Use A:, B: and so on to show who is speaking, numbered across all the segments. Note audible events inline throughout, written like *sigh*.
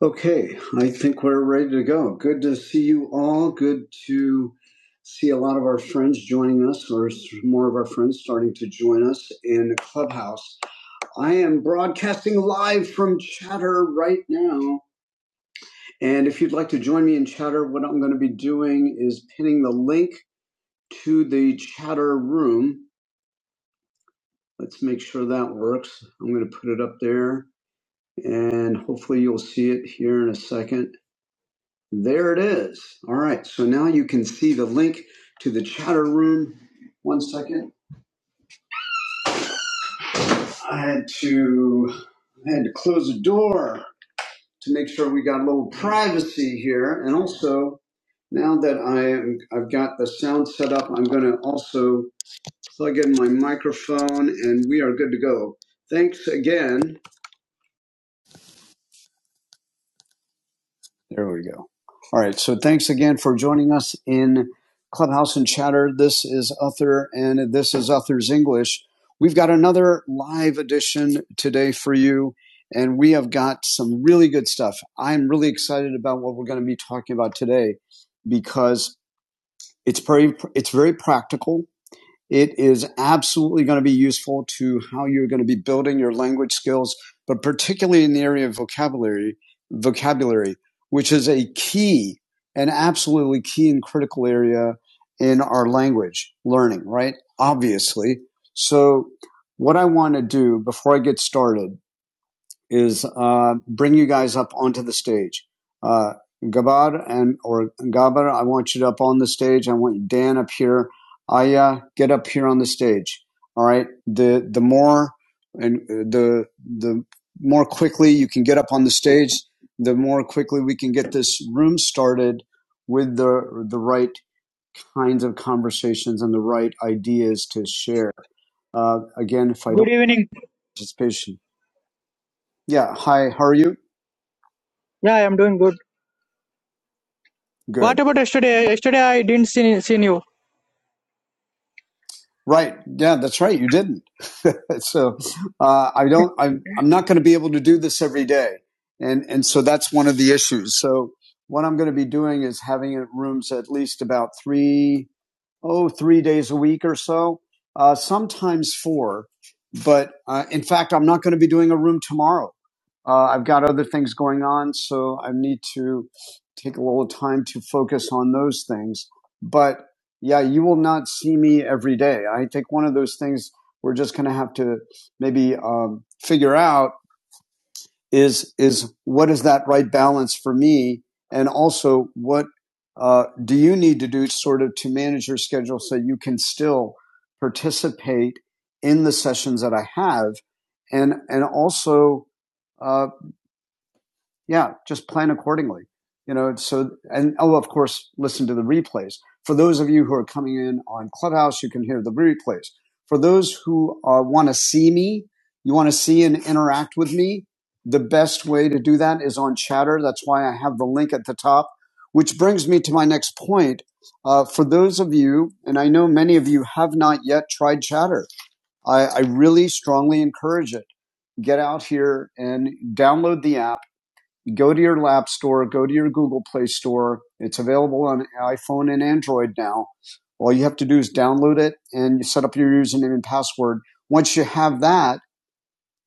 A: Okay, I think we're ready to go. Good to see you all. Good to see a lot of our friends joining us, or s- more of our friends starting to join us in Clubhouse. I am broadcasting live from Chatter right now. And if you'd like to join me in Chatter, what I'm going to be doing is pinning the link to the Chatter room. Let's make sure that works. I'm going to put it up there, and hopefully, you'll see it here in a second. There it is. All right. So now you can see the link to the chatter room. One second. I had to I had to close the door to make sure we got a little privacy here. And also, now that I am, I've got the sound set up, I'm going to also plug in my microphone and we are good to go. Thanks again There we go. All right. So thanks again for joining us in Clubhouse and Chatter. This is Uther, and this is Uther's English. We've got another live edition today for you, and we have got some really good stuff. I'm really excited about what we're going to be talking about today because it's very it's very practical it is absolutely going to be useful to how you're going to be building your language skills, but particularly in the area of vocabulary, vocabulary, which is a key, an absolutely key and critical area in our language learning, right? Obviously. So what I want to do before I get started is uh, bring you guys up onto the stage. Uh, Gabar and or Gabar, I want you up on the stage. I want Dan up here. Aya, get up here on the stage. All right. The the more and uh, the the more quickly you can get up on the stage, the more quickly we can get this room started with the the right kinds of conversations and the right ideas to share. Uh, again, if I don't
B: Good evening.
A: participation, yeah. Hi, how are you?
B: Yeah, I am doing good.
A: Good.
B: What about yesterday? Yesterday I didn't see seen you.
A: Right. Yeah, that's right. You didn't. *laughs* so uh, I don't. I'm, I'm not going to be able to do this every day, and and so that's one of the issues. So what I'm going to be doing is having rooms at least about three oh, three days a week or so, uh, sometimes four. But uh, in fact, I'm not going to be doing a room tomorrow. Uh, I've got other things going on, so I need to take a little time to focus on those things. But yeah, you will not see me every day. I think one of those things we're just going to have to maybe um, figure out is is what is that right balance for me, and also what uh, do you need to do sort of to manage your schedule so you can still participate in the sessions that I have, and and also uh, yeah, just plan accordingly. You know, so and oh, of course, listen to the replays. For those of you who are coming in on Clubhouse, you can hear the replays. For those who uh, want to see me, you want to see and interact with me, the best way to do that is on Chatter. That's why I have the link at the top, which brings me to my next point. Uh, for those of you, and I know many of you have not yet tried Chatter, I, I really strongly encourage it. Get out here and download the app go to your App store, go to your Google Play store. It's available on iPhone and Android now. All you have to do is download it and you set up your username and password. Once you have that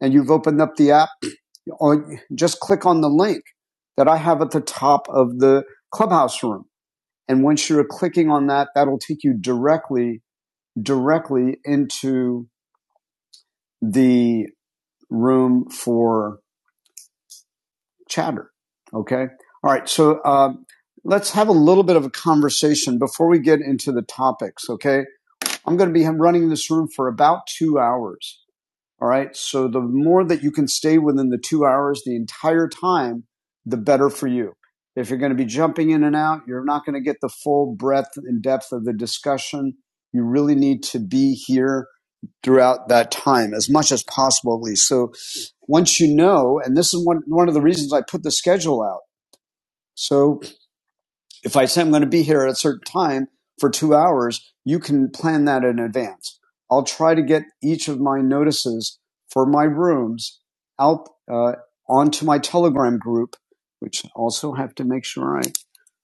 A: and you've opened up the app, oh, just click on the link that I have at the top of the clubhouse room. And once you're clicking on that, that'll take you directly, directly into the room for chatter. Okay. All right. So um, let's have a little bit of a conversation before we get into the topics. Okay. I'm going to be running this room for about two hours. All right. So the more that you can stay within the two hours the entire time, the better for you. If you're going to be jumping in and out, you're not going to get the full breadth and depth of the discussion. You really need to be here throughout that time as much as possible, at least. So once you know, and this is one, one of the reasons I put the schedule out so if I say I'm going to be here at a certain time for two hours, you can plan that in advance. I'll try to get each of my notices for my rooms out uh, onto my Telegram group, which I also have to make sure I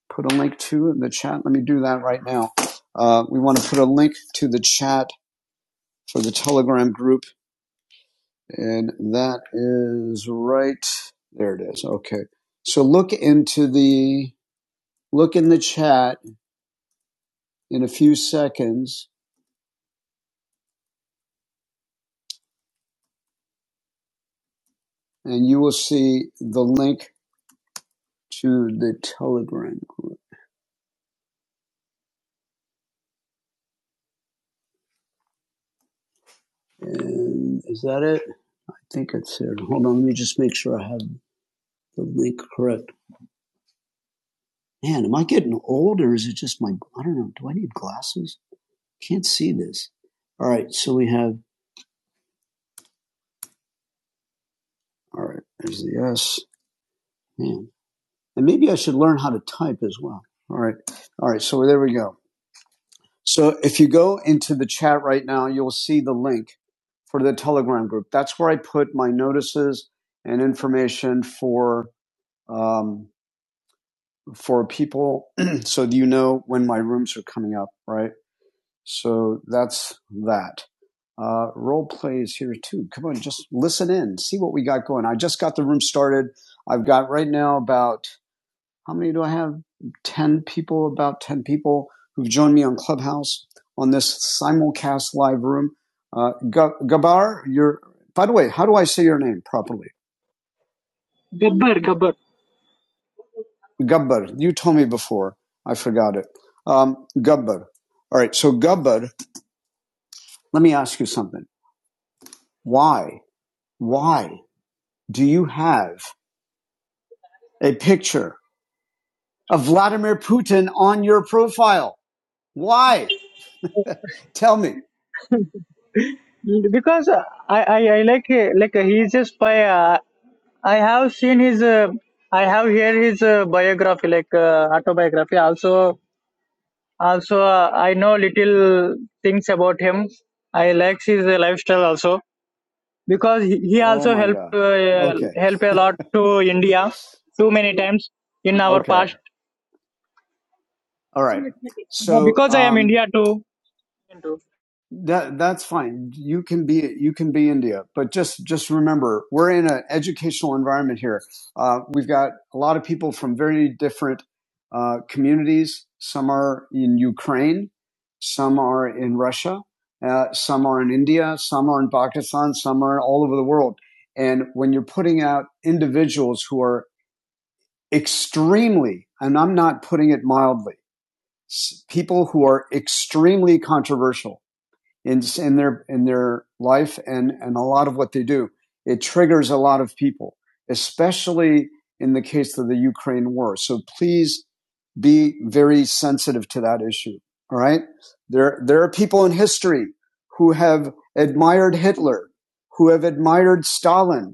A: put a link to in the chat. Let me do that right now. Uh, we want to put a link to the chat for the Telegram group, and that is right there. It is okay. So look into the look in the chat in a few seconds, and you will see the link to the Telegram group. And is that it? I think it's there. Hold on, let me just make sure I have the link correct. Man, am I getting old, or is it just my? I don't know. Do I need glasses? Can't see this. All right, so we have. All right, there's the S. Man, and maybe I should learn how to type as well. All right, all right. So there we go. So if you go into the chat right now, you'll see the link for the Telegram group. That's where I put my notices and information for um, for people, *clears throat* so you know when my rooms are coming up. Right. So that's that. Uh, role play is here too. Come on, just listen in, see what we got going. I just got the room started. I've got right now about how many do I have? 10 people, about 10 people who've joined me on Clubhouse on this simulcast live room. Uh, Ga- Gabar, you're, by the way, how do I say your name properly? Gabbar, you told me before. I forgot it. Um, Gabbar. All right. So Gabbar, let me ask you something. Why, why do you have a picture of Vladimir Putin on your profile? Why? Tell me.
B: Because uh, I I, I like uh, like uh, he's a spy. Uh, I have seen his. Uh, I have heard his uh, biography, like uh, autobiography. Also, also uh, I know little things about him. I like his uh, lifestyle also because he, he
A: Oh
B: also
A: my
B: helped
A: God.
B: uh,
A: Okay.
B: help a lot to India too many times in our
A: Okay.
B: past.
A: All right.
B: Uh,
A: So
B: Because I am
A: um,
B: India too. I
A: that that's fine. You can be you can be India, but just just remember we're in an educational environment here. Uh, we've got a lot of people from very different uh, communities. Some are in Ukraine, some are in Russia, uh, some are in India, some are in Pakistan, some are all over the world. And when you're putting out individuals who are extremely, and I'm not putting it mildly people who are extremely controversial in in their in their life and and a lot of what they do. It triggers a lot of people, especially in the case of the Ukraine war. So please be very sensitive to that issue. All right. There, there are people in history who have admired Hitler, who have admired Stalin,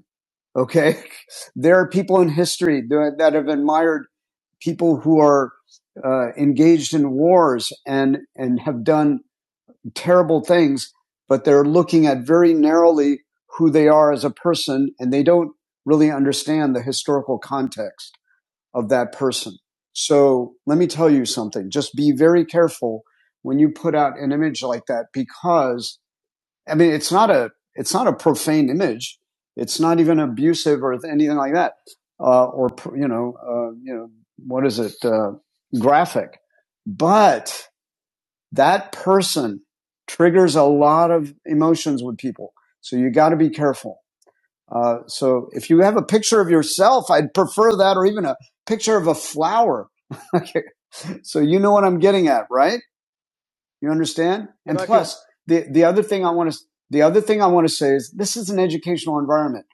A: Okay. *laughs* There are people in history that have admired people who are uh, engaged in wars and, and have done terrible things, but they're looking at very narrowly who they are as a person and they don't really understand the historical context of that person. So let me tell you something. Just be very careful when you put out an image like that because I mean, it's not a it's not a profane image. It's not even abusive or anything like that, uh, or you know, uh, you know, what is it? Uh, graphic, but that person triggers a lot of emotions with people. So you got to be careful. Uh, so if you have a picture of yourself, I'd prefer that, or even a picture of a flower. *laughs* okay. So you know what I'm getting at, right? You understand? And
B: got you.
A: plus, the, the other thing I want to the other thing I want to say is this is an educational environment.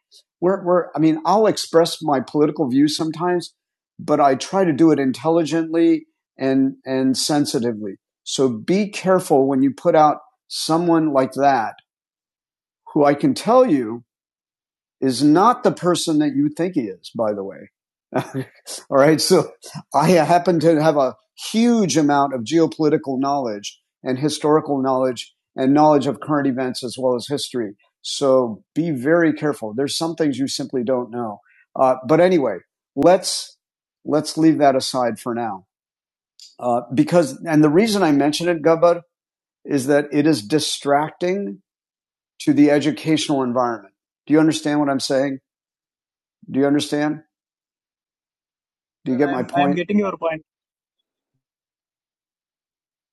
A: We're, we're I mean, I'll express my political views sometimes, but I try to do it intelligently and and sensitively. So be careful when you put out someone like that who I can tell you is not the person that you think he is, by the way. *laughs* All right. So I happen to have a huge amount of geopolitical knowledge and historical knowledge and knowledge of current events as well as history. So be very careful. There's some things you simply don't know. Uh, but anyway, let's let's leave that aside for now. Uh, because and the reason I mention it, Gubba, is that it is distracting to the educational environment. Do you understand what I'm saying? Do you understand? Do you
B: Sir,
A: get
B: I
A: my
B: am I am
A: point?
B: getting your point.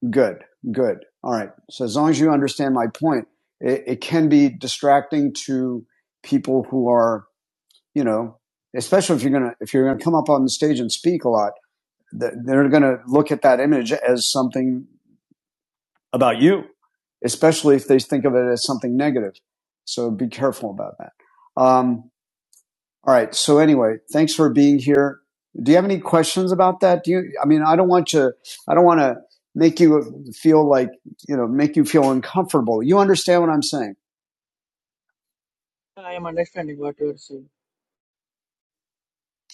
A: Good, good. All right. So as long as you understand my point, it, it can be distracting to people who are, you know, especially if you're gonna if you're gonna come up on the stage and speak a lot, they're gonna look at that image as something about you, especially if they think of it as something negative. So be careful about that. Um, All right. So anyway, thanks for being here. Do you have any questions about that? Do you? I mean, I don't want you. I don't want to make you feel like you know, make you feel uncomfortable. You understand what I'm saying?
B: I am understanding what you are saying.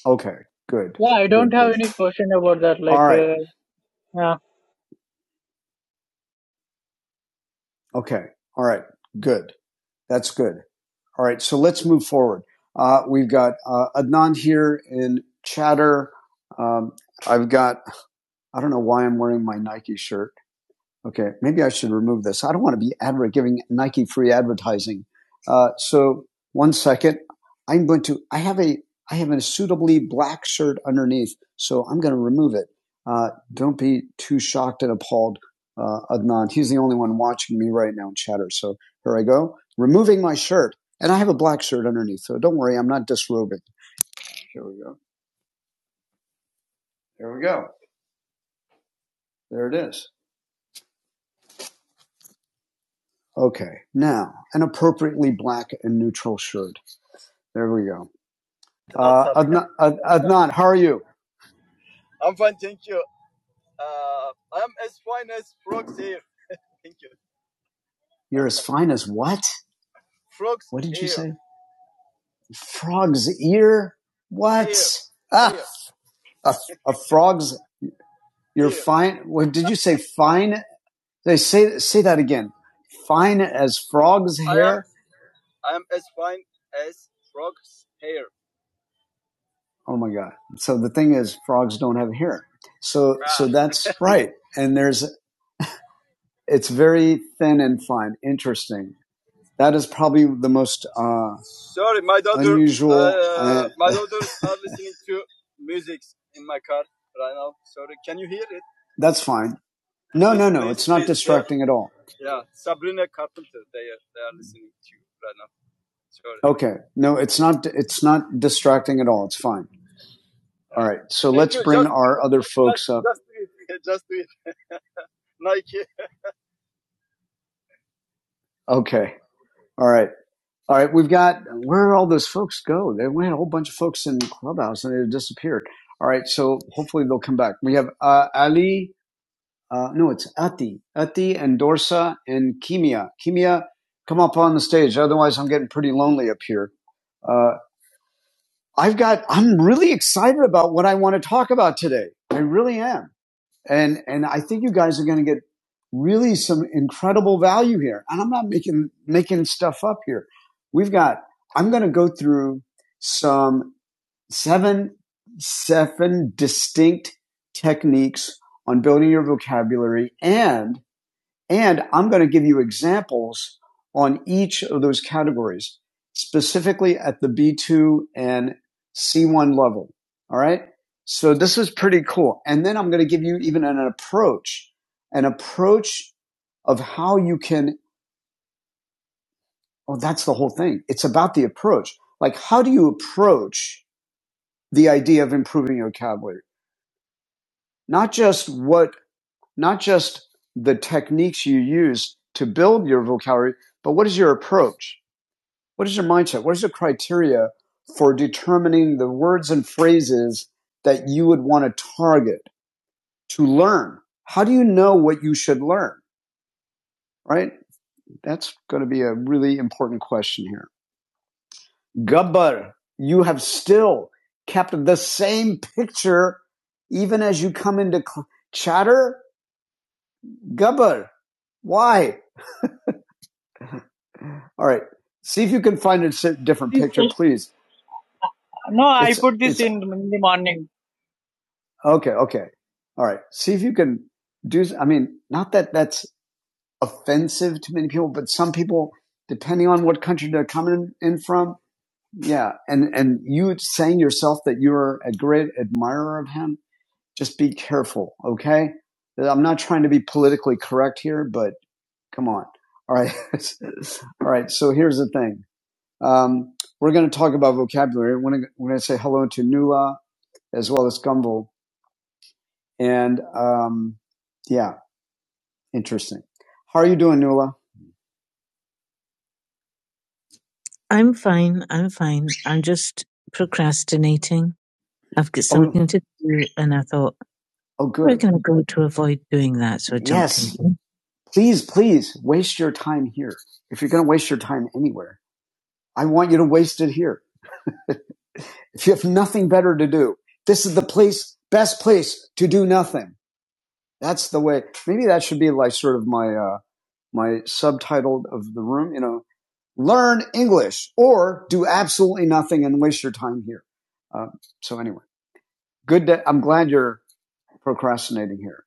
A: Okay. Good.
B: Yeah, I don't
A: Good.
B: have
A: Good.
B: any question about that.
A: All
B: Like,
A: right.
B: uh, yeah.
A: Okay. All right. Good. That's good. All right. So let's move forward. Uh, we've got uh, Adnan here in chatter. Um, I've got. I don't know why I'm wearing my Nike shirt. Okay, maybe I should remove this. I don't want to be adver- giving Nike free advertising. Uh, so one second, I'm going to. I have a I have a suitably black shirt underneath, so I'm going to remove it. Uh, don't be too shocked and appalled, uh, Adnan. He's the only one watching me right now in chatter. So here I go, removing my shirt, and I have a black shirt underneath. So don't worry, I'm not disrobing. Here we go. Here we go. There it is. Okay, now an appropriately black and neutral shirt. There we go. Adnan, Adnan, how are you? You're as fine as what? Frog's ear? What? Ah, a, a frog's. You're fine. What did you say? Fine. They say say that again. Fine as frogs. hair? Oh my god. So the thing is, frogs don't have hair. So so that's *laughs* right. And there's it's very thin and fine. Interesting. That is probably the most uh, usual. That's fine. No at all. Okay. No, it's not. It's not distracting at all. It's fine. All right. So our other folks up. Okay. All right. All right. We've got where did all those folks go? They went a whole bunch of folks in Clubhouse and they disappeared. All right. So hopefully they'll come back. We have uh, Ali. Uh, no, it's Ati. Ati and Dorsa and Kimia. Kimia, come up on the stage. Otherwise, I'm getting pretty lonely up here. Uh, I've got. I'm really excited about what I want to talk about today. I really am. and and I think you guys are going to get really some incredible value here. And I'm not making making stuff up here. We've got I'm going to go through some seven seven distinct techniques on building your vocabulary and and I'm going to give you examples on each of those categories, specifically at the B2 and C1 level. All right. So this is pretty cool. And then I'm going to give you even an approach, an approach of how you can, oh, that's the whole thing. It's about the approach. Like, how do you approach the idea of improving your vocabulary? Not just what, not just the techniques you use to build your vocabulary, but what is your approach? what is your mindset? What is your criteria for determining the words and phrases that you would want to target to learn? How do you know what you should learn? Right? That's going to be a really important question here. Gabbar, you have still kept the same picture even as you come into chatter. Gabbar, why? All right. See if you can find a si-, different picture, please. No, it's, I put this in in the morning. Okay, okay. All right. See if you can do, I mean, not that that's offensive to many people, but some people, depending on what country they're coming in from, yeah. And, and you saying yourself that you're a great admirer of him, just be careful. Okay. I'm not trying to be politically correct here, but come on. All right. *laughs* All right. So here's the thing. Um, we're going to talk about vocabulary. We're going to say hello to Nula as well as Gumbel. And um, yeah, interesting. How are you doing, Nuala? I'm fine. I'm fine. I'm just procrastinating. I've got Oh, something oh, to do, and I thought, oh, good. We're going to go to avoid doing that? So I in. Yes. Please, please waste your time here. If you're going to waste your time anywhere, I want you to waste it here. If you have nothing better to do, this is the place, best place to do nothing. That's the way. Maybe that should be like sort of my, uh, my subtitle of the room, you know, learn English or do absolutely nothing and waste your time here. Uh, so anyway, good. Day. I'm glad you're procrastinating here.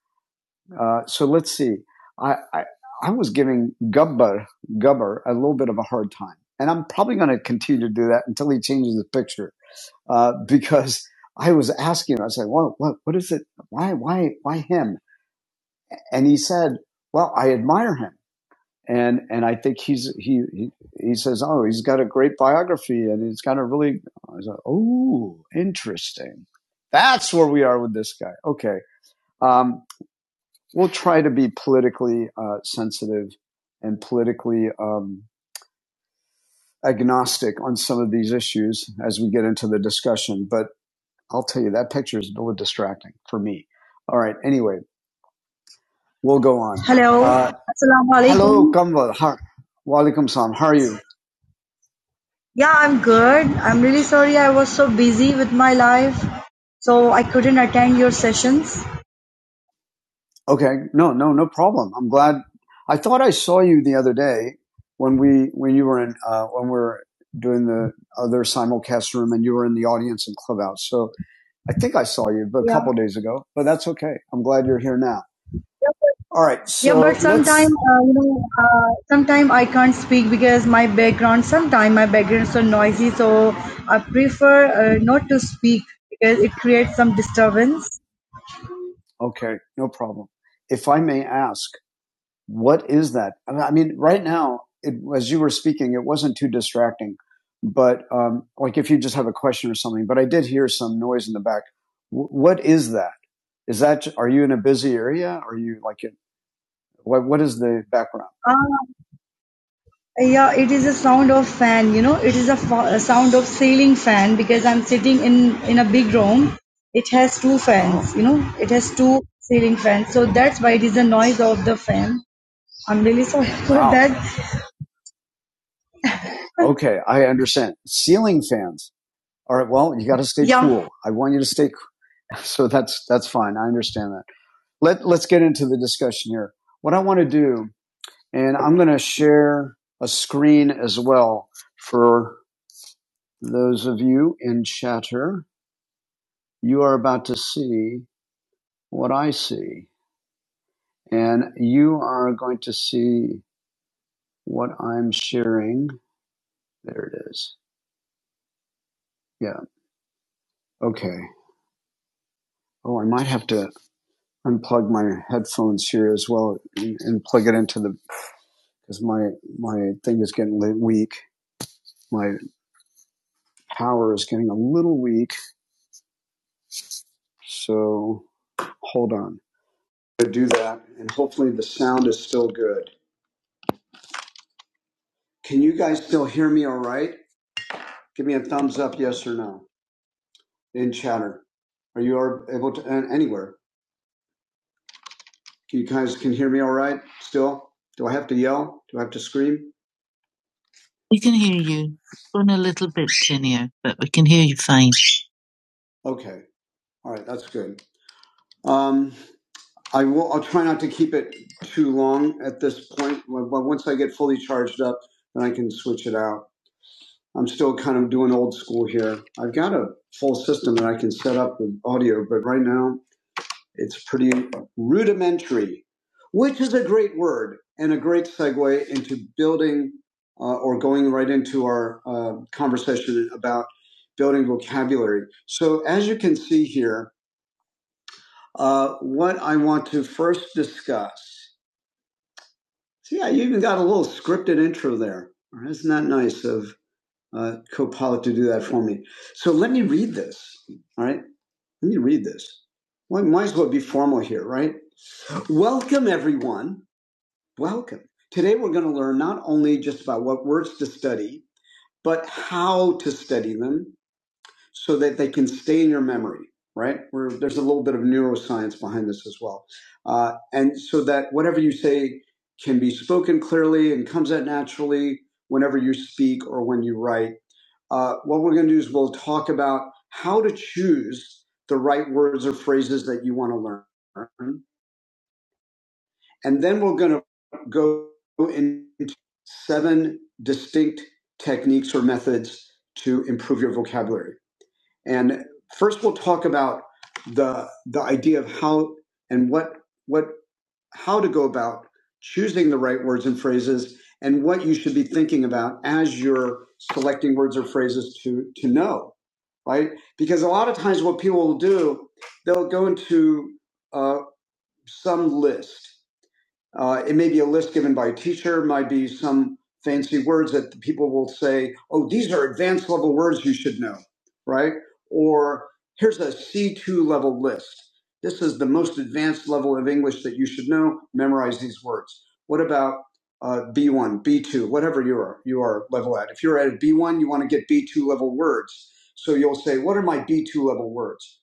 A: Uh, so let's see. I, I, I was giving Gubber, Gubber a little bit of a hard time and I'm probably going to continue to do that until he changes the picture. Uh, *laughs* because I was asking him, I said, "Well, what, what is it? Why, why, why him?" And he said, "Well, I admire him." and and I think he's he he, he says, oh, he's got a great biography, and he's got a really. I was like, oh, interesting. That's where we are with this guy. Okay, um, we'll try to be politically uh, sensitive and politically um, agnostic on some of these issues as we get into the discussion. But I'll tell you that picture is a little distracting for me. All right. Anyway, we'll go on. Hello. Uh, Assalamu alaikum. hello, Kamwal. Wa alaikum. Kamval. How- Walaikum salam. How are you? Yeah, I'm good. I'm really sorry I was so busy with my life, so I couldn't attend your sessions. Okay. No, no, no problem. I'm glad. I thought I saw you the other day when we, when you were in, uh, when we were doing the other simulcast room and you were in the audience in Clubhouse. So I think I saw you but a Yeah. couple of days ago, but that's okay. I'm glad you're here now. All right. So Yeah, So but sometimes uh, you know, uh, sometimes I can't speak because my background. Sometimes my background is so noisy, so I prefer uh, not to speak because it creates some disturbance. Okay, no problem. If I may ask, what is that? I mean, right now, it, as you were speaking, it wasn't too distracting, but um, like if you just have a question or something. But I did hear some noise in the back. W- what is that? Is that are you in a busy area? Are you like in? What, what is the background? Uh, yeah, it is a sound of fan. You know, it is a, fa- a sound of ceiling fan because I'm sitting in in a big room. It has two fans. You know, it has two ceiling fans. So that's why it is the noise of the fan. I'm really sorry *laughs* for Wow. that. *laughs* Okay, I understand. Ceiling fans. All right. Well, you got to stay Yeah. cool. I want you to stay cool. *laughs* So that's that's fine. I understand that. Let Let's get into the discussion here. What I want to do And I'm going to share a screen as well for those of you in chatter. You are about to see what I see, and you are going to see what I'm sharing. There it is. Yeah. Okay. Oh, I might have to unplug my headphones here as well and, and plug it into the because my my thing is getting weak. My power is getting a little weak. So hold on. to do that, and hopefully the sound is still good. Can you guys still hear me all right? Give me a thumbs up, yes or no, in chatter. Are you are able to, and anywhere? Can you guys can hear me all right still? Do I have to yell? Do I have to scream? We can hear you. We're a little bit tinnier, but we can hear you fine. Okay. All right. That's good. Um, I will, I'll try not to keep it too long at this point. But once I get fully charged up, then I can switch it out. I'm still kind of doing old school here. I've got a full system that I can set up with audio, but right now it's pretty rudimentary, which is a great word and a great segue into building uh, or going right into our uh, conversation about building vocabulary. So, as you can see here, uh, what I want to first discuss. See, I even got a little scripted intro there. Isn't that nice of uh, Copilot to do that for me. So let me read this. All right. Let me read this. Well, I might as well be formal here, right? Welcome, everyone. Welcome. Today, we're going to learn not only just about what words to study, but how to study them so that they can stay in your memory, right? Where there's a little bit of neuroscience behind this as well. Uh, and so that whatever you say can be spoken clearly and comes out naturally whenever you speak or when you write. Uh, what we're going to do is we'll talk about how to choose the right words or phrases that you want to learn. And then we're going to go into seven distinct techniques or methods to improve your vocabulary. And first, we'll talk about the the idea of how and what what how to go about choosing the right words and phrases, and what you should be thinking about as you're selecting words or phrases to to know, right? Because a lot of times, what people will do, they'll go into uh, some list uh, it may be a list given by a teacher, might be some fancy words that people will say, oh, these are advanced level words you should know, right? Or here's a C2 level list. This is the most advanced level of English that you should know. Memorize these words. What about uh, B1, B2, whatever you are, you are level at. If you're at a B1, you want to get B2 level words. So you'll say, what are my B2 level words?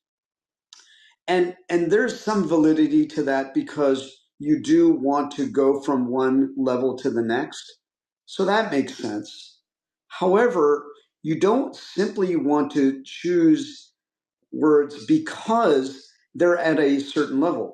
A: and and there's some validity to that because you do want to go from one level to the next so that makes sense however you don't simply want to choose words because they're at a certain level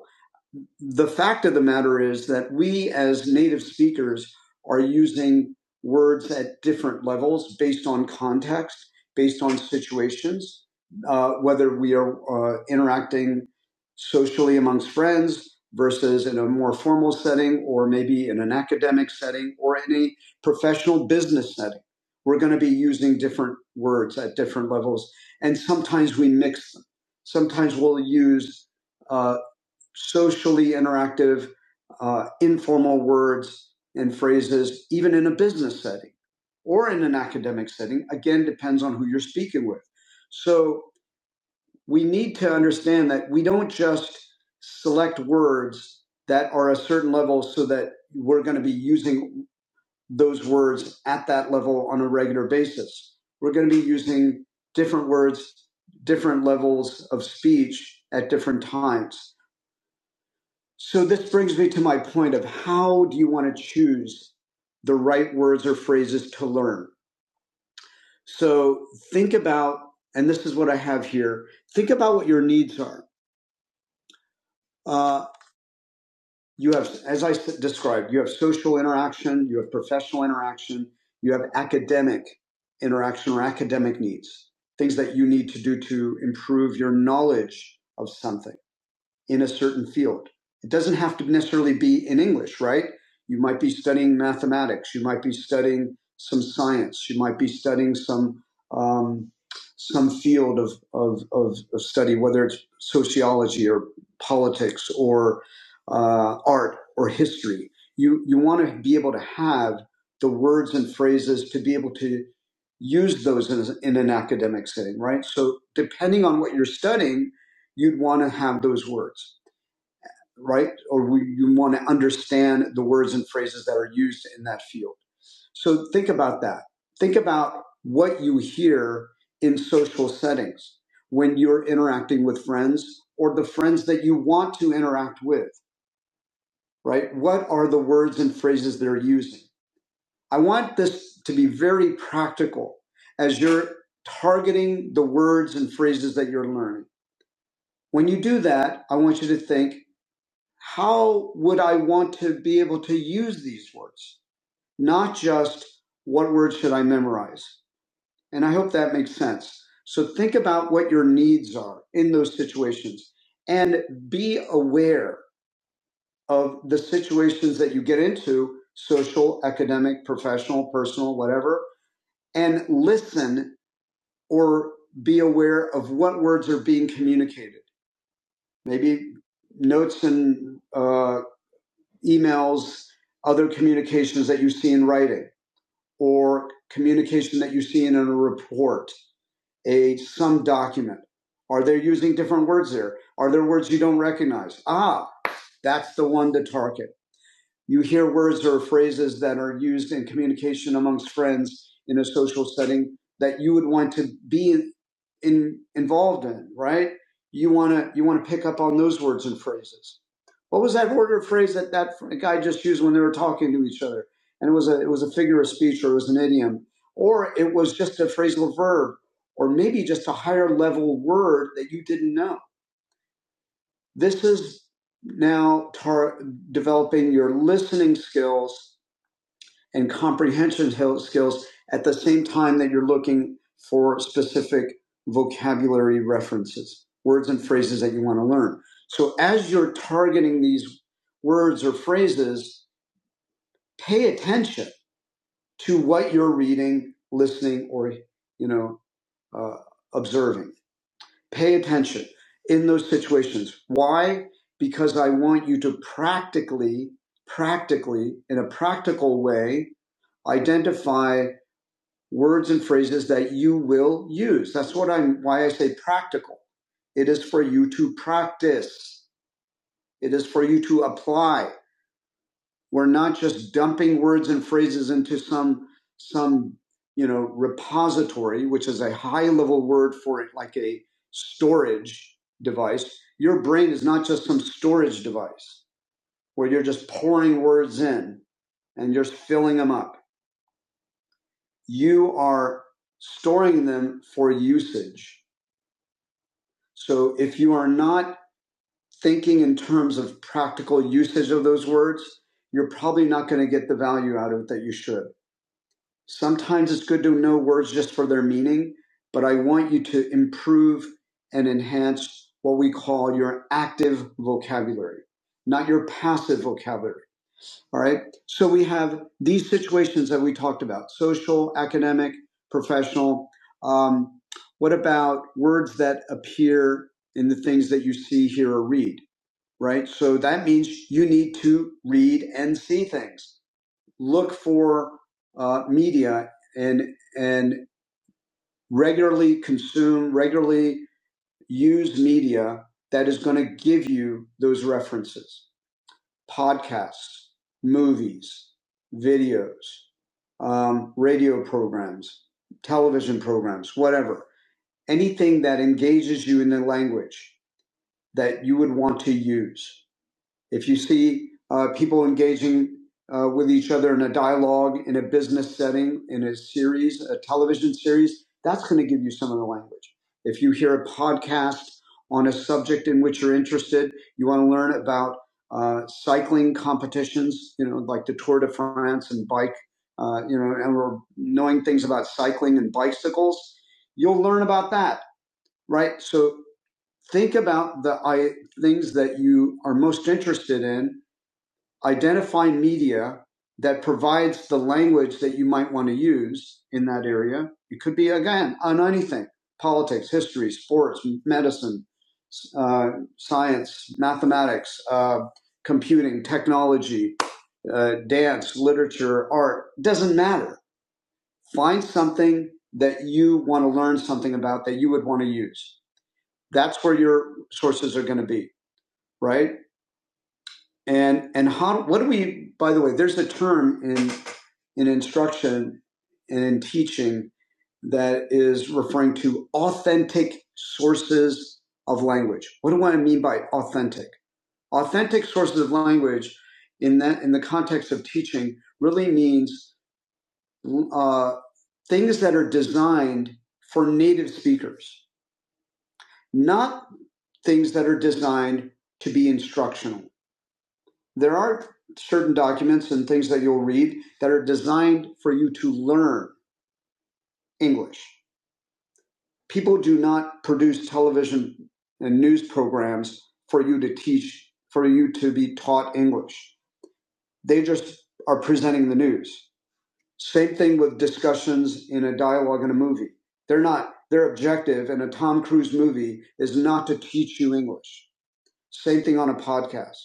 A: the fact of the matter is that we as native speakers are using words at different levels based on context, based on situations, uh, whether we are uh, interacting socially amongst friends versus in a more formal setting or maybe in an academic setting or any professional business setting. We're going to be using different words at different levels. And sometimes we mix them. Sometimes we'll use uh, socially interactive, uh, informal words and phrases, even in a business setting or in an academic setting. Again, depends on who you're speaking with. So we need to understand that we don't just select words that are a certain level so that we're going to be using those words at that level on a regular basis. We're going to be using different words, different levels of speech at different times so this brings me to my point of how do you want to choose the right words or phrases to learn? So think about, and this is what I have here. Think about what your needs are. Uh, you have, as I described, you have social interaction, you have professional interaction, you have academic interaction or academic needs, things that you need to do to improve your knowledge of something. in a certain field. It doesn't have to necessarily be in English, right? You might be studying mathematics. You might be studying some science. You might be studying some um, some field of, of, of, of study, whether it's sociology or politics or uh, art or history. You you want to be able to have the words and phrases to be able to use those in, in an academic setting, right? So depending on what you're studying, you'd want to have those words right? Or we, you want to understand the words and phrases that are used in that field. So think about that. Think about what you hear in social settings when you're interacting with friends or the friends that you want to interact with, right? What are the words and phrases they're using? I want this to be very practical as you're targeting the words and phrases that you're learning. When you do that, I want you to think how would I want to be able to use these words? Not just what words should I memorize? And I hope that makes sense. So think about what your needs are in those situations and be aware of the situations that you get into social, academic, professional, personal, whatever, and listen or be aware of what words are being communicated. Maybe notes and uh, emails, other communications that you see in writing, or communication that you see in a report, a some document? Are they using different words there? Are there words you don't recognize? Ah, that's the one to target. You hear words or phrases that are used in communication amongst friends in a social setting that you would want to be in, involved in, right? You want to you want to pick up on those words and phrases. What was that word or phrase that that guy just used when they were talking to each other? And it was a it was a figure of speech, or it was an idiom, or it was just a phrasal verb, or maybe just a higher level word that you didn't know. This is now tar- developing your listening skills and comprehension skills at the same time that you're looking for specific vocabulary references, words and phrases that you want to learn. So as you're targeting these words or phrases, pay attention to what you're reading, listening, or you know, uh, observing. Pay attention in those situations. Why? Because I want you to practically, practically, in a practical way, identify words and phrases that you will use. That's what I'm why I say practical. It is for you to practice. It is for you to apply. We're not just dumping words and phrases into some some you know repository, which is a high level word for it, like a storage device. Your brain is not just some storage device where you're just pouring words in and you're filling them up. You are storing them for usage So if you are not thinking in terms of practical usage of those words, you're probably not going to get the value out of it that you should. Sometimes it's good to know words just for their meaning, but I want you to improve and enhance what we call your active vocabulary, not your passive vocabulary. All right. So we have these situations that we talked about social, academic, professional. Um, what about words that appear in the things that you see, hear, or read? Right. So that means you need to read and see things. Look for uh, media and and regularly consume, regularly use media that is going to give you those references podcasts, movies, videos, um, radio programs, television programs, whatever. Anything that engages you in the language that you would want to use if you see uh, people engaging uh, with each other in a dialogue in a business setting in a series a television series that's going to give you some of the language if you hear a podcast on a subject in which you're interested you want to learn about uh, cycling competitions you know like the tour de france and bike uh, you know and we're knowing things about cycling and bicycles you'll learn about that right so think about the I, things that you are most interested in identify media that provides the language that you might want to use in that area. It could be, again, on anything politics, history, sports, medicine, uh, science, mathematics, uh, computing, technology, uh, dance, literature, art. Doesn't matter. Find something that you want to learn something about that you would want to use. That's where your sources are going to be, right? And and how what do we by the way, there's a term in in instruction and in teaching that is referring to authentic sources of language. What do I mean by authentic? Authentic sources of language in that in the context of teaching really means uh, things that are designed for native speakers, not things that are designed to be instructional. There are certain documents and things that you'll read that are designed for you to learn English. People do not produce television and news programs for you to teach, for you to be taught English. They just are presenting the news. Same thing with discussions in a dialogue in a movie. They're not, their objective in a Tom Cruise movie is not to teach you English. Same thing on a podcast.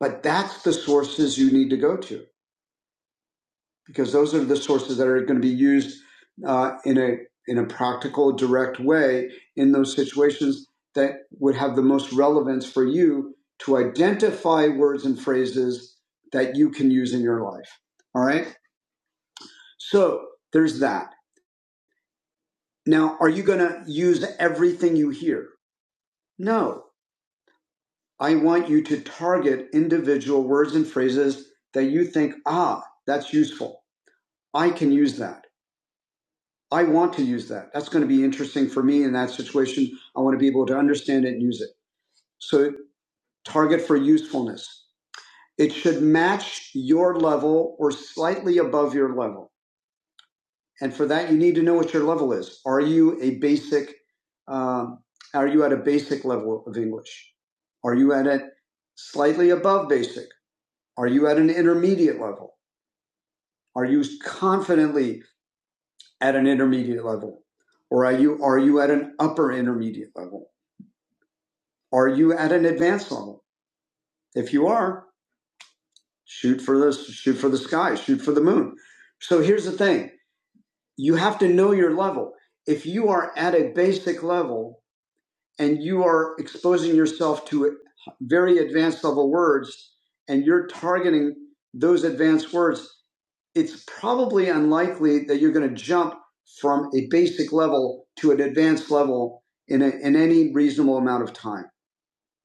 A: But that's the sources you need to go to because those are the sources that are going to be used uh, in a in a practical, direct way in those situations that would have the most relevance for you to identify words and phrases that you can use in your life. All right. So there's that. Now, are you going to use everything you hear? No. I want you to target individual words and phrases that you think, ah, that's useful. I can use that. I want to use that. That's going to be interesting for me in that situation. I want to be able to understand it and use it. So target for usefulness. It should match your level or slightly above your level. And for that, you need to know what your level is. Are you a basic, um, are you at a basic level of English? Are you at a slightly above basic? Are you at an intermediate level? Are you confidently at an intermediate level? Or are you, are you at an upper intermediate level? Are you at an advanced level? If you are, shoot for the shoot for the sky, shoot for the moon. So here's the thing. You have to know your level. If you are at a basic level and you are exposing yourself to very advanced level words and you're targeting those advanced words, it's probably unlikely that you're going to jump from a basic level to an advanced level in, a, in any reasonable amount of time.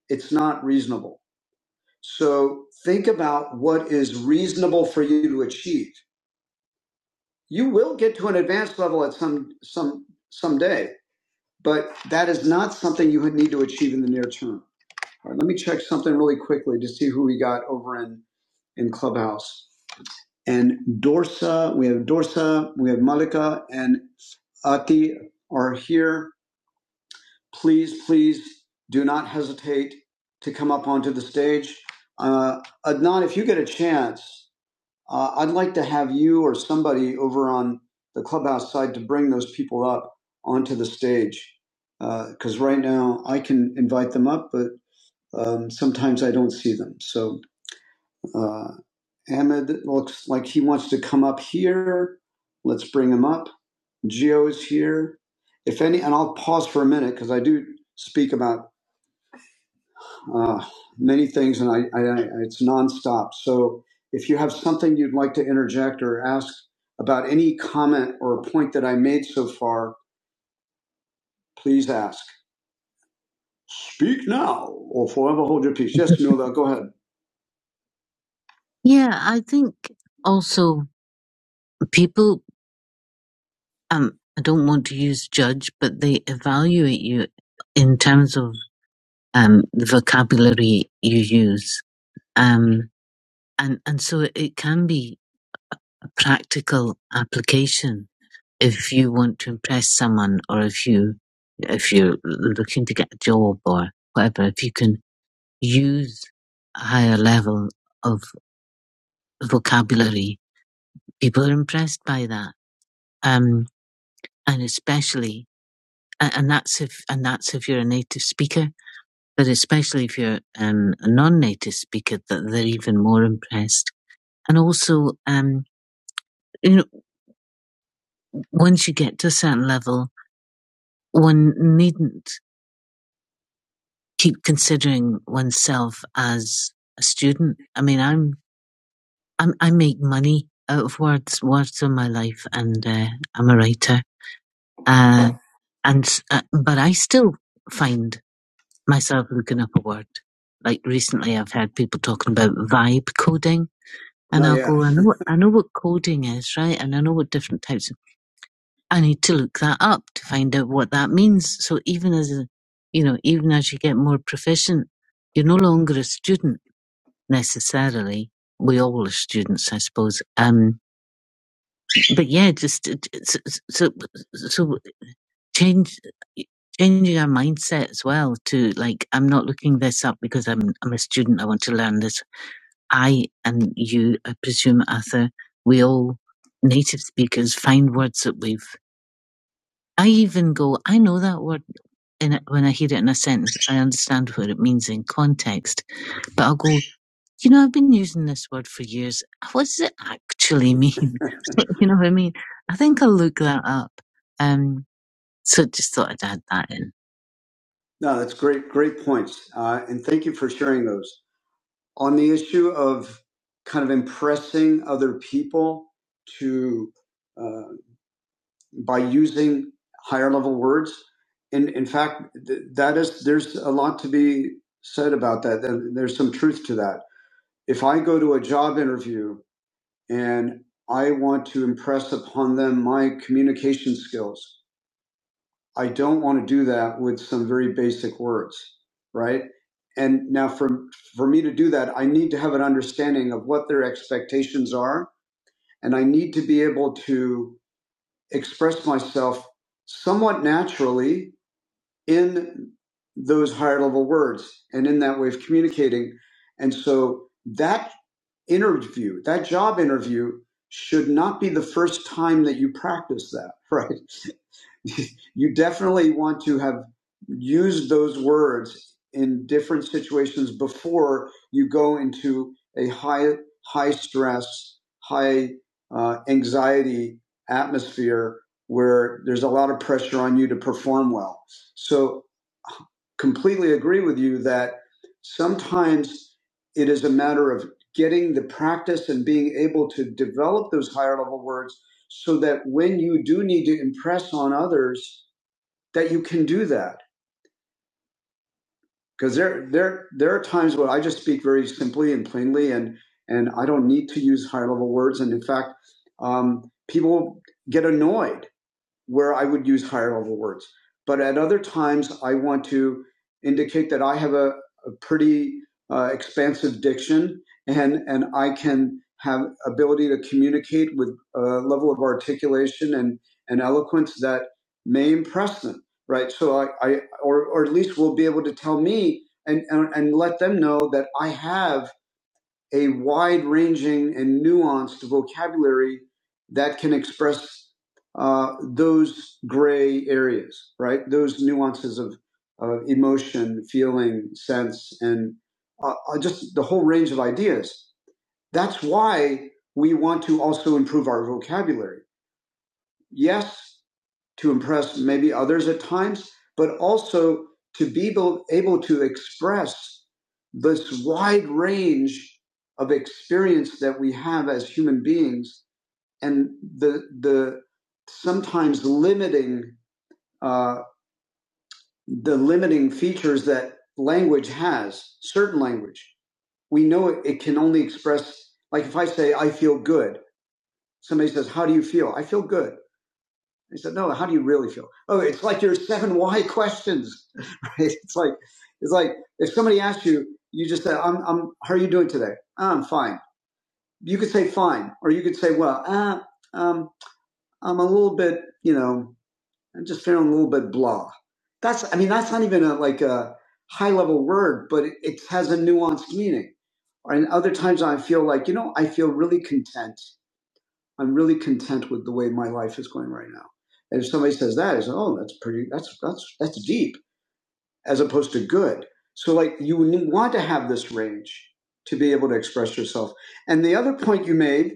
A: It's not reasonable. So think about what is reasonable for you to achieve. You will get to an advanced level at some some someday, but that is not something you would need to achieve in the near term. All right, let me check something really quickly to see who we got over in in Clubhouse. And Dorsa, we have Dorsa, we have Malika, and Ati are here. Please, please do not hesitate to come up onto the stage. Uh, Adnan, if you get a chance, Uh, I'd like to have you or somebody over on the clubhouse side to bring those people up onto the stage. Because right now I can invite them up, but um, sometimes I don't see them. So uh, Ahmed looks like he wants to come up here. Let's bring him up. Geo is here. If any, and I'll pause for a minute because I do speak about uh, many things, and I, I, I, it's nonstop. So if you have something you'd like to interject or ask about any comment or point that I made so far, please ask. Speak now, or forever hold your peace. Yes, Mila, go ahead. Yeah, I think also people. Um, I don't want to use judge, but they evaluate you in terms of um the vocabulary you use. Um, and and so it can be. a practical application if you want to impress someone or if you if you're looking to get a job or whatever if you can use a higher level of vocabulary people are impressed by that um and especially and that's if and that's if you're a native speaker but especially if you're um, a non-native speaker that they're even more impressed and also um you know once you get to a certain level one needn't keep considering oneself as a student. I mean, I'm, I'm, I make money out of words, words are my life and, uh, I'm a writer. Uh, and, uh, but I still find myself looking up a word. Like recently I've heard people talking about vibe coding and Oh I'll yeah. go, I know, what- I *laughs* know what coding is, right? And I know what different types of, I need to look that up to find out what that means. So even as a, you know, even as you get more proficient, you're no longer a student necessarily. We all are students, I suppose. Um, but yeah, just uh, so so so so change changing our mindset as well to like I'm not looking this up because I'm I'm a student. I want to learn this. I and you, I presume, Arthur, we all native speakers find words that we've. I even go. I know that word in it, when I hear it in a sentence. I understand what it means in context, but I'll go. you know, I've been using this word for years. What does it actually mean? *laughs* you know what I mean? I think I'll look that up. Um, so just thought I'd add that in. No, that's great, great points. Uh, and thank you for sharing those. On the issue of kind of impressing other people to uh, by using higher level words. And in in fact, th- that is there's a lot to be said about that. There- There's some truth to that. If I go to a job interview and I want to impress upon them my communication skills. I don't want to do that with some very basic words, right? And now for for me to do that, I need to have an understanding of what their expectations are, and I need to be able to express myself somewhat naturally in those higher level words and in that way of communicating. And so that interview, that job interview should not be the first time that you practice that, *laughs* right? *laughs* you definitely want to have used those words in different situations before you go into a high high stress high uh, anxiety atmosphere where there's a lot of pressure on you to perform well so completely agree with you that sometimes it is a matter of getting the practice and being able to develop those higher level words so that when you do need to impress on others that you can do that because there there there are times where I just speak very simply and plainly and and I don't need to use high level words and in fact um, people get annoyed where I would use higher level words. But at other times, I want to indicate that I have a, a pretty uh, expansive diction and, and I can have ability to communicate with a level of articulation and, and eloquence that may impress them, right? So I, I or, or at least will be able to tell me and, and, and let them know that I have a wide ranging and nuanced vocabulary that can express uh, those gray areas, right? Those nuances of, of emotion, feeling, sense, and uh, uh, just the whole range of ideas. That's why we want to also improve our vocabulary. Yes, to impress maybe others at times, but also to be able, able to express this wide range of experience that we have as human beings and the, the sometimes limiting, uh, the limiting features that language has, certain language. We know it, it can only express, like if I say, I feel good, somebody says, How do you feel? I feel good He said, "No, how do you really feel?" Oh, it's like your seven why questions. *laughs* Right? It's like it's like if somebody asks you, you just say, "I'm, I'm how are you doing today?" "Ah, "I'm fine." You could say "fine," or you could say, "Well, uh, um, I'm a little bit, you know, I'm just feeling a little bit blah." That's, I mean, that's not even a, like a high level word, but it, it has a nuanced meaning. And other times I feel like, you know, I feel really content I'm really content with the way my life is going right now. And if somebody says that, it's oh, that's pretty, that's that's that's deep, as opposed to good. So like you want to have this range to be able to express yourself. And the other point you made,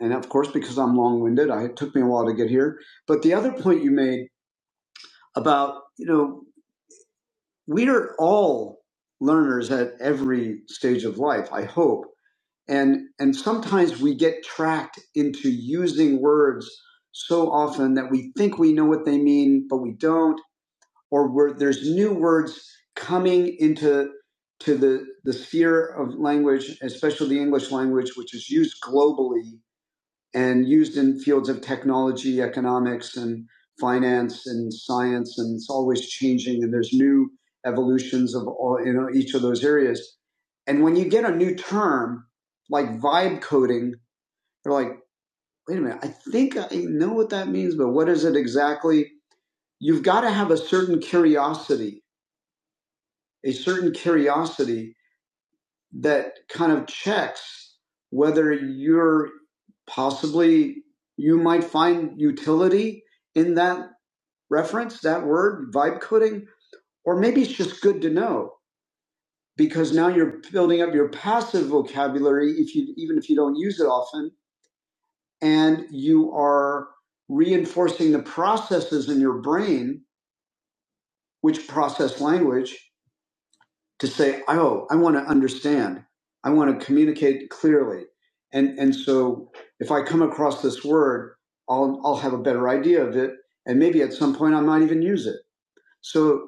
A: and of course because I'm long-winded, I, it took me a while to get here. But the other point you made about you know we are all learners at every stage of life. I hope And and sometimes we get tracked into using words so often that we think we know what they mean, but we don't, or we're, there's new words coming into to the the sphere of language, especially the English language, which is used globally, and used in fields of technology, economics, and finance and science, and it's always changing. And there's new evolutions of all you know each of those areas. And when you get a new term like vibe coding, you're like, wait a minute, I think I know what that means, but what is it exactly? You've got to have a certain curiosity, a certain curiosity that kind of checks whether you're possibly you might find utility in that reference, that word, vibe coding, or maybe it's just good to know because now you're building up your passive vocabulary if you even if you don't use it often and you are reinforcing the processes in your brain which process language to say, oh, I want to understand. I want to communicate clearly. And, and so if I come across this word, I'll, I'll have a better idea of it. And maybe at some point I might even use it. So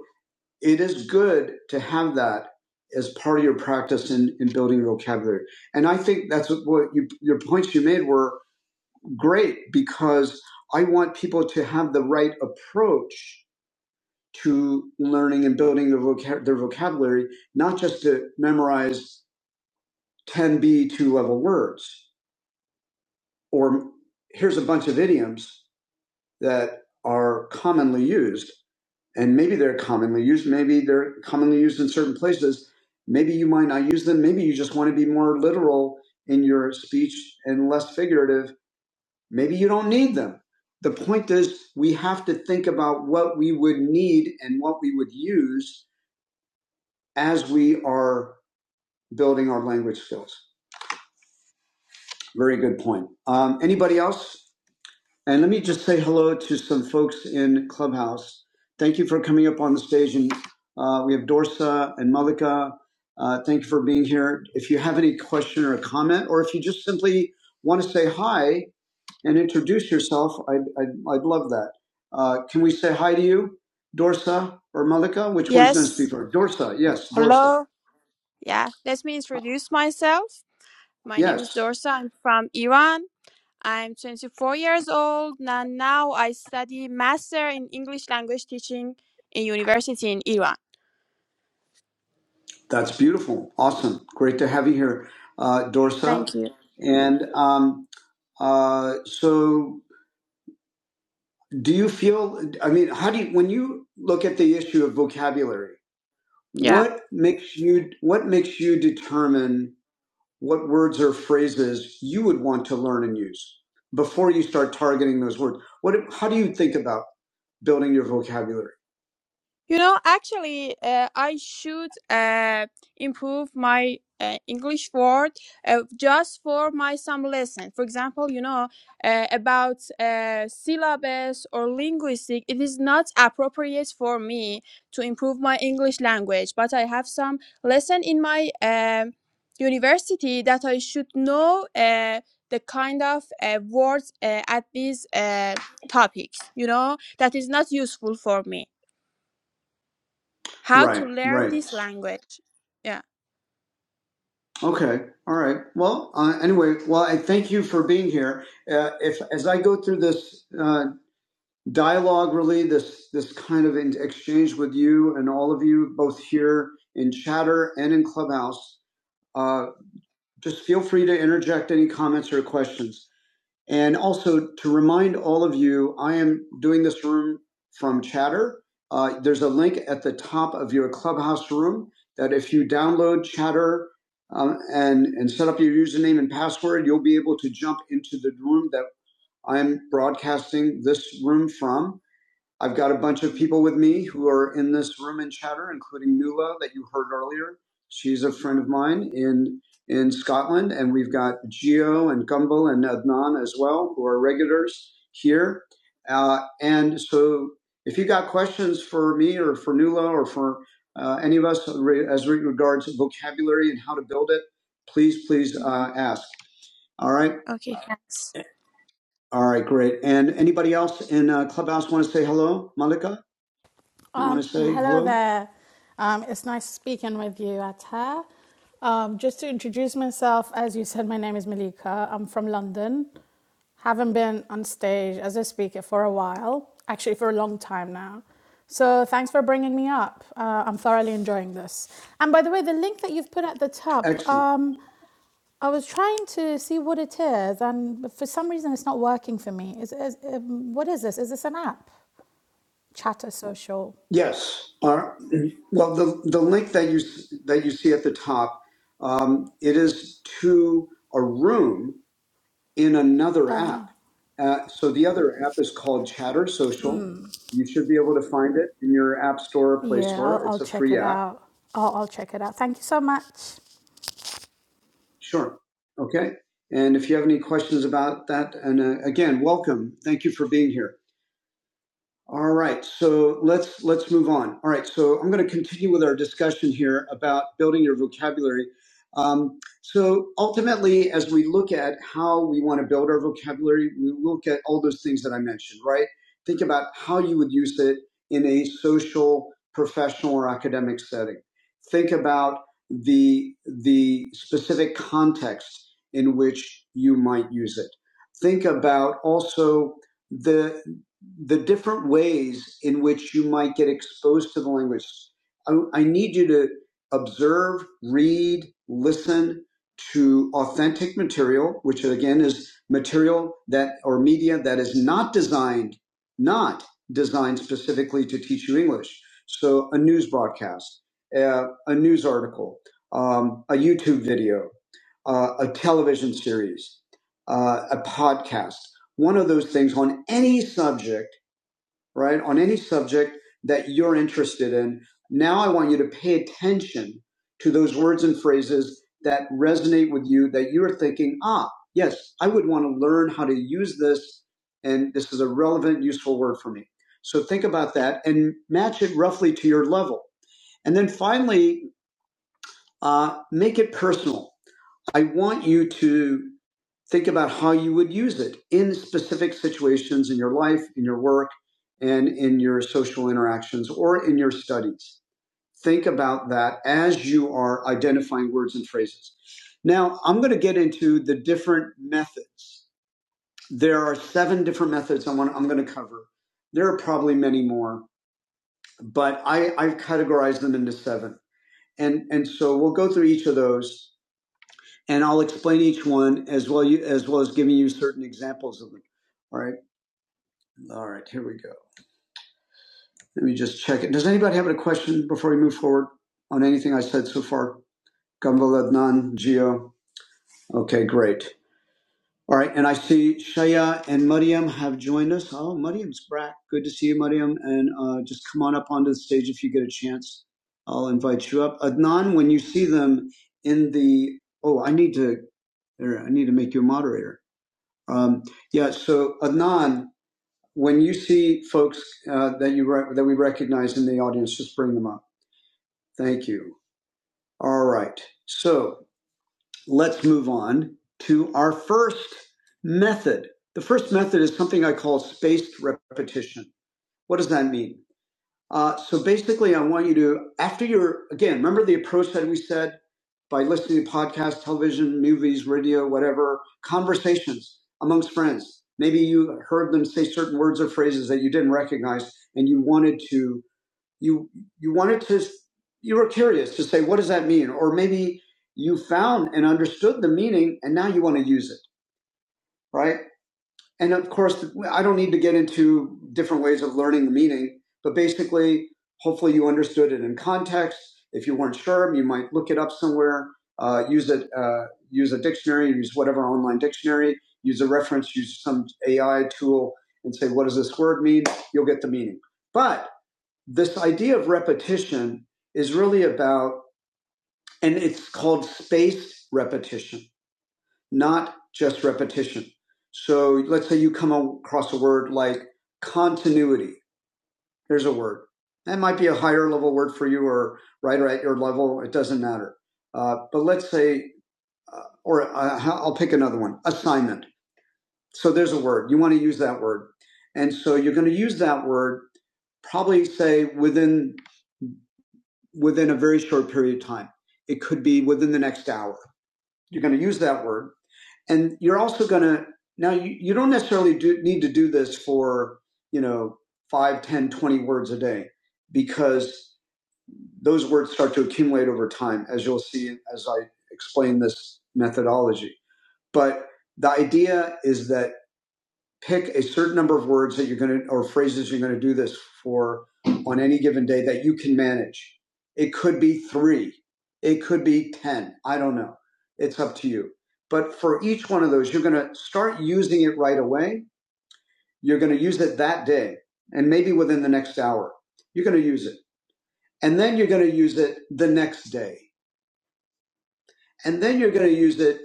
A: it is good to have that as part of your practice in, in building your vocabulary. And I think that's what you, your points you made were great because I want people to have the right approach to learning and building their, vocab- their vocabulary, not just to memorize 10 B2 level words. Or here's a bunch of idioms that are commonly used, and maybe they're commonly used, maybe they're commonly used in certain places. Maybe you might not use them. Maybe you just want to be more literal in your speech and less figurative. Maybe you don't need them. The point is, we have to think about what we would need and what we would use as we are building our language skills. Very good point. Um, anybody else? And let me just say hello to some folks in Clubhouse. Thank you for coming up on the stage. And uh, we have Dorsa and Malika. Uh, thank you for being here. If you have any question or comment, or if you just simply want to say hi and introduce yourself, I'd, I'd, I'd love that. Uh, can we say hi to you, Dorsa or Malika? Which one's going to speak
C: Yes.
A: first? Dorsa, yes, Dorsa.
C: Hello. Yeah. Let me introduce myself. My name is
A: Yes.
C: Dorsa. I'm from Iran. I'm 24 years old and now I study master in English language teaching in university in Iran.
A: That's beautiful. Awesome. Great to have you here, uh, Dorsa.
C: Thank you.
A: And um, uh, so, do you feel, I mean, how do you, when you look at the issue of vocabulary,
C: Yeah.
A: what makes you, what makes you determine what words or phrases you would want to learn and use before you start targeting those words? What, how do you think about building your vocabulary?
C: You know, actually, uh, I should uh, improve my uh, English word uh, just for my some lesson. For example, you know, uh, about uh, syllabus or linguistic, it is not appropriate for me to improve my English language, but I have some lesson in my um university that I should know uh, the kind of uh, words uh, at these uh, topics, you know, that is not useful for me. How to
A: Right,
C: learn
A: right.
C: this language? Yeah.
A: Okay. All right. Well, uh, anyway, well, I thank you for being here. Uh, if as I go through this uh, dialogue, really, this this kind of in- exchange with you and all of you, both here in Chatter and in Clubhouse, uh, just feel free to interject any comments or questions. And also to remind all of you, I am doing this room from Chatter. Uh, there's a link at the top of your Clubhouse room that if you download Chatter um, and and set up your username and password, you'll be able to jump into the room that I'm broadcasting this room from. I've got a bunch of people with me who are in this room in chatter, including Nula that you heard earlier. She's a friend of mine in in Scotland, and we've got Geo and Gumbel and Adnan as well, who are regulars here. Uh, and so, if you got questions for me or for Nula or for uh, any of us re- as regards vocabulary and how to build it, please, please
C: Mhm.
A: uh, ask. All right,
C: Okay. Thanks.
A: all right, great. And anybody else in uh, Clubhouse want to say hello, Malika? You want
D: Um,
A: to say
D: hello
A: hello?
D: there. Um, it's nice speaking with you, Atta. Um, just to introduce myself, as you said, my name is Malika. I'm from London. Haven't been on stage as a speaker for a while, actually, for a long time now. So thanks for bringing me up. Uh, I'm thoroughly enjoying this. And by the way, the link that you've put at the top,
A: Excellent.
D: um, I was trying to see what it is, and for some reason, it's not working for me. Is, is, um, what is this? Is this an app? Chatter Social.
A: Yes. Our, well, the, the link that you that you see at the top, um, it is to a room in another app. Uh, so the other app is called Chatter Social. You should be able to find it in your app store or Play
D: Yeah, I'll,
A: Store.
D: I'll
A: It's a
D: check
A: free
D: it
A: app.
D: out. I'll, I'll check it out. Thank you so much.
A: Sure. Okay. And if you have any questions about that, and uh, again, welcome. Thank you for being here. All right, so let's let's move on. All right, so I'm going to continue with our discussion here about building your vocabulary. Um, so ultimately, as we look at how we want to build our vocabulary, we look at all those things that I mentioned. Right? Think about how you would use it in a social, professional, or academic setting. Think about the the specific context in which you might use it. Think about also the the different ways in which you might get exposed to the language. I, I need you to observe, read, listen to authentic material, which again is material that or media that is not designed, not designed specifically to teach you English. So a news broadcast, uh, a news article, um, a YouTube video, uh, a television series, uh, a podcast one of those things on any subject, right? On any subject that you're interested in. Now I want you to pay attention to those words and phrases that resonate with you that you're thinking, ah, yes, I would want to learn how to use this. And this is a relevant, useful word for me. So think about that and match it roughly to your level. And then finally, uh, make it personal I want you to think about how you would use it in specific situations in your life, in your work, and in your social interactions or in your studies. Think about that as you are identifying words and phrases. Now, I'm going to get into the different methods. There are seven different methods I am going to cover. There are probably many more, but I, I've categorized them into seven. And, and so we'll go through each of those and I'll explain each one as well you, as well as giving you certain examples of them. All right, all right, here we go. Let me just check it. Does anybody have a question before we move forward on anything I said so far? Gumball Adnan, Geo. Okay, great. All right, and I see Shaya and Mariam have joined us. Oh, Mariam's back. Good to see you, Mariam. And uh, just come on up onto the stage if you get a chance. I'll invite you up. Adnan, when you see them in the, oh, I need to, there, I need to make you a moderator. Um, yeah. So Adnan, when you see folks uh, that you re- that we recognize in the audience, just bring them up. Thank you. All right. So let's move on to our first method. The first method is something I call spaced repetition. What does that mean? Uh, so basically, I want you to, after your, again, remember the approach that we said by listening to podcasts, television, movies, radio, whatever, conversations amongst friends. Maybe you heard them say certain words or phrases that you didn't recognize, and you wanted to, you you wanted to, you were curious to say, what does that mean? Or maybe you found and understood the meaning, and now you want to use it, right? and of course, I don't need to get into different ways of learning the meaning, but basically, hopefully, you understood it in context. If you weren't sure, you might look it up somewhere, uh, use it, uh, use a dictionary, use whatever online dictionary, use a reference, use some AI tool, and say, "What does this word mean?" You'll get the meaning. But this idea of repetition is really about, and it's called spaced repetition not just repetition. So let's say you come across a word like continuity. Here's a word. That might be a higher level word for you or right or at your level. It doesn't matter. Uh, but let's say, uh, or uh, I'll pick another one, assignment. So there's a word. You want to use that word. And so you're going to use that word probably say within within a very short period of time. It could be within the next hour. You're going to use that word and you're also going to now you, you don't necessarily do, need to do this for you know 5 10 20 words a day because those words start to accumulate over time as you'll see as i explain this methodology but the idea is that pick a certain number of words that you're going to or phrases you're going to do this for on any given day that you can manage it could be three it could be ten i don't know it's up to you but for each one of those you're going to start using it right away you're going to use it that day and maybe within the next hour you're going to use it and then you're going to use it the next day and then you're going to use it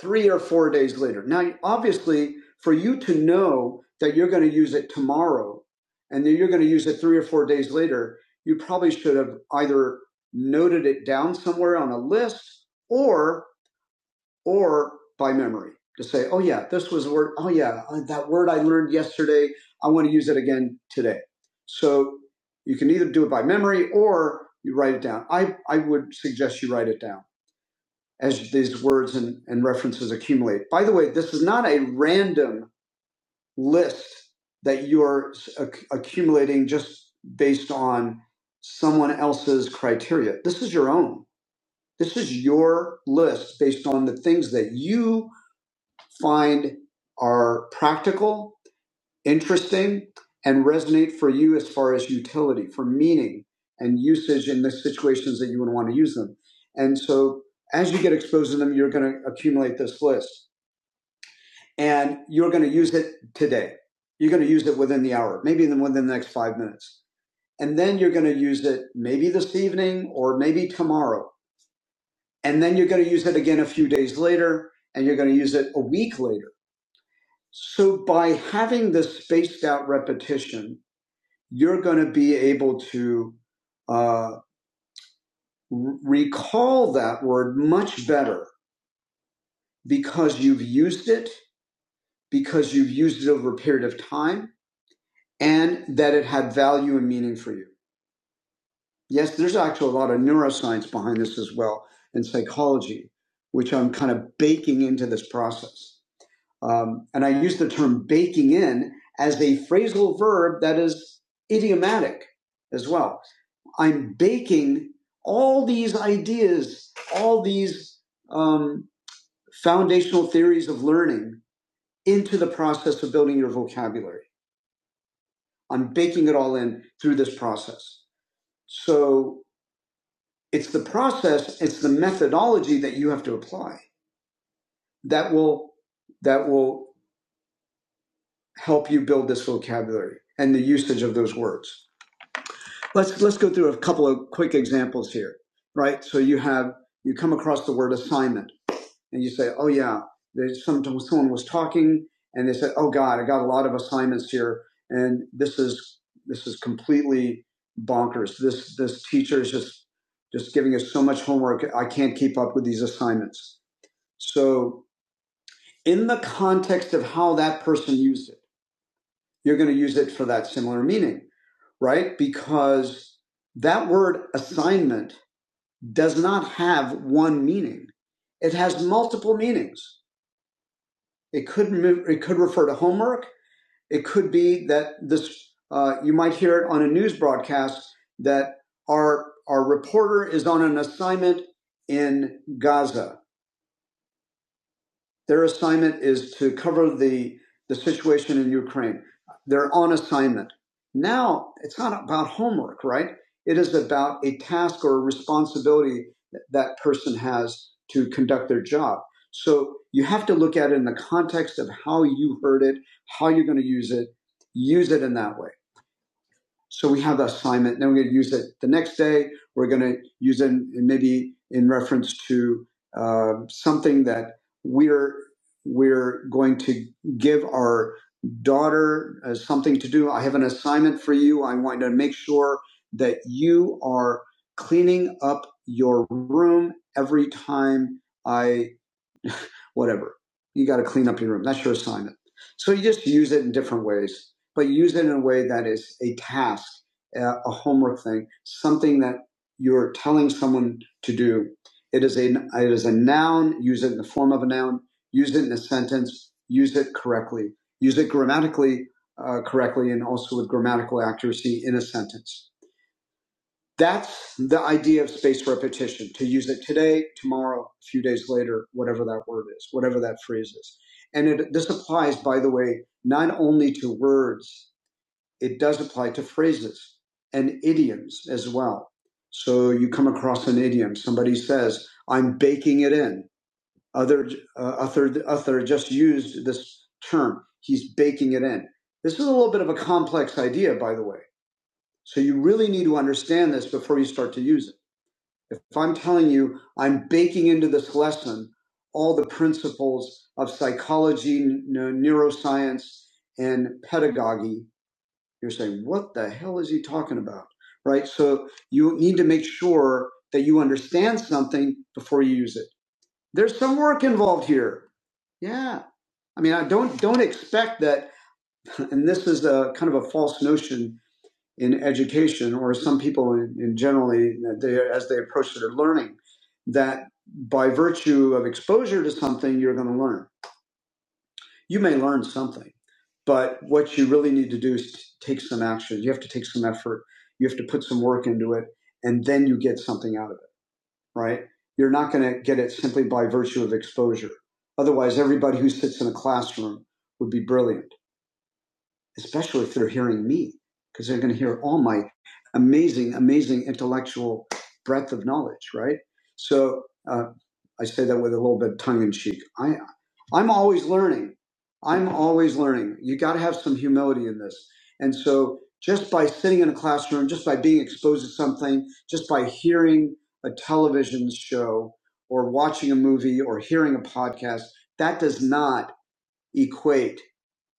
A: three or four days later. Now, obviously, for you to know that you're going to use it tomorrow and then you're going to use it three or four days later, you probably should have either noted it down somewhere on a list or or by memory to say, oh yeah, this was a word. Oh yeah, uh, that word I learned yesterday. I want to use it again today. So you can either do it by memory or you write it down. I, I would suggest you write it down as these words and, and references accumulate. By the way, this is not a random list that you're acc- accumulating just based on someone else's criteria. This is your own. This is your list based on the things that you find are practical interesting and resonate for you as far as utility, for meaning and usage in the situations that you would want to use them. And so as you get exposed to them, you're going to accumulate this list and you're going to use it today. You're going to use it within the hour, maybe even within the next five minutes. And then you're going to use it maybe this evening or maybe tomorrow. And then you're going to use it again a few days later and you're going to use it a week later. So by having this spaced out repetition, you're going to be able to uh, recall that word much better because you've used it, because you've used it over a period of time, and that it had value and meaning for you. Yes, there's actually a lot of neuroscience behind this as well and psychology, which I'm kind of baking into this process. Um, and I use the term baking in as a phrasal verb that is idiomatic as well I'm baking all these ideas, all these um, foundational theories of learning into the process of building your vocabulary. I'm baking it all in through this process. So it's the process, it's the methodology that you have to apply that will that will help you build this vocabulary and the usage of those words. Let's let's go through a couple of quick examples here, right? So you have you come across the word assignment and you say, "Oh yeah," there's sometimes someone was talking and they said, "Oh God, I got a lot of assignments here, and this is this is completely bonkers. This this teacher is just just giving us so much homework. I can't keep up with these assignments." So, in the context of how that person used it, you're going to use it for that similar meaning, right? Because that word assignment does not have one meaning; it has multiple meanings. It could it could refer to homework. It could be that this uh, you might hear it on a news broadcast that our our reporter is on an assignment in Gaza. Their assignment is to cover the, the situation in Ukraine. They're on assignment. Now, it's not about homework, right? It is about a task or a responsibility that that person has to conduct their job. So you have to look at it in the context of how you heard it, how you're going to use it, use it in that way. So we have that assignment. Then we're going to use it the next day. We're going to use it maybe in reference to uh, something that we're we're going to give our daughter uh, something to do. I have an assignment for you. I want to make sure that you are cleaning up your room every time I whatever. You got to clean up your room. That's your assignment. So you just use it in different ways, but use it in a way that is a task, a homework thing, something that you're telling someone to do. It is a it is a noun. Use it in the form of a noun. Use it in a sentence. Use it correctly. Use it grammatically uh, correctly, and also with grammatical accuracy in a sentence. That's the idea of space repetition to use it today, tomorrow, a few days later, whatever that word is, whatever that phrase is. And it, this applies, by the way, not only to words, it does apply to phrases and idioms as well. So you come across an idiom, somebody says, I'm baking it in. Other, uh, Uther, Uther just used this term, he's baking it in. This is a little bit of a complex idea, by the way. So you really need to understand this before you start to use it. If I'm telling you, I'm baking into this lesson all the principles of psychology, n- no, neuroscience, and pedagogy, you're saying, what the hell is he talking about? Right? So you need to make sure that you understand something before you use it. There's some work involved here. Yeah. I mean, I don't don't expect that, and this is a kind of a false notion in education, or some people in, in generally they, as they approach their learning, that by virtue of exposure to something, you're going to learn. You may learn something, but what you really need to do is t- take some action. You have to take some effort. You have to put some work into it, and then you get something out of it. Right? You're not going to get it simply by virtue of exposure. Otherwise, everybody who sits in a classroom would be brilliant especially if they're hearing me, because they're going to hear all my amazing, amazing intellectual breadth of knowledge, right? So uh, I say that with a little bit of tongue in cheek. I, I'm always learning. I'm always learning. You got to have some humility in this. And so just by sitting in a classroom, just by being exposed to something, just by hearing a television show or watching a movie or hearing a podcast, that does not equate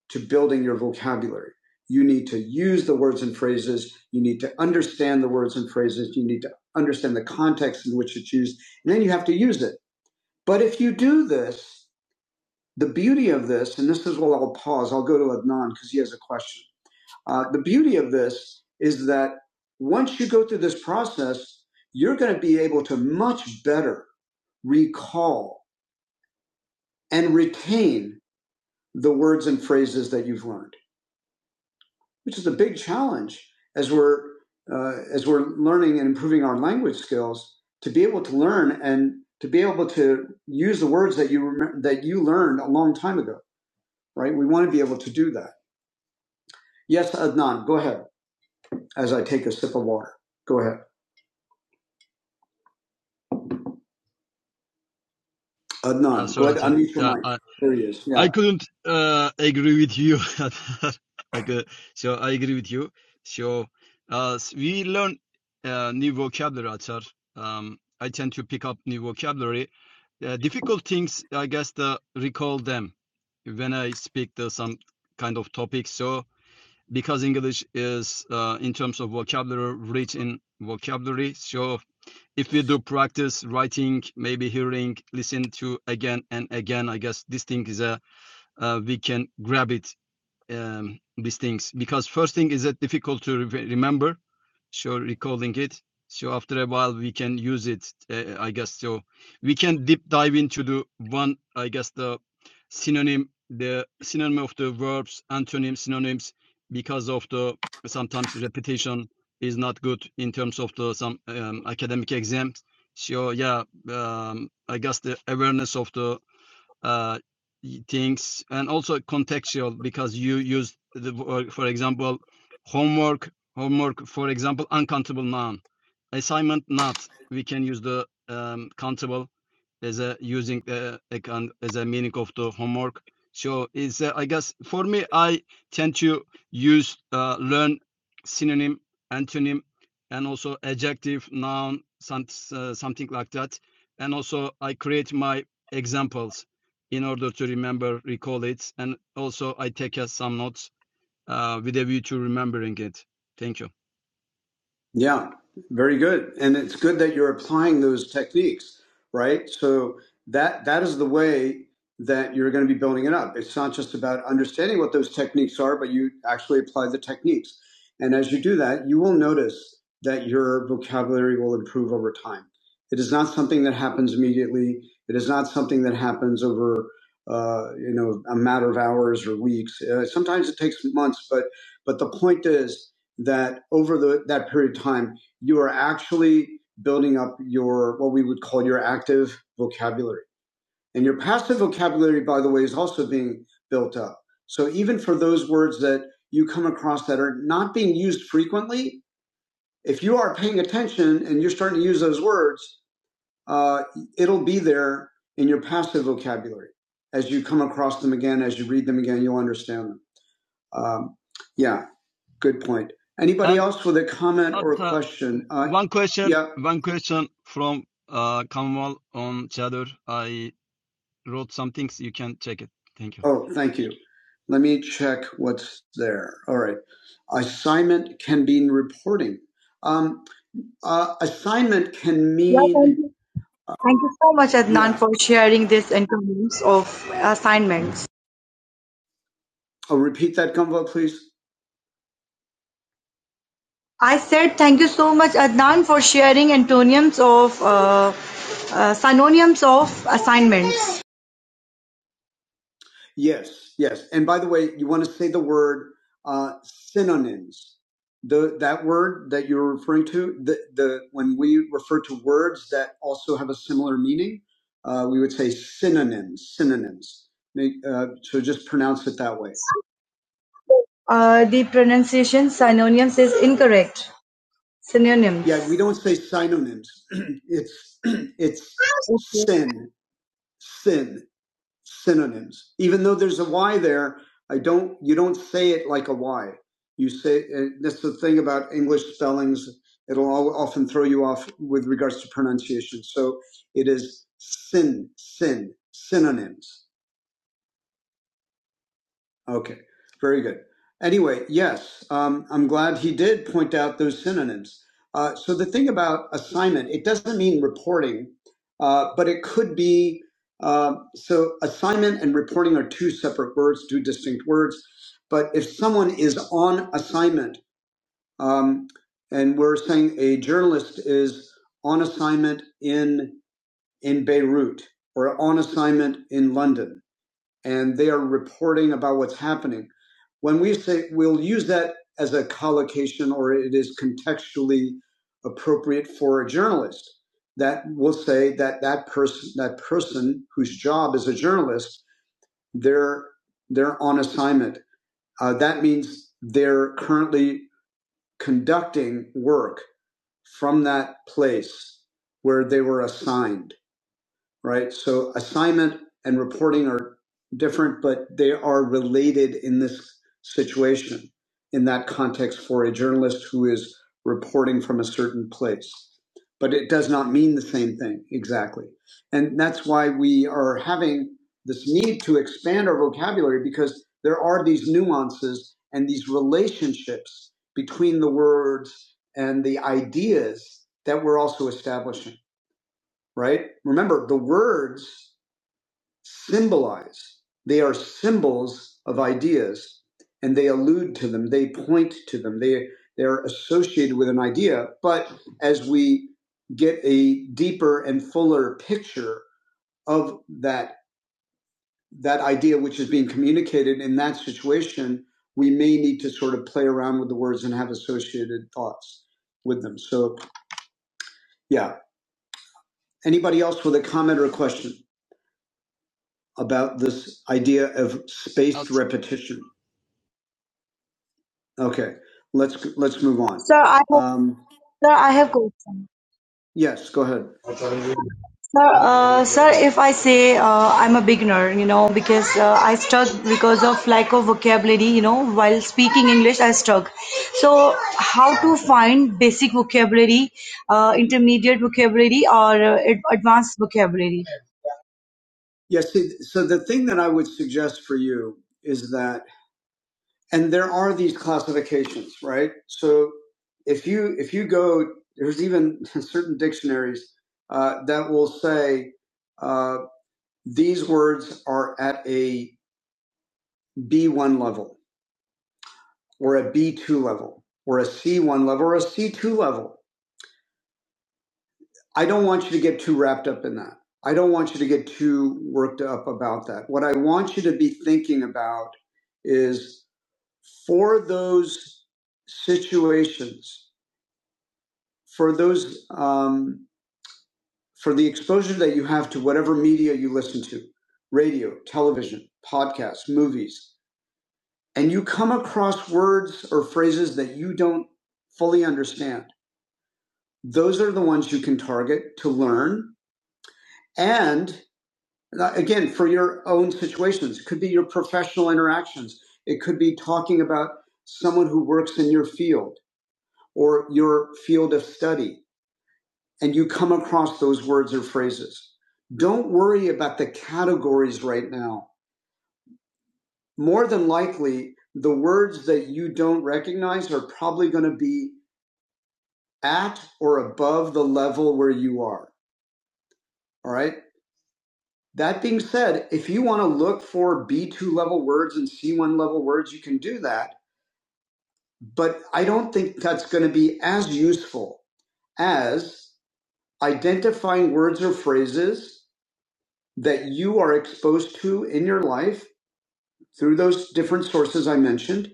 A: to building your vocabulary. You need to use the words and phrases. You need to understand the words and phrases. You need to understand the context in which it's used. And then you have to use it. But if you do this, the beauty of this, and this is where I'll pause, I'll go to Adnan because he has a question. Uh, the beauty of this is that once you go through this process, you're going to be able to much better recall and retain the words and phrases that you've learned. which is a big challenge as we're uh, as we're learning and improving our language skills to be able to learn and to be able to use the words that you remember, that you learned a long time ago, right? We want to be able to do that. Yes, Adnan, go ahead. As I take a sip of water, go ahead,
E: Uh,
A: Adnan. Go
E: sorry,
A: ahead,
E: sorry.
A: unmute your
E: Yeah,
A: mic.
E: I,
A: There he is. Yeah.
E: I couldn't uh, agree with you. *laughs* I could, so I agree with you. So uh, we learn uh, new vocabulary. Atar. Um, I tend to pick up new vocabulary. Uh, difficult things, I guess, the recall them when I speak the, some kind of topic. So because English is, uh, in terms of vocabulary, rich in vocabulary, so if we do practice writing, maybe hearing, listen to again and again, I guess this thing is a uh, we can grab it um, these things because first thing is that difficult to re- remember so recalling it so after a while we can use it uh, i guess so we can deep dive into the one i guess the synonym the synonym of the verbs antonyms, synonyms because of the sometimes repetition is not good in terms of the some um, academic exams so yeah um, i guess the awareness of the uh, things and also contextual because you use the for example homework homework for example uncountable noun assignment not we can use the um, countable as a using uh, as a meaning of the homework so it's uh, i guess for me i tend to use uh, learn synonym antonym and also adjective noun some, uh, something like that and also i create my examples in order to remember, recall it. And also I take us some notes uh, with a view to remembering it. Thank you.
A: Yeah, very good. And it's good that you're applying those techniques, right? So that that is the way that you're going to be building it up. It's not just about understanding what those techniques are, but you actually apply the techniques. And as you do that, you will notice that your vocabulary will improve over time. It is not something that happens immediately. It is not something that happens over uh, you know a matter of hours or weeks. Uh, sometimes it takes months, but but the point is that over the, that period of time, you are actually building up your, what we would call your active vocabulary. And your passive vocabulary, by the way, is also being built up. So even for those words that you come across that are not being used frequently, if you are paying attention and you're starting to use those words, uh, it'll be there in your passive vocabulary. As you come across them again, as you read them again, you'll understand them. Um, yeah. Good point. Anybody
E: And
A: else with a comment or a
E: Atta,
A: question? Uh,
E: one question,
A: yeah.
E: one question from uh, Kamal on Chatter. I wrote some things. You can check it. Thank you.
A: Oh, thank you. Let me check what's there. All right. Assignment can be in reporting. Um, uh, assignment can mean. Yeah, thank, you. thank you so much, Adnan, Yeah. for sharing this and terms of assignments. Oh, repeat that, Gumbo, please. I said thank you so much, Adnan, for sharing antonyms of uh, uh, synonyms of assignments. Yes, yes. And by the way, you want to say the word uh, synonyms. The that word that you're referring to, the the when we refer to words that also have a similar meaning, uh, we would say synonyms. Synonyms. Make, uh, so just pronounce it that way. Uh, the pronunciation synonyms is incorrect. Synonyms. Yeah, we don't say synonyms. *clears throat* it's *clears throat* it's Okay. sin, sin synonyms. Even though there's a Y there, I don't. You don't say it like a Y. You say uh, that's the thing about English spellings. It'll all, often throw you off with regards to pronunciation. So it is sin, sin, synonyms. Okay, very good. Anyway, yes, um, I'm glad he did point out those synonyms. Uh, so the thing about assignment, it doesn't mean reporting, uh, but it could be. Uh, so assignment and reporting are two separate words, two distinct words. But if someone is on assignment, um, and we're saying a journalist is on assignment in in Beirut or on assignment in London, and they are reporting about what's happening. When we say we'll use that as a collocation or it is contextually appropriate for a journalist, that will say that that person that person whose job is a journalist, they're they're on assignment. Uh, that means they're currently conducting work from that place where they were assigned right? So assignment and reporting are different, but they are related in this situation, in that context for a journalist who is reporting from a certain place. But it does not mean the same thing exactly. And that's why we are having this need to expand our vocabulary because there are these nuances and these relationships between the words and the ideas that we're also establishing right? Remember, the words symbolize, they are symbols of ideas, and they allude to them, they point to them, they, they're associated with an idea. But as we get a deeper and fuller picture of that, that idea which is being communicated in that situation, we may need to sort of play around with the words and have associated thoughts with them. So, yeah. Anybody else with a comment or a question? about this idea of spaced
E: At
A: repetition. Okay, let's let's move on. Sir, I have, Um, sir, I have question. yes, go ahead. Sir, uh, sir, if I say uh, I'm a beginner, you know, because uh, I stuck because of lack of vocabulary, you know, while speaking English, I stuck. So, how to find basic vocabulary, uh, intermediate vocabulary, or uh, ad- advanced vocabulary? Yes. see, So the thing that I would suggest for you is that and there are these classifications right so if you if you go there's even *laughs* certain dictionaries uh, that will say uh, these words are at a b1 level or a b2 level or a c1 level or a c2 level i don't want you to get too wrapped up in that i don't want you to get too worked up about that what i want you to be thinking about is for those situations for those um, for the exposure that you have to whatever media you listen to radio television podcasts movies and you come across words or phrases that you don't fully understand those are the ones you can target to learn and uh, again for your own situations it could be your professional interactions it could be talking about someone who works in your field or your field of study and you come across those words or phrases. Don't worry about the categories right now. More than likely, the words that you don't recognize are probably going to be at or above the level where you are. All right. That being said, if you want to look for B2 level words and C1 level words, you can do that. But I don't think that's going to be as useful as identifying words or phrases that you are exposed to in your life through those different sources I mentioned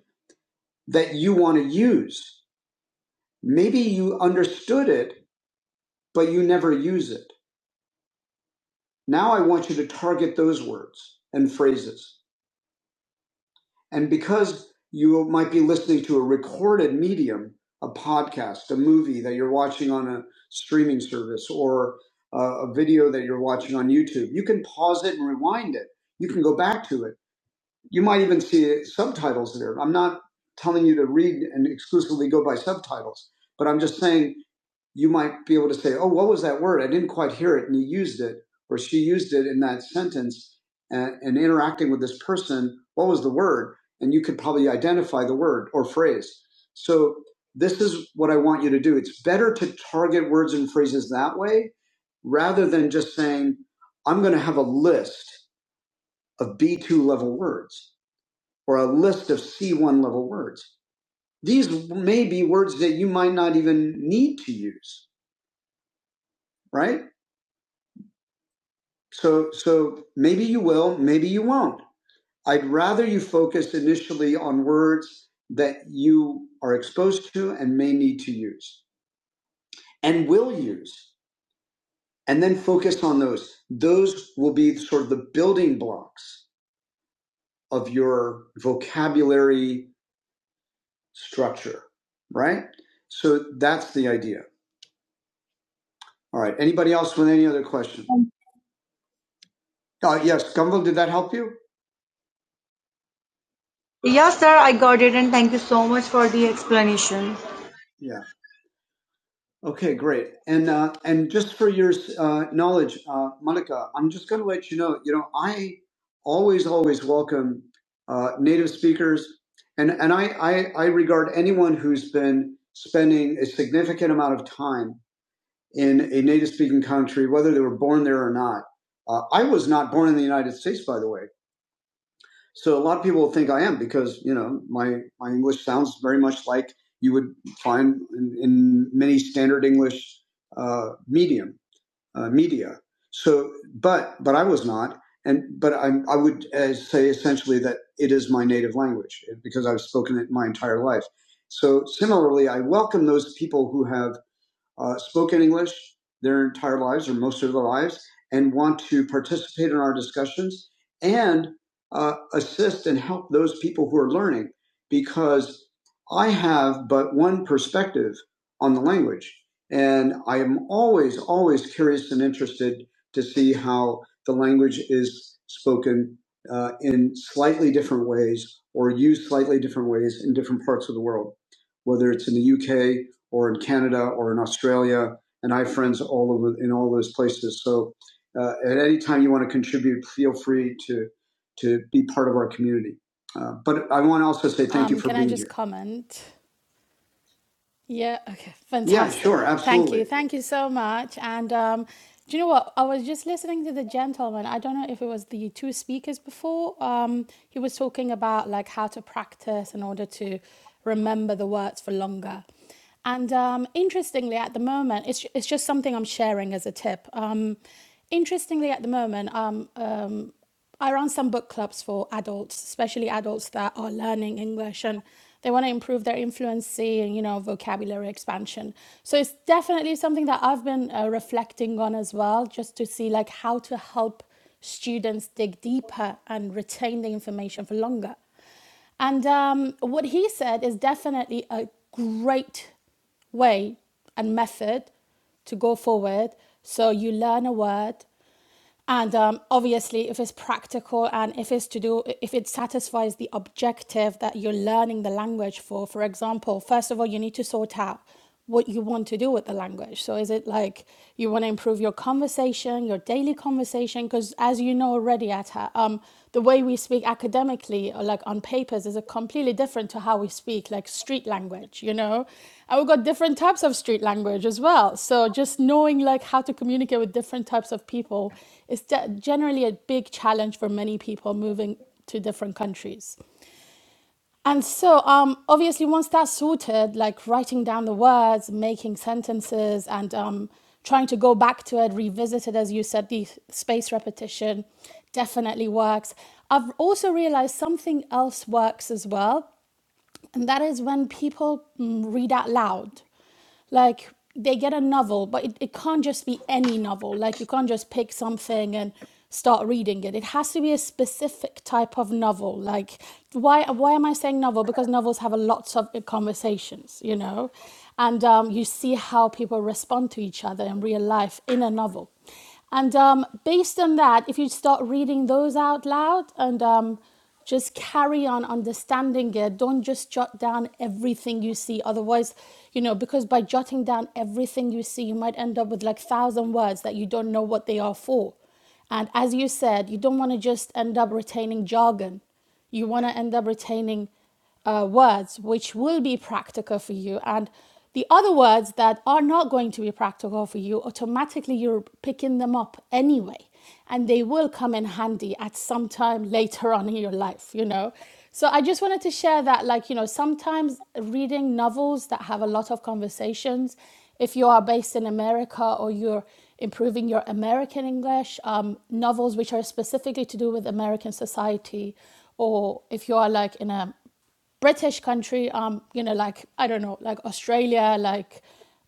A: that you want to use. Maybe you understood it, but you never use it. Now I want you to target those words and phrases. And because you might be listening to a recorded medium, a podcast, a movie that you're watching on a streaming service, or a, a video that you're watching on YouTube, you can pause it and rewind it. You can go back to it you might even see subtitles there. I'm not telling you to read and exclusively go by subtitles, but I'm just saying you might be able to say, "Oh, what was that word? I didn't quite hear it," and he used it, or she used it in that sentence, and, and interacting with this person, what was the word? And you could probably identify the word or phrase. So this is what I want you to do. It's better to target words and phrases that way rather than just saying, "I'm going to have a list of B2 level words." or a list of C1 level words. These may be words that you might not even need to use, right? So, so maybe you will, maybe you won't. I'd rather you focus initially on words that you are exposed to and may need to use and will use, and then focus on those. Those will be sort of the building blocks of your vocabulary structure, right? So that's the idea. All right. Anybody else with any other questions? Uh, yes, Gumbel, did that help you? Yes, sir, I got it, and thank you so much for the explanation. Yeah. Okay, great. And uh, and just for your uh, knowledge, uh, Monica, I'm just going to let you know. You know, I always always welcome uh, native speakers, and and I, I I regard anyone who's been spending a significant amount of time in a native speaking country, whether they were born there or not. Uh, I was not born in the United States, by the way. So a lot of people think I am because you know my my English sounds very much like you would find in, in many standard English uh, medium uh, media. So, but but I was not, and but I I would uh, say essentially that it is my native language because I've spoken it my entire life. So similarly, I welcome those people who have uh, spoken English their entire lives or most of their lives and want to participate in our discussions and uh, assist and help those people who are learning because I have but one perspective on the language. And I am always, always curious and interested to see how the language is spoken uh, in slightly different ways or used slightly different ways in different parts of the world, whether it's in the UK or in Canada or in Australia, and I have friends all over in all those places. So uh, at any time you want to contribute, feel free to to be part of our community. Uh, but I want to also say thank you
D: Um,
A: for
D: can I
A: being
D: just
A: here.
D: comment? Yeah, okay, *laughs*
A: Yeah,
D: fantastic.
A: sure,
D: Thank
A: absolutely.
D: you. Thank you so much. And um, do you know what? I was just listening to the gentleman. I don't know if it was the two speakers before. Um, he was talking about like how to practice in order to remember the words for longer. And um, interestingly, at the moment, it's, it's just something I'm sharing as a tip. Um, interestingly, at the moment, um, um. I run some book clubs for adults, especially adults that are learning English and they want to improve their fluency and you know vocabulary expansion. So it's definitely something that I've been uh, reflecting on as well, just to see like how to help students dig deeper and retain the information for longer. And um, what he said is definitely a great way and method to go forward. So you learn a word, and um, obviously, if it's practical and if it's to do, if it satisfies the objective that you're learning the language for, for example, first of all, you need to sort out what you want to do with the language. So, is it like you want to improve your conversation, your daily conversation? Because as you know already, Atta, um, um, the way we speak academically, or like on papers, is a completely different to how we speak like street language, you know. And we've got different types of street language as well. So just knowing like how to communicate with different types of people is de- generally a big challenge for many people moving to different countries. And so, um, obviously, once that's sorted, like writing down the words, making sentences, and um, trying to go back to it, revisit it, as you said, the space repetition definitely works. I've also realized something else works as well, and that is when people mm, read out loud like they get a novel but it, it can't just be any novel like you can't just pick something and start reading it it has to be a specific type of novel like why why am i saying novel because novels have a lots of conversations you know and um, you see how people respond to each other in real life in a novel and um, based on that, if you start reading those out loud and um, just carry on understanding it, don't just jot down everything you see. Otherwise, you know, because by jotting down everything you see, you might end up with like thousand words that you don't know what they are for. And as you said, you don't want to just end up retaining jargon you want to end up retaining uh, words which will be practical for you and the other words that are not going to be practical for you automatically you're picking them up anyway and they will come in handy at some time later on in your life you know so i just wanted to share that like you know sometimes reading novels that have a lot of conversations if you are based in america or you're improving your american english um, novels which are specifically to do with american society or if you are like in a British country, um, you know, like I don't know, like Australia, like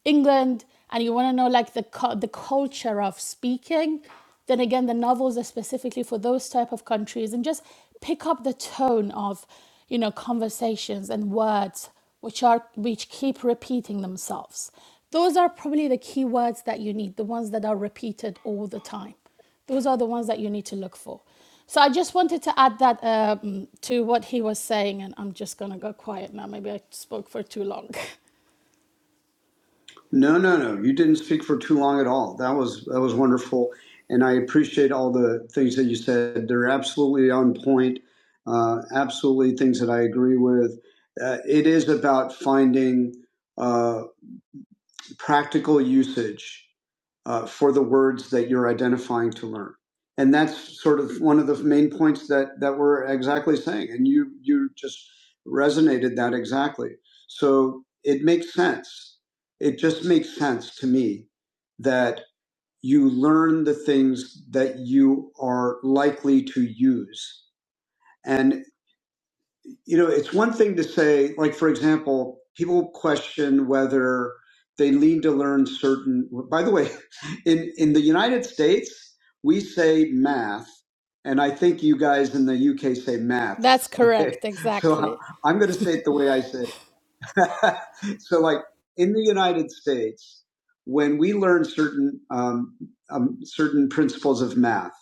D: England, and you want to know like the cu- the culture of speaking, then again, the novels are specifically for those type of countries, and just pick up the tone of, you know, conversations and words which are which keep repeating themselves. Those are probably the key words that you need, the ones that are repeated all the time. Those are the ones that you need to look for. So I just wanted to add that um, to what he was saying, and I'm just going to go quiet now. Maybe I spoke for too long.
A: No, no, no. You didn't speak for too long at all. That was that was wonderful, and I appreciate all the things that you said. They're absolutely on point. Uh, absolutely, things that I agree with. Uh, it is about finding uh, practical usage uh, for the words that you're identifying to learn. And that's sort of one of the main points that, that we're exactly saying. And you, you just resonated that exactly. So it makes sense. It just makes sense to me that you learn the things that you are likely to use you know, it's one thing to say, like, for example, people question whether they lean to learn certain, by the way, *laughs* in, in the United States, we say math, and I think you guys in the UK say
D: *laughs* That's
A: maths. Okay.
D: correct,
A: *laughs* So
D: exactly.
A: I'm going to say it the way I say it. *laughs* so like in the United States, when we learn certain, um, um, certain principles of math,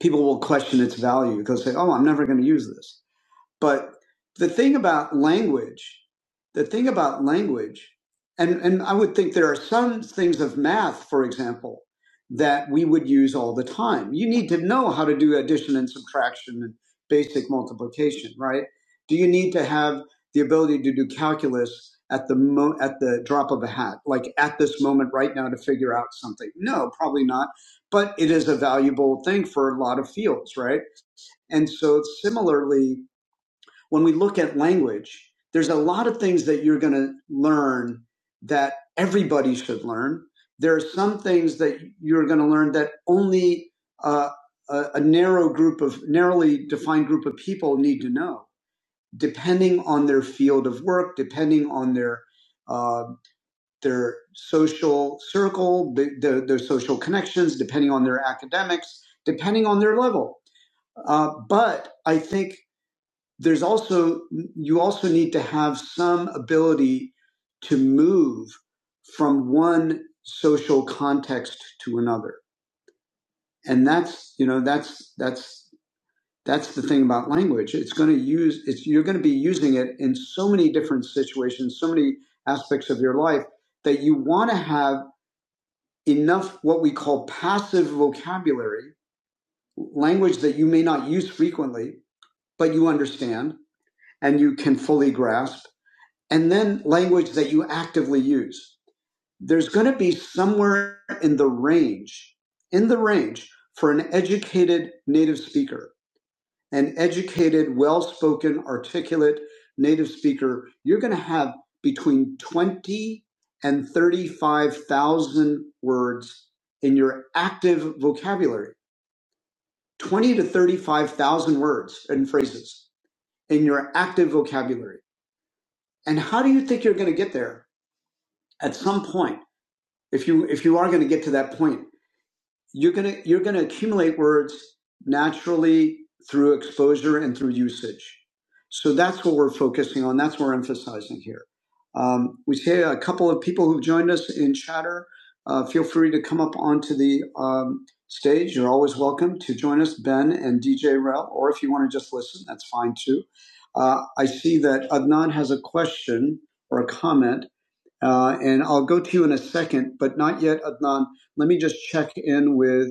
A: people will question its value. They'll say, Oh, I'm never going to use this but the thing about language, the thing about language, and, and I would think there are some things of math, for example, that we would use all the time. You need to know how to do addition and subtraction and basic multiplication, right? Do you need to have the ability to do calculus at the mo- at the drop of a hat, like at this moment right now to figure out something? No, probably not. But it is a valuable thing for a lot of fields, right? And so similarly, when we look at language, there's a lot of things that you're going to learn that everybody should learn. There are some things that you're going to learn that only uh, a, a narrow group of narrowly defined group of people need to know, depending on their field of work, depending on their uh, their social circle, the, the, their social connections, depending on their academics, depending on their level. Uh, but I think there's also you also need to have some ability to move from one social context to another and that's you know that's that's that's the thing about language it's going to use it's you're going to be using it in so many different situations so many aspects of your life that you want to have enough what we call passive vocabulary language that you may not use frequently but you understand and you can fully grasp and then language that you actively use. There's going to be somewhere in the range, in the range for an educated native speaker, an educated, well spoken, articulate native speaker, you're going to have between 20 and 35,000 words in your active vocabulary. 20 to 35,000 words and phrases in your active vocabulary. And how do you think you're going to get there at some point? if you if you are going to get to that point you're going to you're going to accumulate words naturally through exposure and through usage so that's what we're focusing on that's what we're emphasizing here um, we see a couple of people who've joined us in chatter uh, feel free to come up onto the um, stage you're always welcome to join us ben and dj rel or if you want to just listen that's fine too uh, i see that adnan has a question or a comment uh, and I'll go to you in a second, but not yet, Adnan. Let me just check in with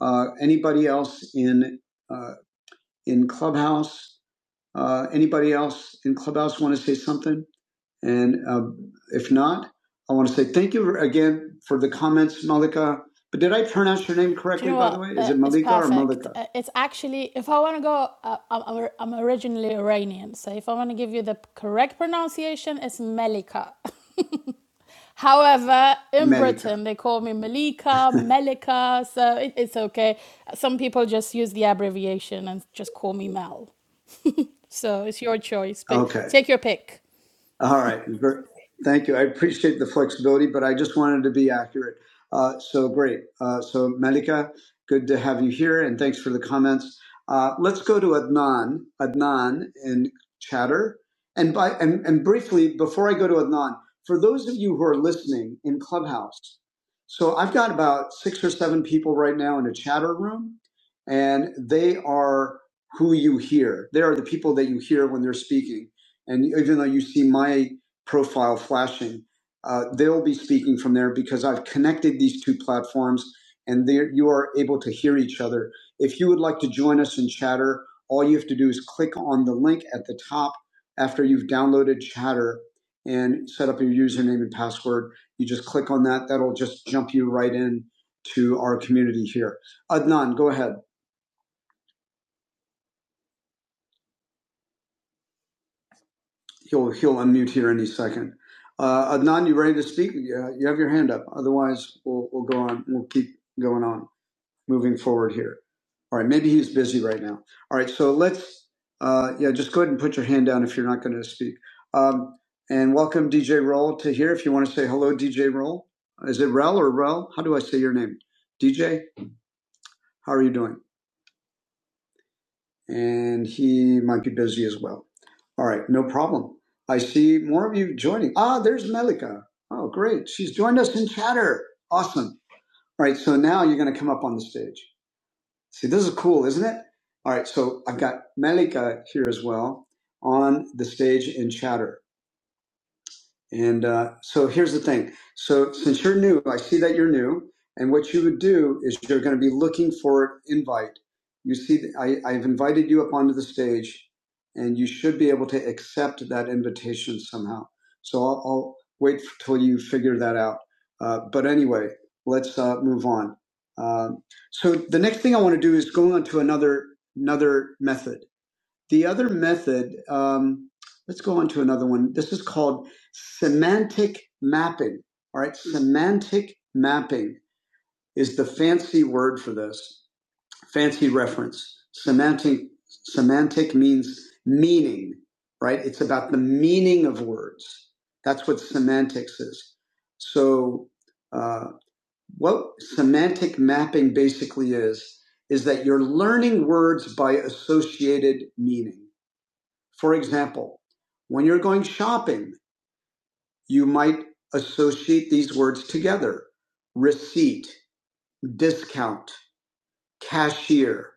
A: uh, anybody else in uh, in Clubhouse. Uh, anybody else in Clubhouse want to say something? And uh, if not, I want to say thank you again for the comments, Malika. But did I pronounce your name
D: Do you
A: correctly,
D: know
A: by the
D: what?
A: way? Is
D: Uh,
A: it
D: it's
A: Malika or
D: perfect.
A: Malika?
D: Uh, it's actually, if I want to go, uh, I'm, I'm I'm originally Iranian. So if I want to give you the correct pronunciation, it's Melika. *laughs* However, in
A: Malika.
D: Britain, they call me Malika,
A: *laughs*
D: Melika. So it, it's okay. Some people just use the abbreviation and just call me Mel. So it's your choice. But
A: Okay.
D: take your pick.
A: All right. Ver- Thank you. I appreciate the flexibility, but I just wanted to be accurate. Uh, so great. Uh, so Malika, good to have you here, and thanks for the comments. Uh, let's go to Adnan. Adnan in chatter, and by and, and briefly before I go to Adnan, for those of you who are listening in Clubhouse, so I've got about six or seven people right now in a chatter room, and they are who you hear. They are the people that you hear when they're speaking and even though you see my profile flashing, uh, they'll be speaking from there because I've connected these two platforms and there you are able to hear each other. If you would like to join us in chatter, all you have to do is click on the link at the top after you've downloaded chatter and set up your username and password. You just click on that. That'll just jump you right in to our community here. Adnan, go ahead. he'll he'll unmute here any second. Uh, Adnan, you ready to speak? Yeah, you have your hand up. Otherwise, we'll we'll go on. We'll keep going on, moving forward here. All right. Maybe he's busy right now. All right. So let's uh, yeah, just go ahead and put your hand down if you're not going to speak. Um, and welcome DJ Roll to here. If you want to say hello, DJ Roll. Is it Rel or Rel? How do I say your name? DJ. How are you doing? and he might be busy as well. All right, no problem. I see more of you joining. Ah, there's Melika. Oh, great. She's joined us in chatter. Awesome. All right, so now you're going to come up on the stage. See, this is cool, isn't it? All right, so I've got Melika here as well on the stage in chatter. And uh, so here's the thing. So since you're new, I see that you're new, and what you would do is you're going to be looking for an invite. You see, I, I've invited you up onto the stage, and you should be able to accept that invitation somehow. So I'll, I'll wait till you figure that out. Uh, but anyway, let's uh, move on. Um so the next thing I want to do is go on to another another method. The other method, um, let's go on to another one. This is called semantic mapping. All right, semantic mapping is the fancy word for this. Fancy reference. Semantic semantic means meaning, right? It's about the meaning of words. That's what semantics is. So, uh, what semantic mapping basically is is that you're learning words by associated meaning. For example, when you're going shopping, you might associate these words together receipt, discount, cashier,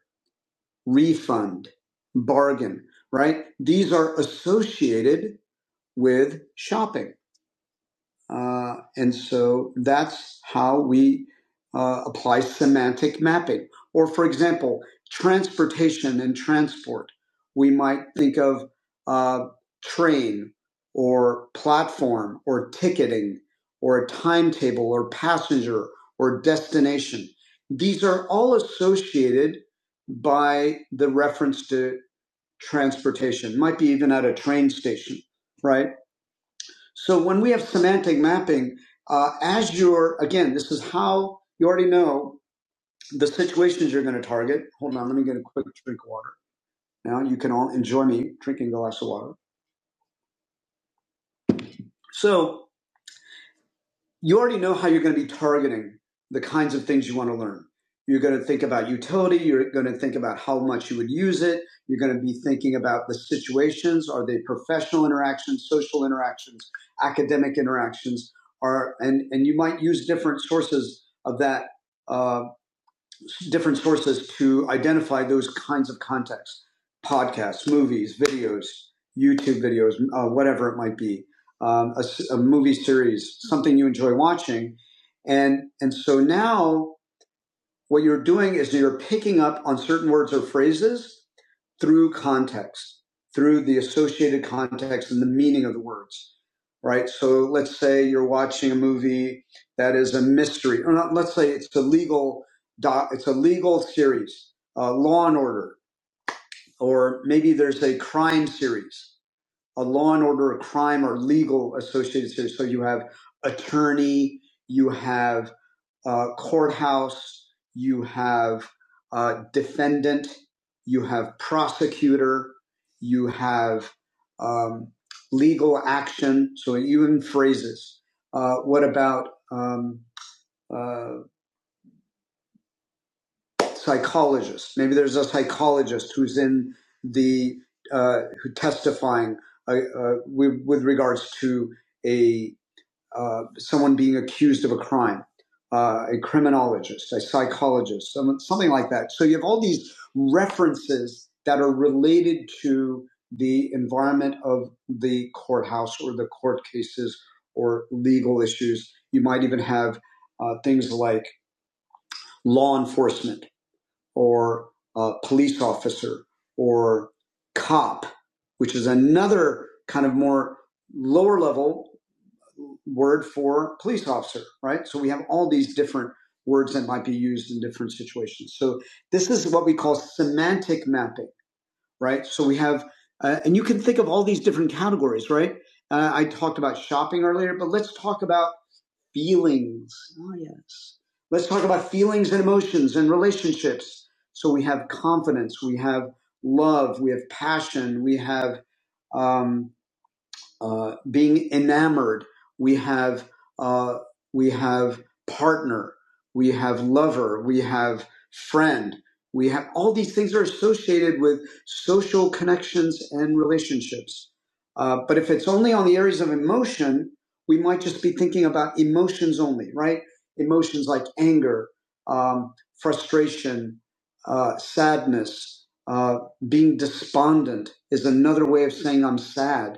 A: refund, bargain, right? These are associated with shopping. Uh, and so that's how we uh, apply semantic mapping. Or, for example, transportation and transport. We might think of uh, train or platform or ticketing or a timetable or passenger or destination. These are all associated by the reference to transportation, might be even at a train station, right? So when we have semantic mapping, uh, as you're, again, this is how you already know the situations you're going to target. Hold on, let me get a quick drink of water. Now you can all enjoy me drinking a glass of water. So you already know how you're going to be targeting the kinds of things you want to learn. You're going to think about utility. You're going to think about how much you would use it. You're going to be thinking about the situations. Are they professional interactions, social interactions, academic interactions? Are, and, and you might use different sources of that uh, different sources to identify those kinds of contexts podcasts movies videos youtube videos uh, whatever it might be um, a, s- a movie series something you enjoy watching and and so now what you're doing is you're picking up on certain words or phrases through context, through the associated context and the meaning of the words, right? So let's say you're watching a movie that is a mystery, or not, let's say it's a legal doc, it's a legal series, uh, Law and Order, or maybe there's a crime series a law and order, a crime, or legal associated. So, so you have attorney, you have uh, courthouse, you have uh, defendant, you have prosecutor, you have um, legal action. So even phrases. Uh, what about um, uh, psychologist. Maybe there's a psychologist who's in the uh, who testifying uh, uh, with, with regards to a uh, someone being accused of a crime. Uh, a criminologist, a psychologist, some, something like that. So you have all these references that are related to the environment of the courthouse or the court cases or legal issues. You might even have uh, things like law enforcement or uh, police officer or cop, which is another kind of more lower level word for police officer, right? So we have all these different words that might be used in different situations. So this is what we call semantic mapping, right? So we have, uh, and you can think of all these different categories, right? Uh, I talked about shopping earlier, but let's talk about Feelings. Oh, yes. Let's talk about feelings and emotions and relationships. So we have confidence, we have love, we have passion, we have. Um, uh, being enamored. We have uh, we have partner. We have lover. We have friend. We have all these things are associated with social connections and relationships. Uh, but if it's only on the areas of emotion, we might just be thinking about emotions only, right? Emotions like anger, um, frustration, uh, sadness, uh, being despondent is another way of saying I'm sad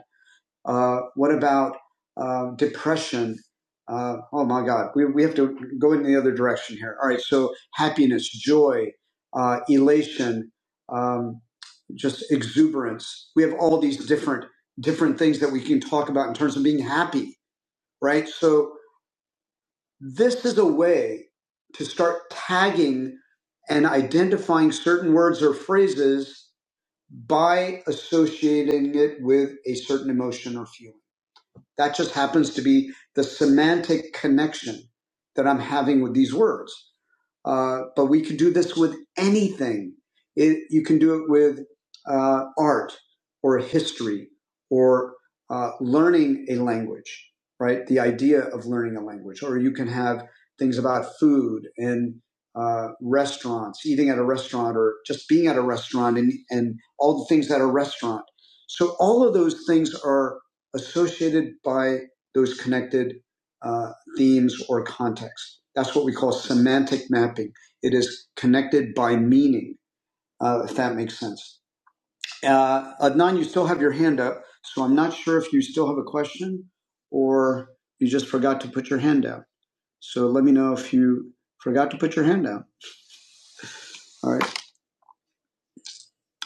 A: uh, what about um, depression? Uh, oh my God, we, we have to go in the other direction here. All right, so happiness, joy, uh, elation, um, just exuberance. We have all these different different things that we can talk about in terms of being happy, right? So this is a way to start tagging and identifying certain words or phrases by associating it with a certain emotion or feeling. That just happens to be the semantic connection that I'm having with these words. Uh, but we can do this with anything. It, you can do it with uh, art or history or uh, learning a language, right? The idea of learning a language. Or you can have things about food and uh, restaurants, eating at a restaurant or just being at a restaurant and, and all the things at a restaurant. So all of those things are associated by those connected uh, themes or contexts. That's what we call semantic mapping. It is connected by meaning, uh, if that makes sense. Uh, Adnan, you still have your hand up, so I'm not sure if you still have a question or you just forgot to put your hand down. So let me know if you forgot to put your hand down. All right.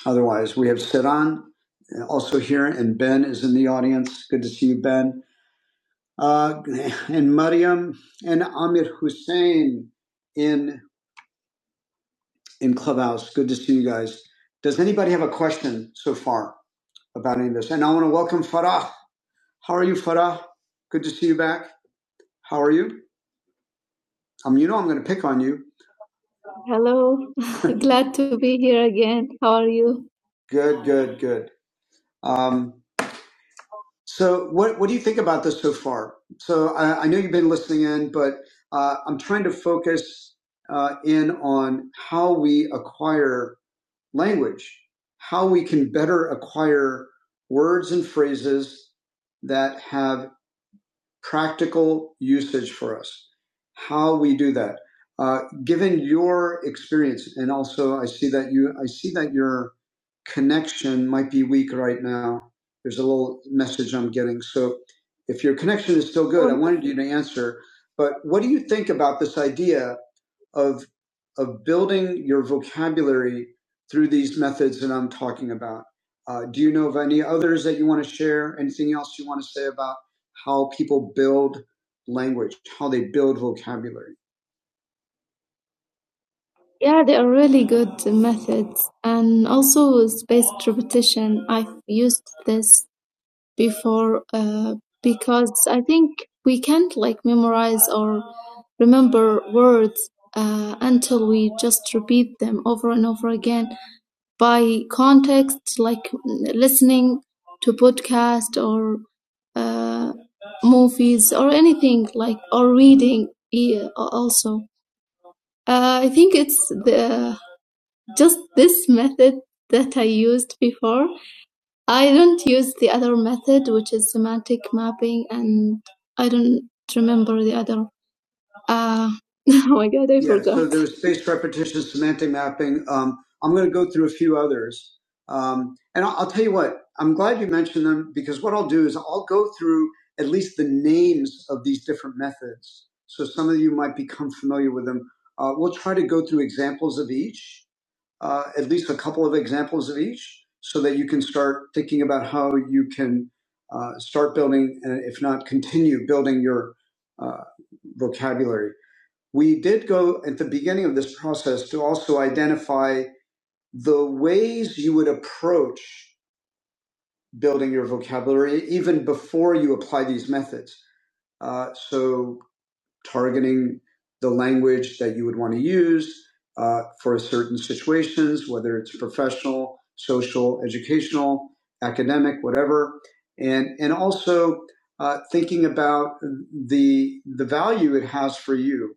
A: Otherwise, we have Siran uh, also here, and Ben is in the audience. Good to see you, Ben. uh, and Mariam and Amir Hussein in in Clubhouse. Good to see you guys. Does anybody have a question so far about any of this? And I want to welcome Farah. How are you, Farah? Good to see you back. How are you? Um, you know I'm going to pick on you. Hello, *laughs* glad to be here again. How are you? Good, good, good. Um. So, what what do you think about this so far? So, I, I know you've been listening in, but uh, I'm trying to focus uh, in on how we acquire language, how we can better acquire words and phrases that have practical usage for us, how we do that. Uh, given your experience, and also I see that you, I see that your connection might be weak right now. There's a little message I'm getting. So if your connection is still good, I wanted you to answer. But what do you think about this idea of of building your vocabulary through these methods that I'm talking about. Uh, do you know of any others that you want to share? Anything else you want to say about how people build language, how they build vocabulary? Yeah, they are really good methods, and also spaced repetition. I've used this before uh, because I think we can't like memorize or remember words uh, until we just repeat them over and over again by context, like listening to podcast or uh, movies or anything like or reading yeah, also. Uh, I think it's the just this method that I used before I don't use the other method, which is semantic mapping, and I don't remember the other. Uh, *laughs* oh my god, I Yeah, forgot. so there's spaced repetition, semantic mapping. Um, I'm going to go through a few others. Um, and I'll, I'll tell you what, I'm glad you mentioned them because what I'll do is I'll go through at least the names of these different methods. So some of you might become familiar with them. Uh, we'll try to go through examples of each uh, at least a couple of examples of each so that you can start thinking about how you can uh, start building and if not continue building your uh, vocabulary we did go at the beginning of this process to also identify the ways you would approach building your vocabulary even before you apply these methods uh, so targeting the language that you would want to use uh, for certain situations, whether it's professional, social, educational, academic, whatever, and and also uh, thinking about the the value it has for you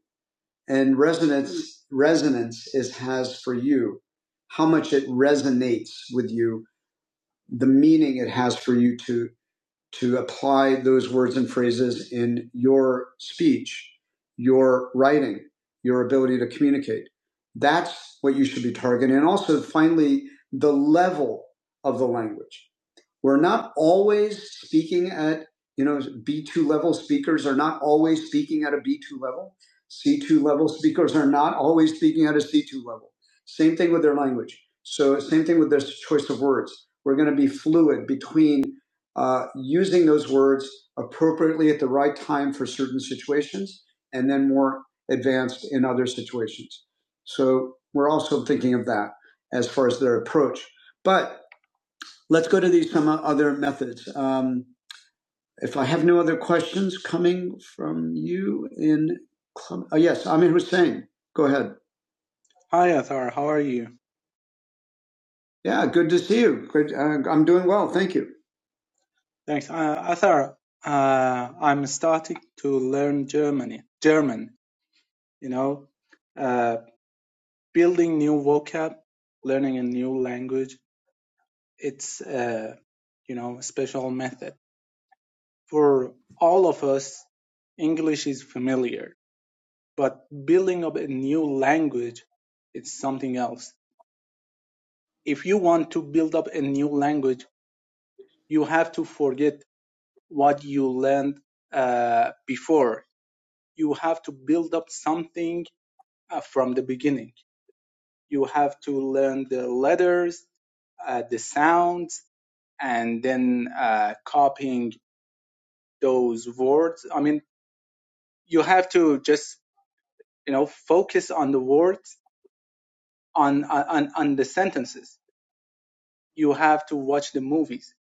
A: and resonance resonance is has for you, how much it resonates with you, the meaning it has for you to to apply those words and phrases in your speech, your writing, your ability to communicate. That's what you should be targeting. And also, finally, the level of the language. We're not always speaking at, you know, B2 level speakers are not always speaking at a B2 level. C2 level speakers are not always speaking at a C2 level. Same thing with their language. So, same thing with their choice of words. We're going to be fluid between uh, using those words appropriately at the right time for certain situations and then more advanced in other situations. So, we're also thinking of that as far as their approach. But Let's go to these some other methods. Um, if I have no other questions coming from you in club, oh, yes, Amir Hussein, go ahead.
F: Hi, Athar. How are you?
A: Yeah, good to see you. Great, uh, I'm doing well, thank you.
F: Thanks. Uh, Athar, uh, I'm starting to learn Germany, German, you know, uh, building new vocab, learning a new language. It's, uh, you know, a special method. For all of us, English is familiar, but building up a new language, it's something else. If you want to build up a new language, you have to forget what you learned uh, before you have to build up something uh, from the beginning. You have to learn the letters, uh, the sounds, and then uh, copying those words. I mean, you have to just you know focus on the words, on on on the sentences. You have to watch the movies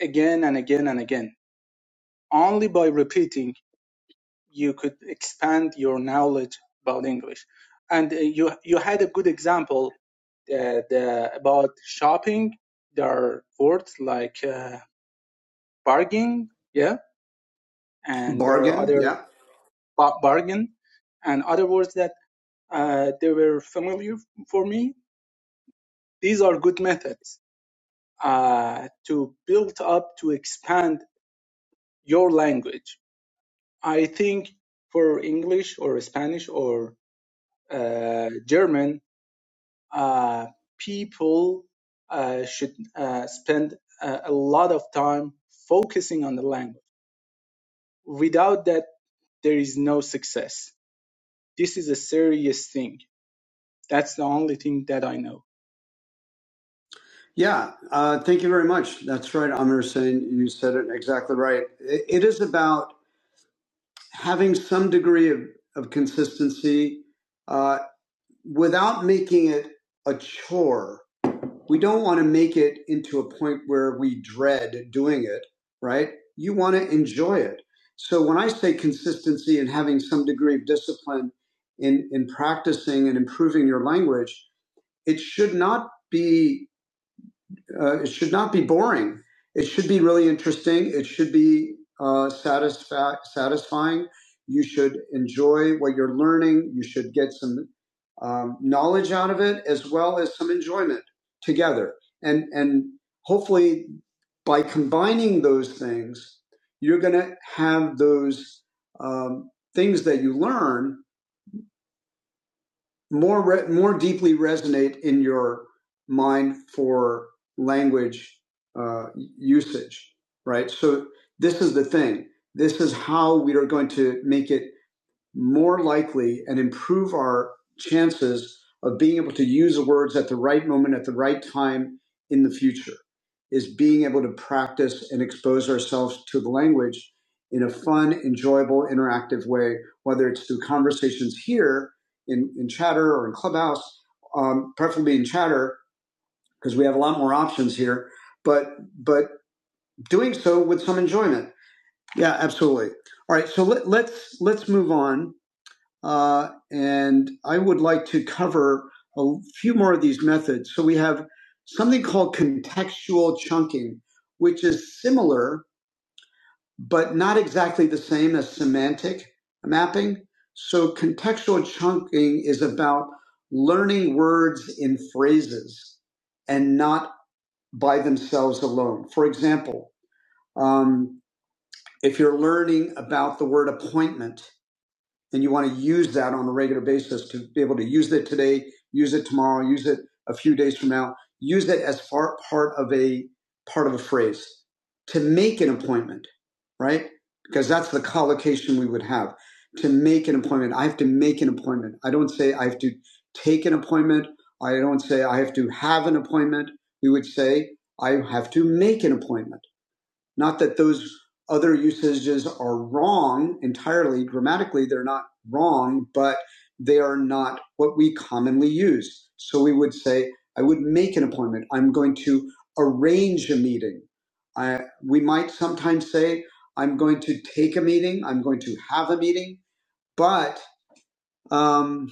F: again and again and again. Only by repeating you could expand your knowledge about English. And uh, you you had a good example uh, the, about shopping. There are words like uh, bargain, yeah, and there are
A: Bargain,
F: other
A: yeah,
F: ba- bargain and other words that uh, they were familiar for me. These are good methods uh, to build up to expand your language. I think for English or Spanish or uh, German, uh, people uh, should uh, spend a, a lot of time focusing on the language. Without that, there is no success. This is a serious thing. That's the only thing that I know.
A: yeah. Uh, thank you very much. That's right, Amir Hussein. You said it exactly right. It, it is about having some degree of, of consistency uh, without making it a chore we don't want to make it into a point where we dread doing it, right? You want to enjoy it. So when I say consistency and having some degree of discipline in, in practicing and improving your language, it should not be uh, it should not be boring. It should be really interesting. It should be uh, satisfa- satisfying. You should enjoy what you're learning. You should get some um, knowledge out of it as well as some enjoyment together. And and hopefully, by combining those things, you're going to have those um, things that you learn more re- more deeply resonate in your mind for language uh, usage, right? So this is the thing. This is how we are going to make it more likely and improve our chances of being able to use the words at the right moment, at the right time in the future, is being able to practice and expose ourselves to the language in a fun, enjoyable, interactive way, whether it's through conversations here in, in chatter or in clubhouse, um, preferably in chatter, because we have a lot more options here, but, but doing so with some enjoyment. Yeah, absolutely. All right. So let, let's, let's move on uh, and I would like to cover a few more of these methods. So we have something called contextual chunking, which is similar but not exactly the same as semantic mapping. So contextual chunking is about learning words in phrases and not by themselves alone. For example, um, if you're learning about the word appointment, and you want to use that on a regular basis to be able to use it today, use it tomorrow, use it a few days from now, use it as far part of a part of a phrase to make an appointment, right? Because that's the collocation we would have to make an appointment. I have to make an appointment. I don't say I have to take an appointment. I don't say I have to have an appointment. We would say I have to make an appointment not that those other usages are wrong entirely. Grammatically, they're not wrong, but they are not what we commonly use. So we would say, I would make an appointment. I'm going to arrange a meeting. I, we might sometimes say, I'm going to take a meeting. I'm going to have a meeting. But um,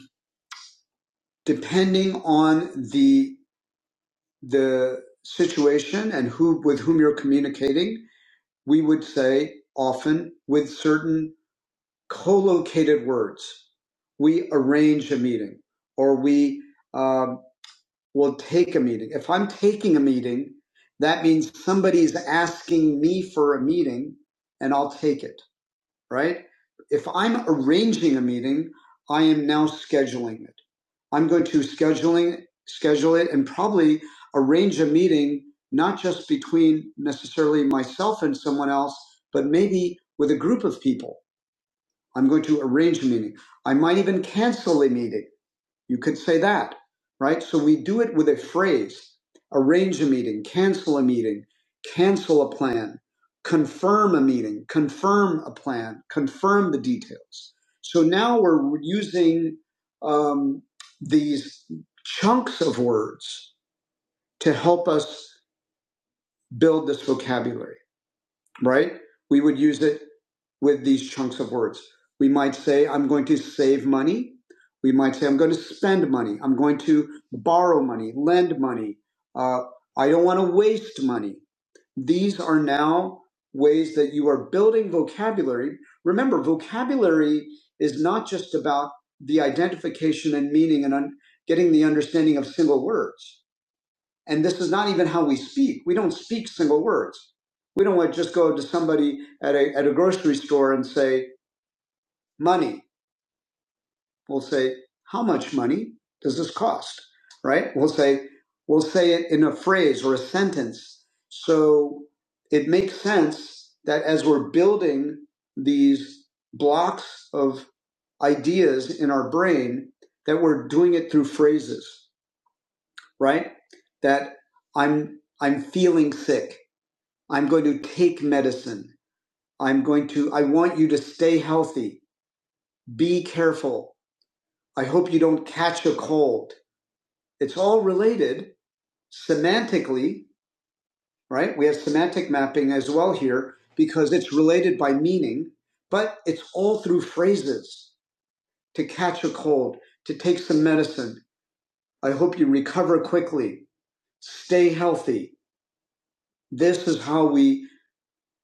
A: depending on the the situation and who with whom you're communicating, we would say often with certain co-located words. We arrange a meeting or we um, will take a meeting. If I'm taking a meeting, that means somebody's asking me for a meeting and I'll take it right? If I'm arranging a meeting, I am now scheduling it. I'm going to scheduling schedule it and probably arrange a meeting not just between necessarily myself and someone else, but maybe with a group of people. I'm going to arrange a meeting. I might even cancel a meeting. You could say that, right? So we do it with a phrase arrange a meeting, cancel a meeting, cancel a plan, confirm a meeting, confirm a plan, confirm the details. So now we're using um, these chunks of words to help us build this vocabulary right? We would use it with these chunks of words. We might say, I'm going to save money. We might say, I'm going to spend money. I'm going to borrow money, lend money. Uh, I don't want to waste money. These are now ways that you are building vocabulary. Remember, vocabulary is not just about the identification and meaning and un- getting the understanding of single words and this is not even how we speak. We don't speak single words. We don't want just go to somebody at a, at a grocery store and say, money. We'll say, how much money does this cost? Right? We'll say, we'll say it in a phrase or a sentence. So it makes sense that as we're building these blocks of ideas in our brain, that we're doing it through phrases, right? That I'm, I'm feeling sick I'm going to take medicine. I'm going to, I want you to stay healthy. Be careful. I hope you don't catch a cold. It's all related semantically, right? We have semantic mapping as well here because it's related by meaning, but it's all through phrases to catch a cold, to take some medicine. I hope you recover quickly. Stay healthy. This is how we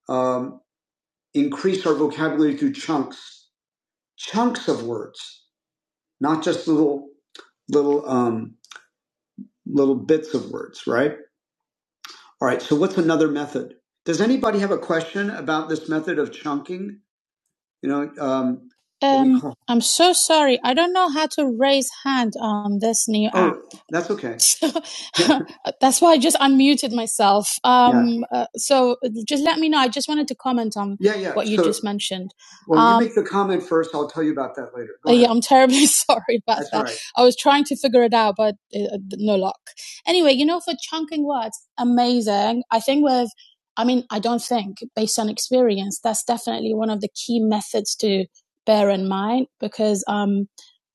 A: um, increase our vocabulary through chunks, chunks of words not just little little um, little bits of words, right? All right. So what's another method? Does anybody have a question about this method of chunking? You know, um, Um, I'm so sorry. I don't know how to raise hand on this new app. Oh, that's okay. So *laughs* that's why I just unmuted myself. Um, yeah, Um, uh, so just let me know. I just wanted to comment on yeah, yeah. what you So, just mentioned. well, um, you Um, make the comment first. I'll tell you about that later. uh, Go ahead. yeah, I'm terribly *laughs* sorry about That's that. right. I was trying to figure it out, but uh, uh, no luck. Anyway, you know, for chunking words, amazing. I think we've I mean, I don't think, based on experience, that's definitely one of the key methods to bear in mind because um,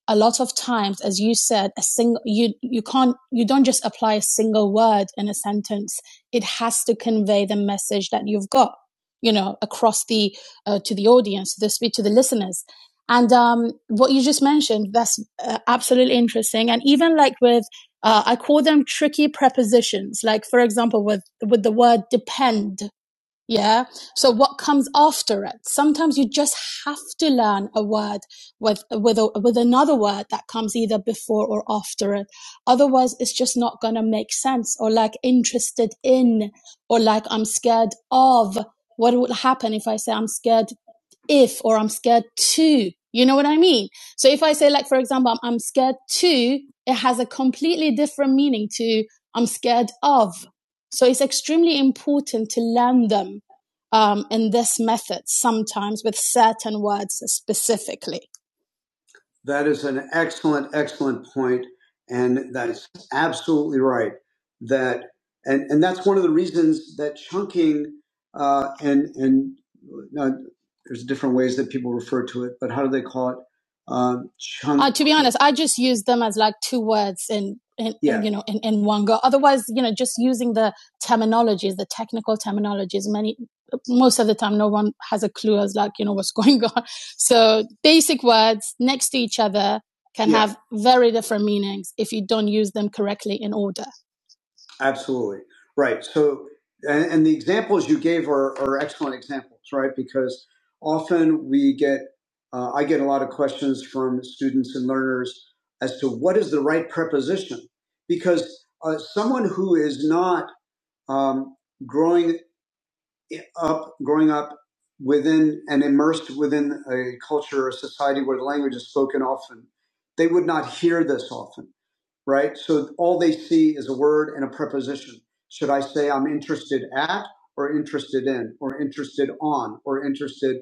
A: a lot of times, as you said, a single you you can't you don't just apply a single word in a sentence. It has to convey the message that you've got, you know, across the uh, to the audience, to the speak to the listeners. And um, what you just mentioned, that's uh, absolutely interesting. And even like with uh, I call them tricky prepositions. Like, for example, with, with the word depend, yeah. So what comes after it? Sometimes you just have to learn a word with with a, with another word that comes either before or after it. Otherwise, it's just not gonna make sense. Or like interested in, or like I'm scared of. What would happen if I say I'm scared if or I'm scared to. You know what I mean? So if I say, like, for example, I'm, I'm scared to, it has a completely different meaning to I'm scared of. So it's extremely important to learn them um, in this method sometimes with certain words specifically. That is an excellent, excellent point, and that's absolutely right. That and and that's one of the reasons that chunking uh, and and uh, there's different ways that people refer to it, but how do they call it? Um, chunk. Uh, to be honest, I just use them as like two words in, in, in Yeah, you know in, in one go. Otherwise, you know, just using the terminologies, the technical terminologies, many most of the time, no one has a clue as like you know what's *laughs* going on. So basic words next to each other can Yeah. have very different meanings if you don't use them correctly in order. Absolutely. Right. So, and, and the examples you gave are, are excellent examples, right? Because often we get, uh, I get a lot of questions from students and learners as to what is the right preposition. Because uh, someone who is not um, growing up, growing up within and immersed within a culture or society where the language is spoken often, they would not hear this often, right? So all they see is a word and a preposition. Should I say I'm interested at, or interested in, or interested on, or interested,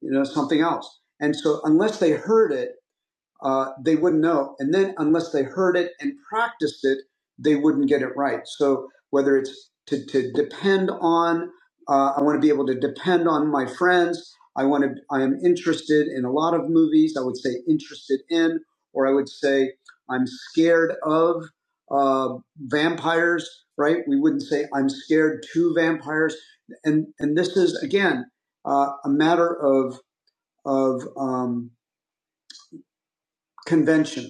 A: you know, something else? And so unless they heard it, uh, they wouldn't know. And then unless they heard it and practiced it, they wouldn't get it right. So whether it's to, to depend on, uh, I want to be able to depend on my friends. I want to, I am interested in a lot of movies. I would say interested in, or I would say I'm scared of uh, vampires, right? We wouldn't say I'm scared to vampires. And, and this is again, uh, a matter of, of um, convention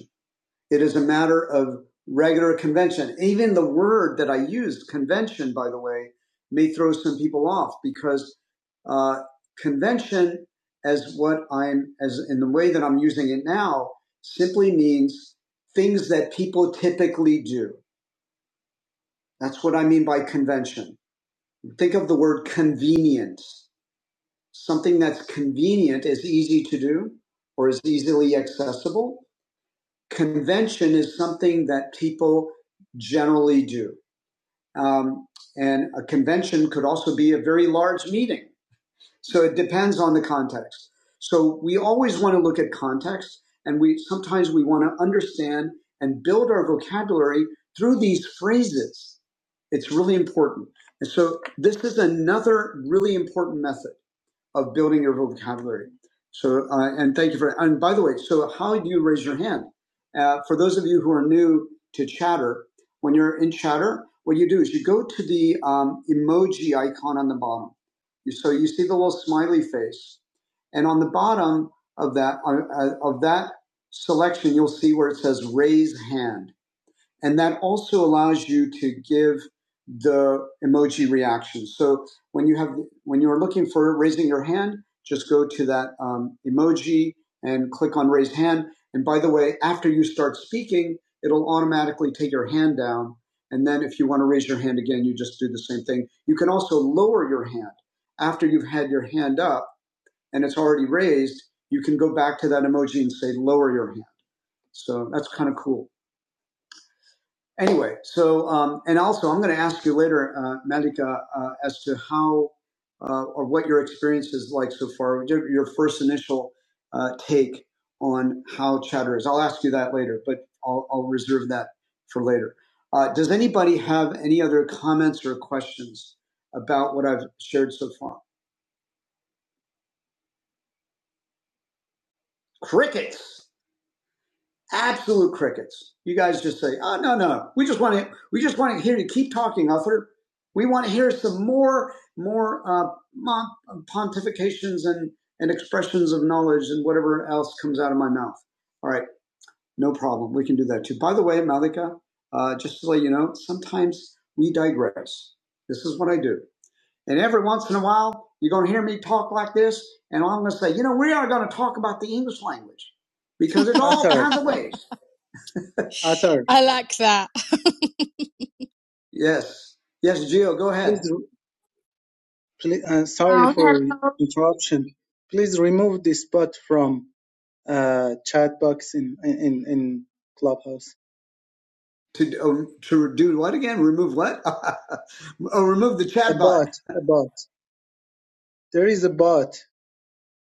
A: it is a matter of regular convention. Even the word that I used, convention, by the way, may throw some people off because uh, convention, as what I'm, as in the way that I'm using it now, simply means things that people typically do. That's what I mean by convention. Think of the word convenience. Something that's convenient is easy to do or is easily accessible convention is something that people generally do. Um, and a convention could also be a very large meeting. So it depends on the context. So we always want to look at context and we sometimes we want to understand and build our vocabulary through these phrases. It's really important. And so this is another really important method of building your vocabulary. So, uh, and thank you for, and by the way, so how do you raise your hand? Uh, for those of you who are new to Chatter, when you're in Chatter, what you do is you go to the um, emoji icon on the bottom. so you see the little smiley face, and on the bottom of that uh, uh, of that selection, you'll see where it says raise hand. And that also allows you to give the emoji reaction. So when you have, when you're looking for raising your hand, just go to that um, emoji and click on raise hand. And by the way, after you start speaking, it'll automatically take your hand down. And then if you want to raise your hand again, you just do the same thing. You can also lower your hand after you've had your hand up and it's already raised. You can go back to that emoji and say lower your hand. So that's kind of cool anyway, so um, and also I'm going to ask you later, uh, Malika, uh, as to how uh, or what your experience is like so far, your your first initial uh, take on how chatter is. I'll ask you that later, but I'll, I'll reserve that for later. Uh, does anybody have any other comments or questions about what I've shared so far? Crickets. absolute crickets. You guys just say, "Oh no, no, we just want to, we just want to hear you keep talking, author. We want to hear some more, more uh, pontifications and and expressions of knowledge and whatever else comes out of my mouth." All right, no problem. We can do that too. By the way, Malika, uh, just to let you know, sometimes we digress. This is what I do, and every once in a while, you're going to hear me talk like this, and I'm going to say, "You know, we are going to talk about the English language." because there's all *laughs*
F: Arthur,
A: kinds of ways. *laughs*
F: Arthur,
A: I like that. *laughs* Yes. Yes, Gio, go ahead.
F: please, please uh, sorry for interruption. Please remove this bot from uh, chat box in, in, in Clubhouse.
A: To, oh, to do what again? Remove what? *laughs* oh, remove the
F: A
A: chatbot.
F: bot, a bot. There is a bot.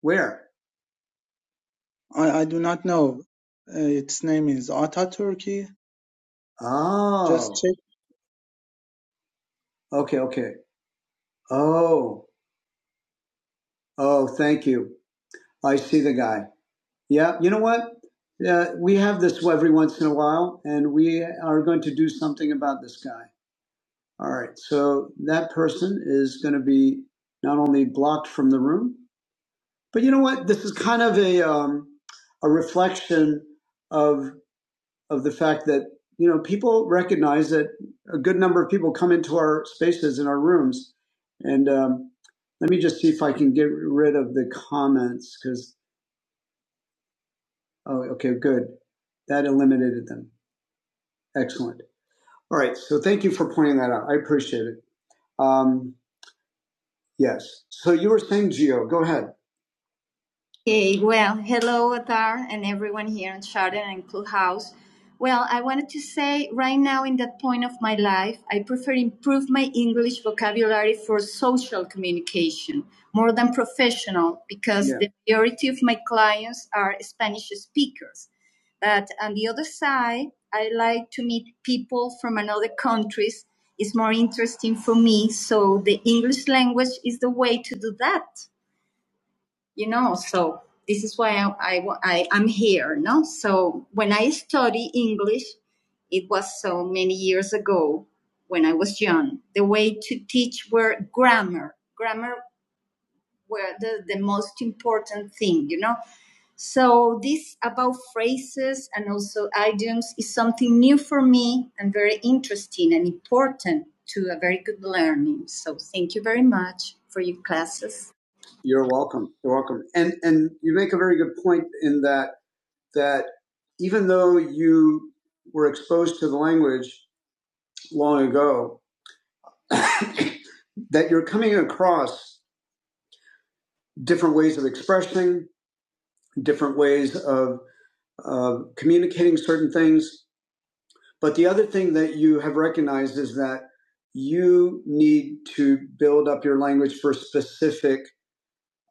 A: Where?
F: I, I do not know. Uh, its name is Ataturki. Just
A: Oh,
F: check
A: okay, okay. Oh, oh, thank you. I see the guy. Yeah, you know what? Uh, we have this every once in a while, and we are going to do something about this guy. All right, so that person is going to be not only blocked from the room, But you know what? This is kind of a um, a reflection of of the fact that you know people recognize that a good number of people come into our spaces and our rooms, and um, let me just see if I can get rid of the comments because oh, okay, good, that eliminated them. Excellent. All right, so thank you for pointing that out. I appreciate it. Um, yes. So you were saying, Gio? go ahead. You're welcome. You're welcome. And and you make a very good point in that that even though you were exposed to the language long ago, *coughs* that you're coming across different ways of expressing, different ways of, of communicating certain things. But the other thing that you have recognized is that you need to build up your language for specific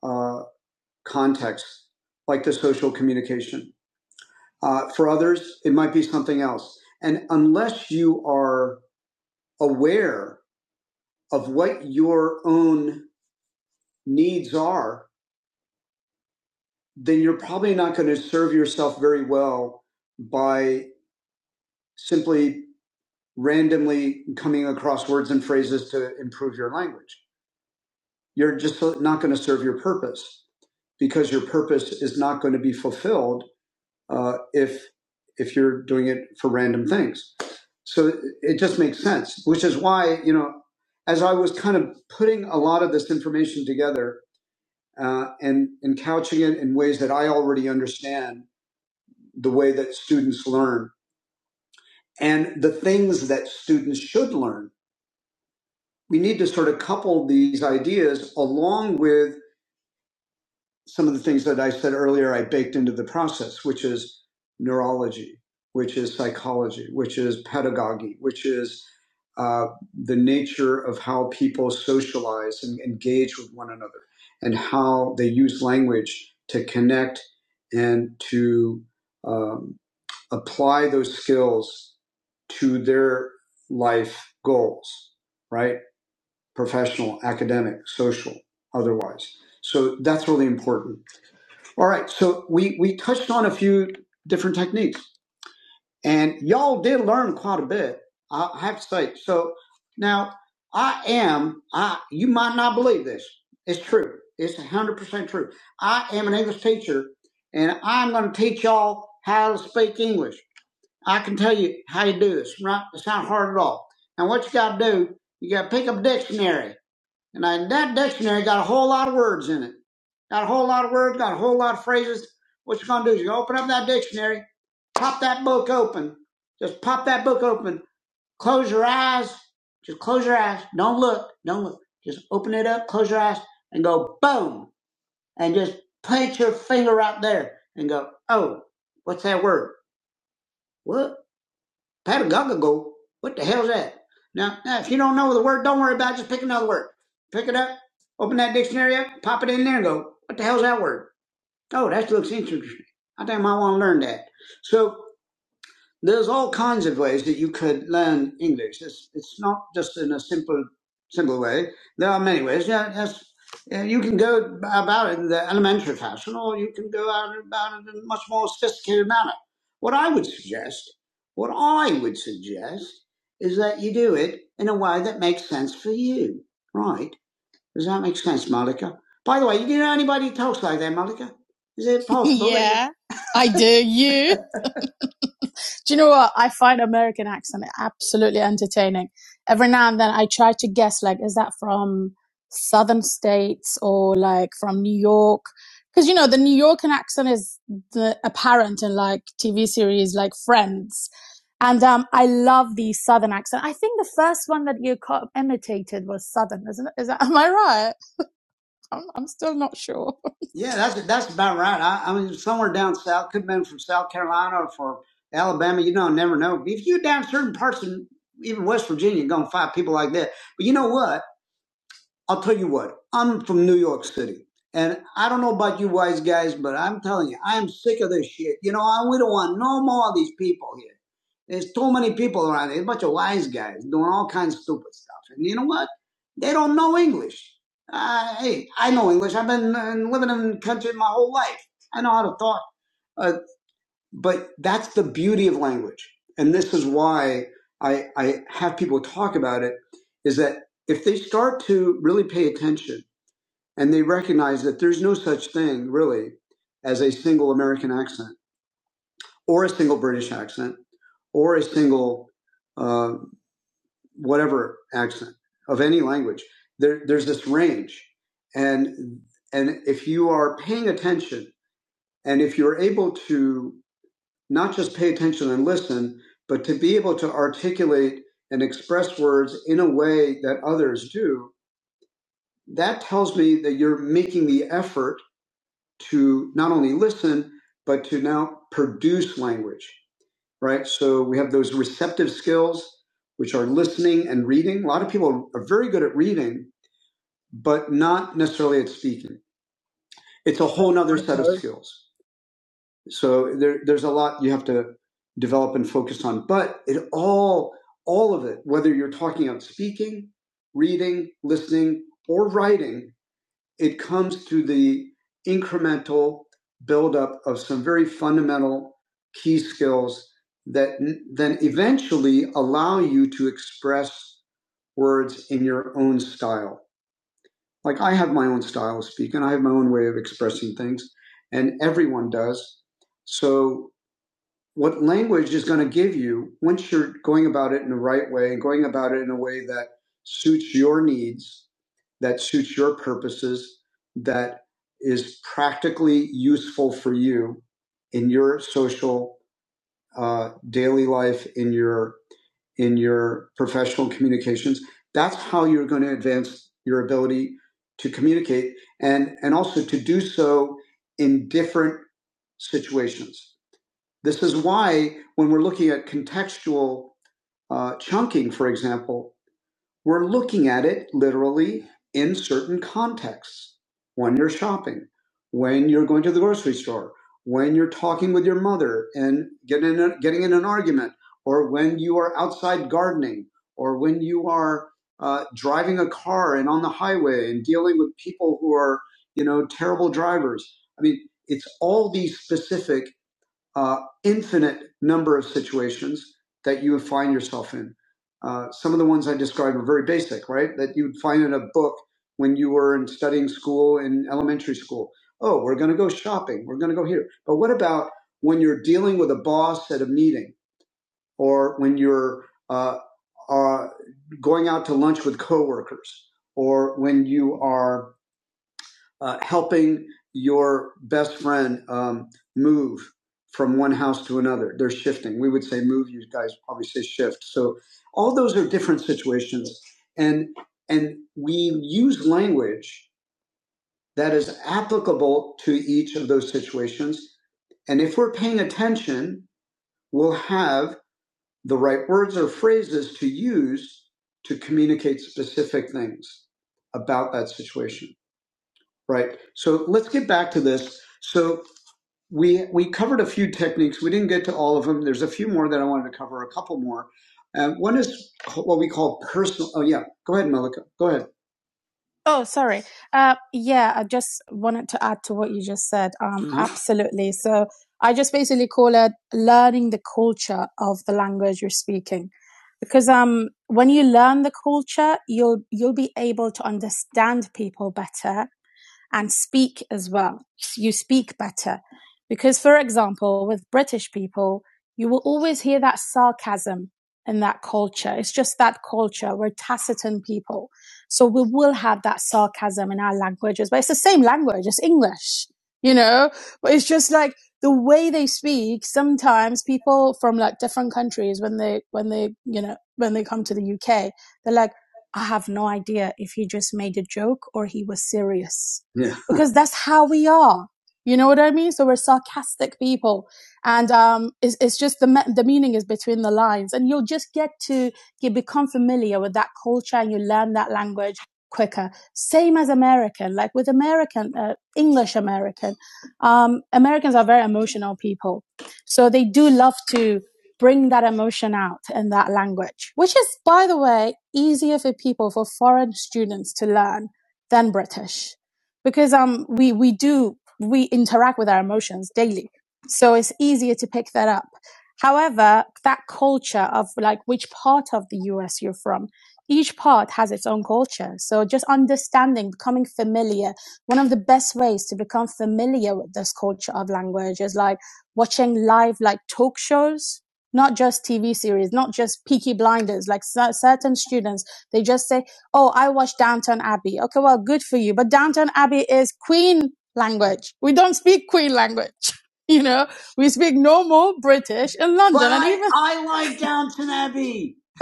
A: uh, contexts, like the social communication. Uh, for others, it might be something else. And unless you are aware of what your own needs are, then you're probably not going to serve yourself very well by simply randomly coming across words and phrases to improve your language. You're just not going to serve your purpose because your purpose is not going to be fulfilled uh, if if you're doing it for random things. So it just makes sense, which is why you know, as I was kind of putting a lot of this information together, uh, and, and couching it in ways that I already understand the way that students learn and the things that students should learn. We need to sort of couple these ideas along with some of the things that I said earlier, I baked into the process, which is neurology, which is psychology, which is pedagogy, which is uh, the nature of how people socialize and engage with one another, and how they use language to connect and to um, apply those skills to their life goals, right? Professional, academic, social, otherwise. So that's really important. All right, so we we touched on a few different techniques, and y'all did learn quite a bit. I have to say. So now I am I. You might not believe this. It's true. It's one hundred percent true. I am an English teacher, and I'm going to teach y'all how to speak English. I can tell you how you do this. Right? It's not hard at all. Now what you got to do? You got to pick up a dictionary and I, that dictionary got a whole lot of words in it. Got a whole lot of words, got a whole lot of phrases. What you're going to do is you're going to open up that dictionary, pop that book open. Just pop that book open. Close your eyes. Just close your eyes. Don't look. Don't look. Just open it up, close your eyes, and go boom. And just put your finger out there and go, oh, what's that word? What? Patagogago. What the hell's that? Now, now, if you don't know the word, don't worry about it. Just pick another word. Pick it up, open that dictionary up, pop it in there and go, what the hell's that word? Oh, that looks interesting. I think I want to learn that. So there's all kinds of ways that you could learn English. It's, it's not just in a simple simple way. There are many ways. Yeah, yes, yeah, you can go about it in the elementary fashion, or you can go out about it in a much more sophisticated manner. What I would suggest, what I would suggest, is that you do it in a way that makes sense for you. Right? Does that make sense, Malika? By the way, do you know anybody who talks like that, Malika? Is it possible? *laughs* yeah, I do. You? Do you know what? I find American accent absolutely entertaining. Every now and then I try to guess, like, is that from southern states or like from New York? Because, you know, the New Yorker accent is the apparent in like TV series like Friends. And um, I love the southern accent. I think the first one that you co- imitated was southern, isn't it? Is that, am I right? I'm, I'm still not sure. *laughs* Yeah, that's that's about right. I, I mean, somewhere down south, could have been from South Carolina or from Alabama. You don't never know. If you are down certain parts of even West Virginia, you're gonna find people like that. But you know what? I'll tell you what, I'm from New York City. And I don't know about you wise guys, but I'm telling you, I'm sick of this shit. You know, I, we don't want no more of these people here. There's too many people around here, a bunch of wise guys doing all kinds of stupid stuff. And you know what? They don't know English. Uh, hey, I know English. I've been uh, living in the country my whole life. I know how to talk. uh, but that's the beauty of language. And this is why I, I have people talk about it is that if they start to really pay attention and they recognize that there's no such thing really as a single American accent or a single British accent or a single uh, whatever accent of any language, there, there's this range. And, and if you are paying attention and if you're able to not just pay attention and listen, but to be able to articulate and express words in a way that others do, that tells me that you're making the effort to not only listen, but to now produce language, right? So we have those receptive skills, which are listening and reading. A lot of people are very good at reading, but not necessarily at speaking. It's a whole nother set of
F: her.
A: skills. So there, there's a lot you have to develop and focus on, but it all, all of it, whether you're talking about speaking, reading, listening, or writing, it comes to the incremental buildup of some very fundamental key skills that n- then eventually allow you to express words in your own style. Like I have my own style of speaking, I have my own way of expressing things, and everyone does. So what language is going to give you once you're going about it in the right way and going about it in a way that suits your needs, that suits your purposes, that is practically useful for you in your social uh, daily life, in your in your professional communications. That's how you're going to advance your ability to communicate and and also to do so in different situations this is why, when we're looking at contextual uh, chunking, for example, we're looking at it literally in certain contexts. When you're shopping, when you're going to the grocery store, when you're talking with your mother and getting in a, getting in an argument, or when you are outside gardening, or when you are uh, driving a car and on the highway and dealing with people who are, you know, terrible drivers. I mean, it's all these specific uh, infinite number of situations that you would find yourself in. Uh, some of the ones I described are very basic, right? That you would find in a book when you were in studying school in elementary school. Oh, we're going to go shopping. We're going to go here. But what about when you're dealing with a boss at a meeting, or when you're uh, uh, going out to lunch with coworkers, or when you are uh, helping your best friend um, move from one house to another. They're shifting. We would say move. You guys probably say shift. So all those are different situations, and and we use language that is applicable to each of those situations. And if we're paying attention, we'll have the right words or phrases to use to communicate specific things about that situation. Right. So let's get back to this. So we we covered a few techniques. We didn't get to all of them. There's a few more that I wanted to cover. A couple more. Um, one is what we call personal. Oh yeah. Go ahead, Malika. Go ahead. Oh, sorry. Uh, yeah, I just wanted to add to what you just said. Um, Mhm. Absolutely. So I just basically call it learning the culture of the language you're speaking, because um, when you learn the culture, you'll you'll be able to understand people better and speak as well. You speak better. Because, for example, with British people, you will always hear that sarcasm in that culture. It's just that culture. We're taciturn people. So we will have that sarcasm in our languages, but it's the same language. It's English, you know, but it's just like the way they speak. Sometimes people from like different countries, when they, when they, you know, when they come to the UK, they're like, I have no idea if he just made a joke or he was serious yeah. *laughs* because that's how we are. You know what I mean? So we're sarcastic people, and um, it's, it's just the me- the meaning is between the lines, and you'll just get to you become familiar with that culture, and you learn that language quicker. Same as American, like with American uh, English American, um, Americans are very emotional people, so they do love to bring that emotion out in that language, which is, by the way, easier for people for foreign students to learn than British because um we we do we interact with our emotions daily so it's easier to pick that up however that culture of like which part of the us you're from each part has its own culture so just understanding becoming familiar one of the best ways to become familiar with this culture of language is like watching live like talk shows not just tv series not just peaky blinders like cer- certain students they just say oh, I watch Downton Abbey. Okay, well, good for you. But Downton Abbey is Queen language. We don't speak Queen language. *laughs* You know, we speak normal British in London, But, and even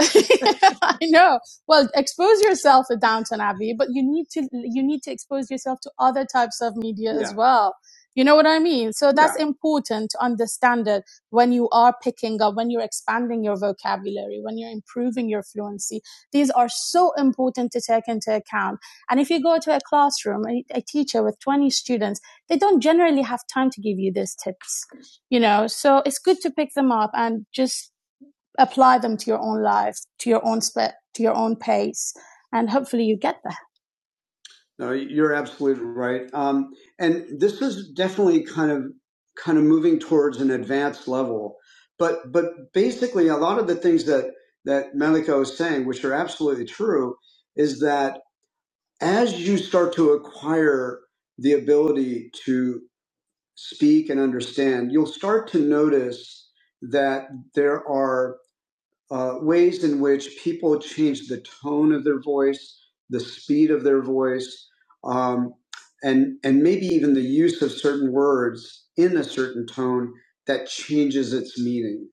A: *laughs* *laughs* I know. Well, expose yourself to Downton Abbey, but you need to you need to expose yourself to other types of media yeah. as Yeah. well. You know what I mean? So Yeah. that's yeah. important to understand it when you are picking up, when you're expanding your vocabulary, when you're improving your fluency. These are so important to take into account. And if you go to a classroom, a, a teacher with 20 students, they don't generally have time to give you these tips, you know? So it's good to pick them up and just apply them to your own life, to your own spe- to your own pace, and hopefully you get there. No, you're absolutely right. Um, and this is definitely kind of kind of moving towards an advanced level. But but basically, a lot of the things that that Malika was saying, which are absolutely true, is that as you start to acquire the ability to speak and understand, you'll start to notice that there are uh, ways in which people change the tone of their voice, the speed of their voice, um, and and maybe even the use of certain words in a certain tone that changes its meaning.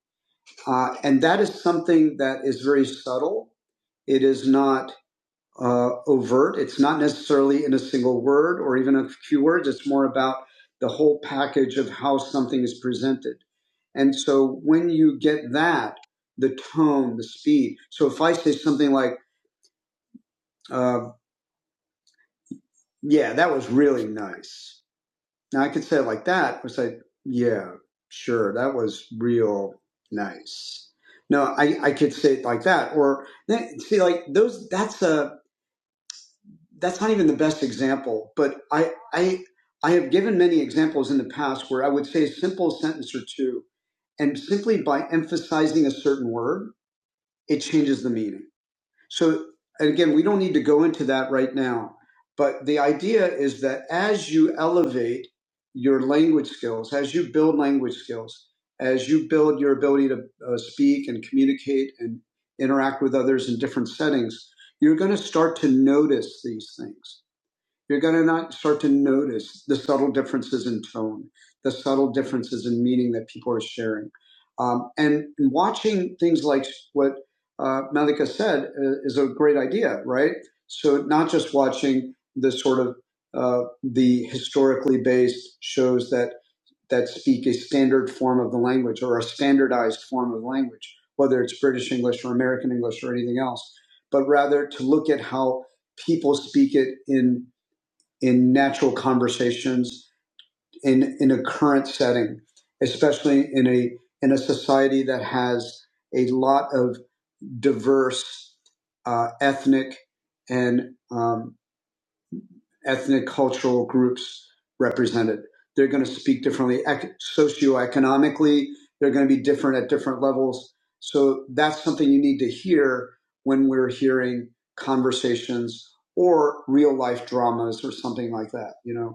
A: Uh, and that is something that is very subtle. It is not uh, overt. It's not necessarily in a single word or even a few words. It's more about the whole package of how something is presented. And so when you get that, the tone, the speed. So if I say something like, uh, yeah, that was really nice. Now I could say it like that, or say, yeah, sure, that was real nice. No, I, I could say it like that. Or see, like those, that's a, that's not even the best example, but I, I, I have given many examples in the past where I would say a simple sentence or two, and simply by emphasizing a certain word, it changes the meaning. So, and again, we don't need to go into that right now, but the idea is that as you elevate your language skills, as you build language skills, as you build your ability to uh, speak and communicate and interact with others in different settings, you're going to start to notice these things you're going to not start to notice the subtle differences in tone, the subtle differences in meaning that people are sharing. Um, and watching things like what uh, Malika said uh, is a great idea, right? So not just watching the sort of uh, the historically based shows that that speak a standard form of the language or a standardized form of language, whether it's British English or American English or anything else, but rather to look at how people speak it in in natural conversations, in, in a current setting, especially in a, in a society that has a lot of diverse uh, ethnic and um, ethnic cultural groups represented. They're going to speak differently. Ec- socioeconomically, they're going to be different at different levels. So that's something you need to hear when we're hearing conversations or real life dramas or something like that, you know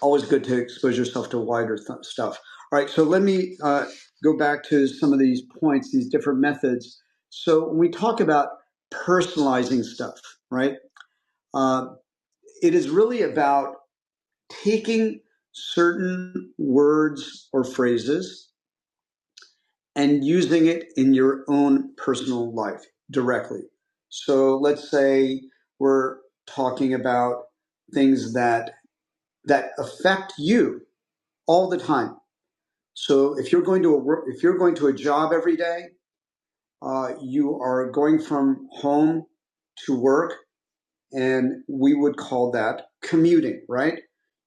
A: always good to expose yourself to wider th- stuff. All right, so let me uh, go back to some of these points, these different methods. So when we talk about personalizing stuff, right, uh, it is really about taking certain words or phrases and using it in your own personal life directly. So let's say we're talking about things that that affect you all the time So if you're going to a work, if you're going to a job every day, uh, you are going from home to work, and we would call that commuting, right?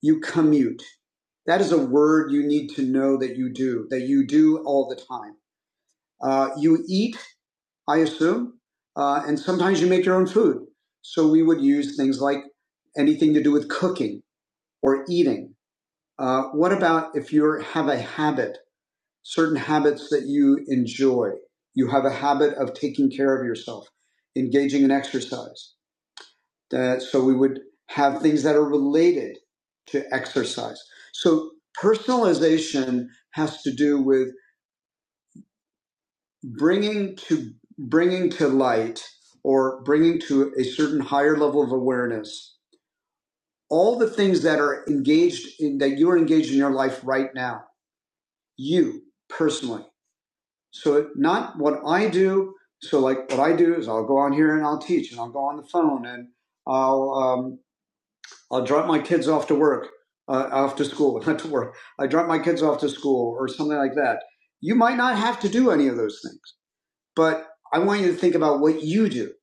A: You commute. That is a word you need to know that you do, that you do all the time. Uh, you eat, I assume, uh, and sometimes you make your own food. So we would use things like anything to do with cooking or eating. Uh, what about if you have a habit? certain habits that you enjoy. You have a habit of taking care of yourself, engaging in exercise. That, so we would have things that are related to exercise. So personalization has to do with bringing to bringing to light or bringing to a certain higher level of awareness all the things that are engaged in that you are engaged in your life right now you personally So not what I do. So like what I do is I'll go on here and I'll teach and I'll go on the phone and I'll um, I'll drop my kids off to work, uh, off to school, *laughs* not to work. I drop my kids off to school or something like that. You might not have to do any of those things, but I want you to think about what you do.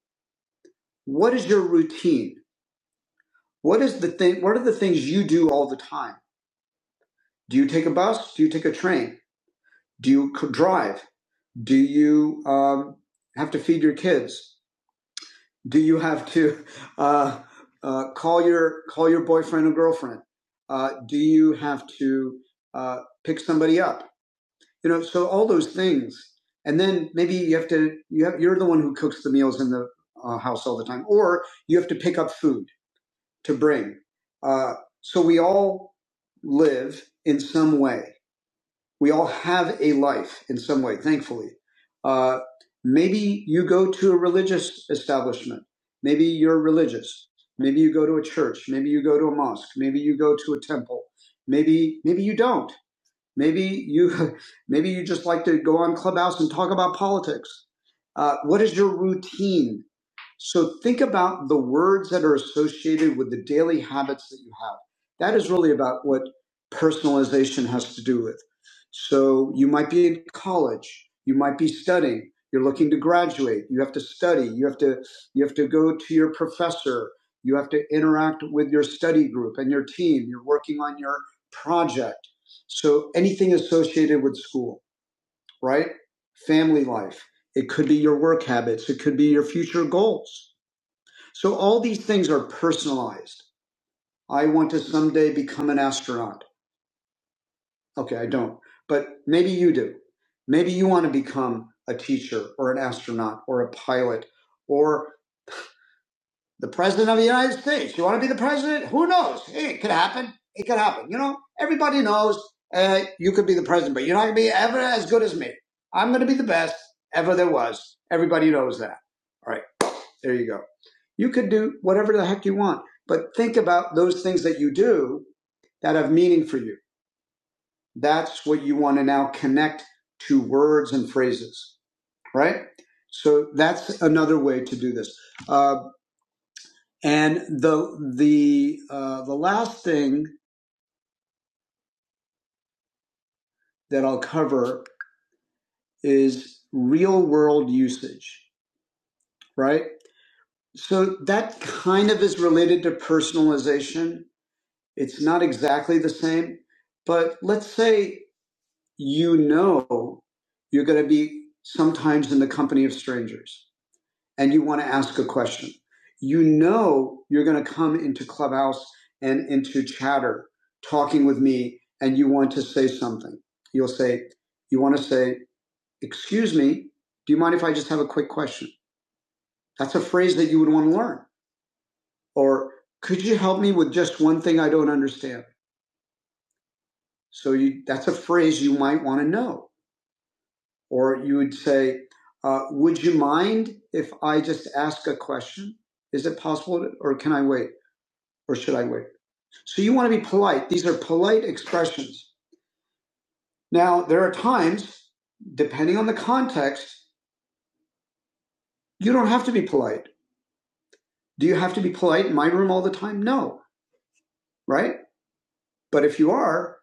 A: What is your routine? What is the thing? What are the things you do all the time? Do you take a bus? Do you take a train? Do you c- drive? Do you um, have to feed your kids? do you have to uh, uh, call your call your boyfriend or girlfriend? Uh, do you have to uh, pick somebody up? You know, so all those things, and then maybe you have to you have you're the one who cooks the meals in the uh, house all the time, or you have to pick up food to bring. Uh, so we all live in some way we all have a life in some way, thankfully. Uh, maybe you go to a religious establishment. Maybe you're religious. Maybe you go to a church. Maybe you go to a mosque. Maybe you go to a temple. Maybe maybe you don't. Maybe you, *laughs* maybe you just like to go on Clubhouse and talk about politics. Uh, what is your routine? So think about the words that are associated with the daily habits that you have. That is really about what personalization has to do with. So you might be in college, you might be studying, you're looking to graduate, you have to study, you have to you have to go to your professor, you have to interact with your study group and your team, you're working on your project so anything associated with school, right? Family life. It could be your work habits. It could be your future goals. So all these things are personalized. I want to someday become an astronaut. Okay, I don't, but maybe you do. Maybe you want to become a teacher or an astronaut or a pilot or. the president of the United States. You want to be the president? Who knows? Hey, It could happen. It could happen. You know, everybody knows uh, you could be the president, but you're not going to be ever as good as me. I'm going to be the best ever there was. Everybody knows that. All right, there you go. You could do whatever the heck you want, but think about those things that you do that have meaning for you. That's what you want to now connect to words and phrases, right? So that's another way to do this. Um, and the the uh, the last thing that I'll cover is real world usage, right? So that kind of is related to personalization. It's not exactly the same, but let's say you know you're going to be sometimes in the company of strangers and you want to ask a question, you know you're going to come into Clubhouse and into chatter talking with me and you want to say something. You'll say, you want to say, excuse me, do you mind if I just have a quick question? That's a phrase that you would want to learn. Or could you help me with just one thing I don't understand? So you, that's a phrase you might want to know. Or you would say, uh, would you mind if I just ask a question? Is it possible to, or can I wait? or should I wait? So you want to be polite. These are polite expressions. Now, there are times, depending on the context, you don't have to be polite. Do you have to be polite in my room all the time? No, right? But if you are,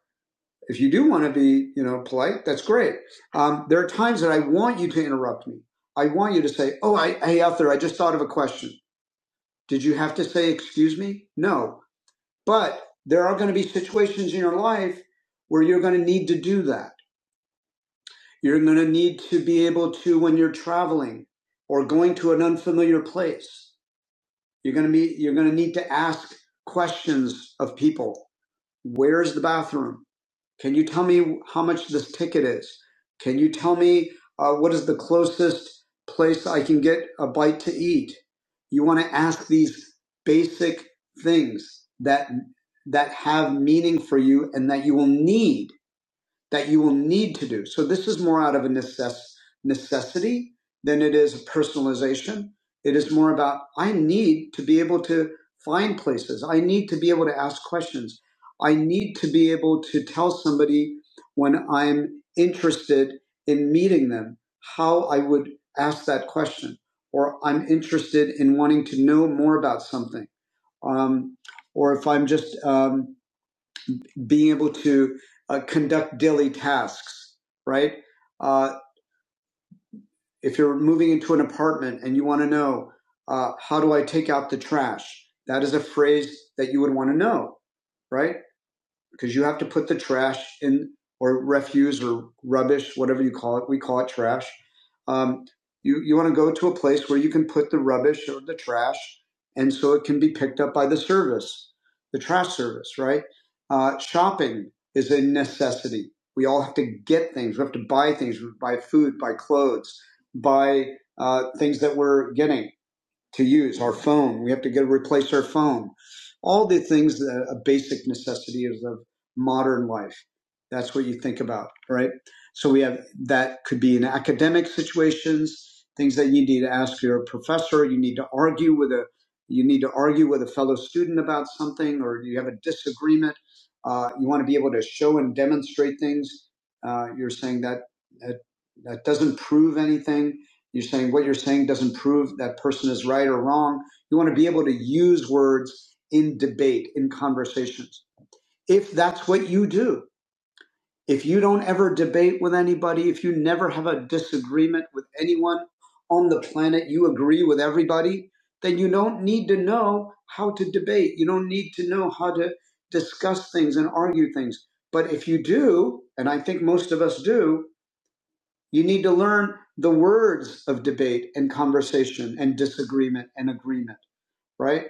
A: if you do want to be, you know, polite, that's great. Um, there are times that I want you to interrupt me. I want you to say, "Oh, I, hey, out there, I just thought of a question. Did you have to say excuse me?" No, but there are going to be situations in your life where you're going to need to do that You're going to need to be able to, when you're traveling or going to an unfamiliar place, you're going to be, you're going to need to ask questions of people. Where's the bathroom? Can you tell me how much this ticket is? Can you tell me uh, what is the closest place I can get a bite to eat? You want to ask these basic things that that have meaning for you and that you will need that you will need to do. So this is more out of a necess- necessity than it is a personalization. It is more about I need to be able to find places. I need to be able to ask questions. I need to be able to tell somebody when I'm interested in meeting them how I would ask that question, or I'm interested in wanting to know more about something, um, or if I'm just um, being able to uh, conduct daily tasks, right? Uh, if you're moving into an apartment and you want to know, uh, how do I take out the trash? That is a phrase that you would want to know, right? because you have to put the trash in or refuse or rubbish, whatever you call it. We call it trash. Um, you you want to go to a place where you can put the rubbish or the trash, and so it can be picked up by the service, the trash service, right? Uh, shopping is a necessity. We all have to get things. We have to buy things. buy food, buy clothes, buy uh, things that we're getting to use, our phone. We have to get replace our phone. All the things that a basic necessity is of modern life. That's what you think about, right? So we have that could be in academic situations, things that you need to ask your professor, you need to argue with a you need to argue with a fellow student about something, or you have a disagreement. Uh, you want to be able to show and demonstrate things. Uh, you're saying that that, that doesn't prove anything you're saying what you're saying doesn't prove that person is right or wrong. You want to be able to use words in debate, in conversations. If that's what you do, if you don't ever debate with anybody, if you never have a disagreement with anyone on the planet, you agree with everybody, then you don't need to know how to debate. You don't need to know how to discuss things and argue things. But if you do, and I think most of us do, you need to learn the words of debate and conversation and disagreement and agreement, right?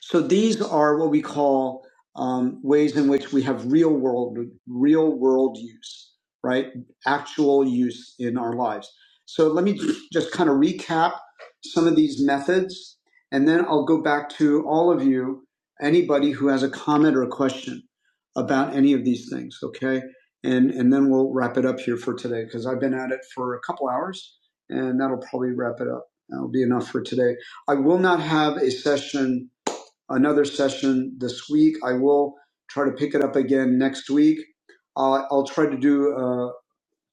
A: So these are what we call um, ways in which we have real world, real world use, right? Actual use in our lives. So let me just kind of recap some of these methods, and then I'll go back to all of you, anybody who has a comment or a question about any of these things, okay? And and then we'll wrap it up here for today because I've been at it for a couple hours, and that'll probably wrap it up. That'll be enough for today. I will not have a session another session this week. I will try to pick it up again next week. I'll, I'll try to do uh,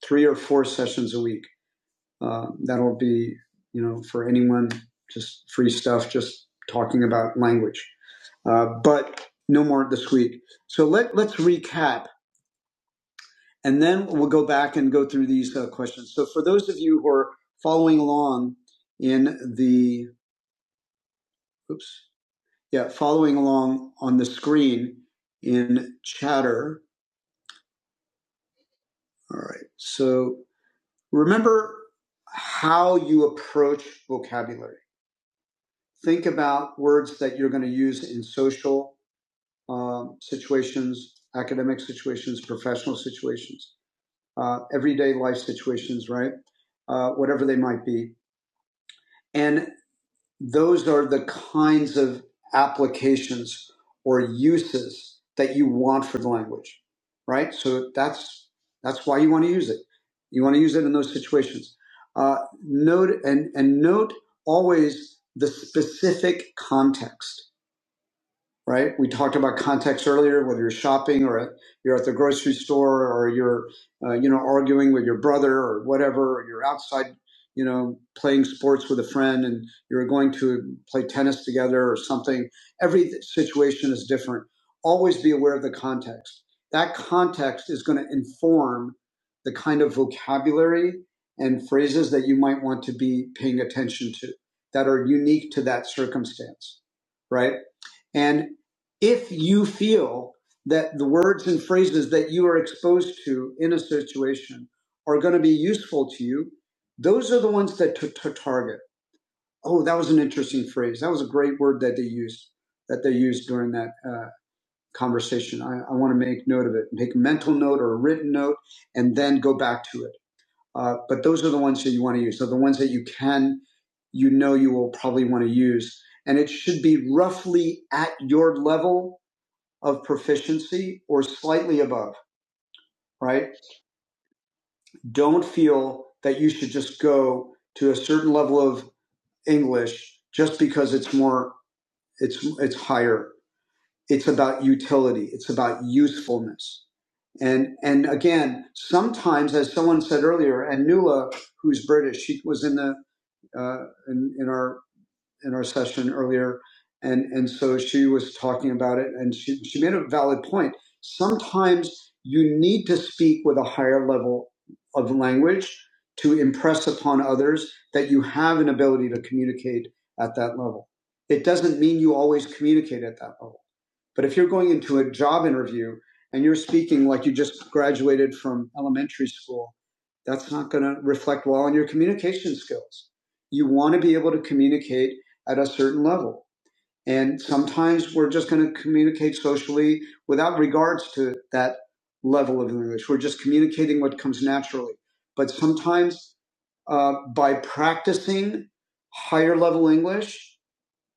A: three or four sessions a week. Uh, that'll be, you know, for anyone, just free stuff, just talking about language. Uh, but no more this week. So let, let's recap and then we'll go back and go through these uh, questions. So for those of you who are following along in the, oops, yeah, following along on the screen in chatter. All right. So remember how you approach vocabulary. Think about words that you're going to use in social um, situations, academic situations, professional situations, uh, everyday life situations, right? Uh, whatever they might be. And those are the kinds of applications or uses that you want for the language, right? So that's that's why you want to use it. You want to use it in those situations. Uh, note and and note always the specific context right? We talked about context earlier, whether you're shopping or at, you're at the grocery store or you're, uh, you know, arguing with your brother or whatever, or you're outside, you know, playing sports with a friend and you're going to play tennis together or something. Every situation is different. Always be aware of the context. That context is going to inform the kind of vocabulary and phrases that you might want to be paying attention to that are unique to that circumstance right? And if you feel that the words and phrases that you are exposed to in a situation are going to be useful to you, those are the ones that to, to target. Oh, that was an interesting phrase. That was a great word that they used that they used during that uh, conversation. I, I want to make note of it. Make a mental note or a written note, and then go back to it. Uh, but those are the ones that you want to use. So the ones that you can, you know, you will probably want to use, and it should be roughly at your level of proficiency or slightly above, right? Don't feel that you should just go to a certain level of English just because it's more, it's, it's higher. It's about utility. It's about usefulness. And, and again, sometimes, as someone said earlier, and Nula, who's British, she was in the, uh, in, in our in our session earlier, and and so she was talking about it, and she she made a valid point. Sometimes you need to speak with a higher level of language to impress upon others that you have an ability to communicate at that level. It doesn't mean you always communicate at that level but if you're going into a job interview and you're speaking like you just graduated from elementary school, that's not going to reflect well on your communication skills. You want to be able to communicate at a certain level. And sometimes we're just going to communicate socially without regards to that level of English. We're just communicating what comes naturally. But sometimes uh, by practicing higher level English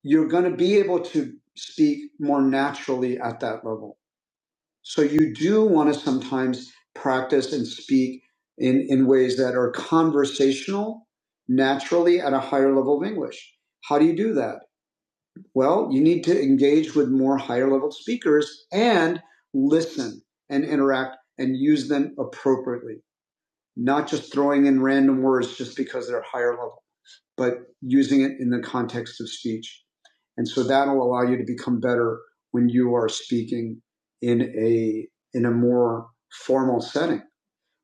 A: you're going to be able to speak more naturally at that level. So you do want to sometimes practice and speak in, in ways that are conversational naturally at a higher level of English. How do you do that? Well, you need to engage with more higher level speakers and listen and interact and use them appropriately, not just throwing in random words just because they're higher level, but using it in the context of speech and so that'll allow you to become better when you are speaking in a in a more formal setting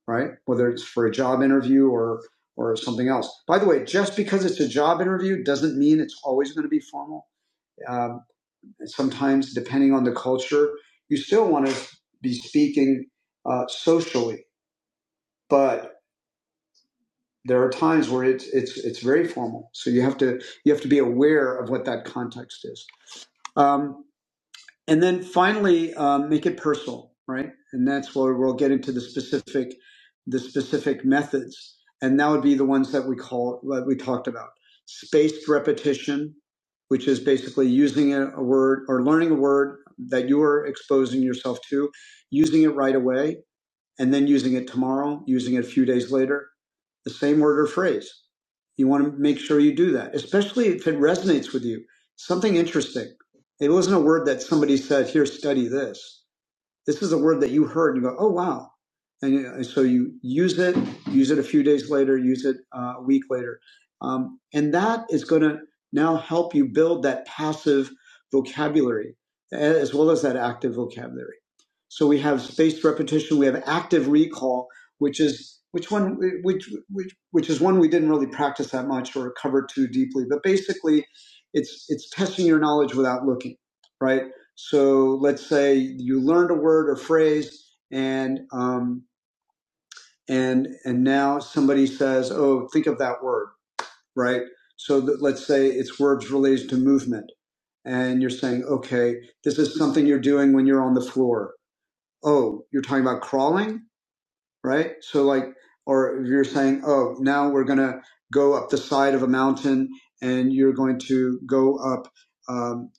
A: right whether it's for a job interview or or something else by the way just because it's a job interview doesn't mean it's always going to be formal um, sometimes depending on the culture you still want to be speaking uh, socially but there are times where it's it's it's very formal so you have to you have to be aware of what that context is Um, And then finally, um, make it personal, right? And that's where we'll get into the specific, the specific methods, and that would be the ones that we call that we talked about: spaced repetition, which is basically using a, a word or learning a word that you are exposing yourself to, using it right away, and then using it tomorrow, using it a few days later, the same word or phrase. You want to make sure you do that, especially if it resonates with you. Something interesting. It wasn't a word that somebody said, here, study this. This is a word that you heard and you go, oh, wow. And, you- know, and so you use it, use it a few days later, use it uh, a week later. Um, and that is going to now help you build that passive vocabulary as well as that active vocabulary. So we have spaced repetition, we have active recall, which is which one which which which is one we didn't really practice that much or cover too deeply. But basically, it's it's testing your knowledge without looking, right? So let's say you learned a word or phrase, and um, and and now somebody says, "Oh, think of that word," right? So that, let's say it's words related to movement, and you're saying, "Okay, this is something you're doing when you're on the floor." Oh, you're talking about crawling, right? So like, or if you're saying, "Oh, now we're gonna go up the side of a mountain, and you're going to go up." Um,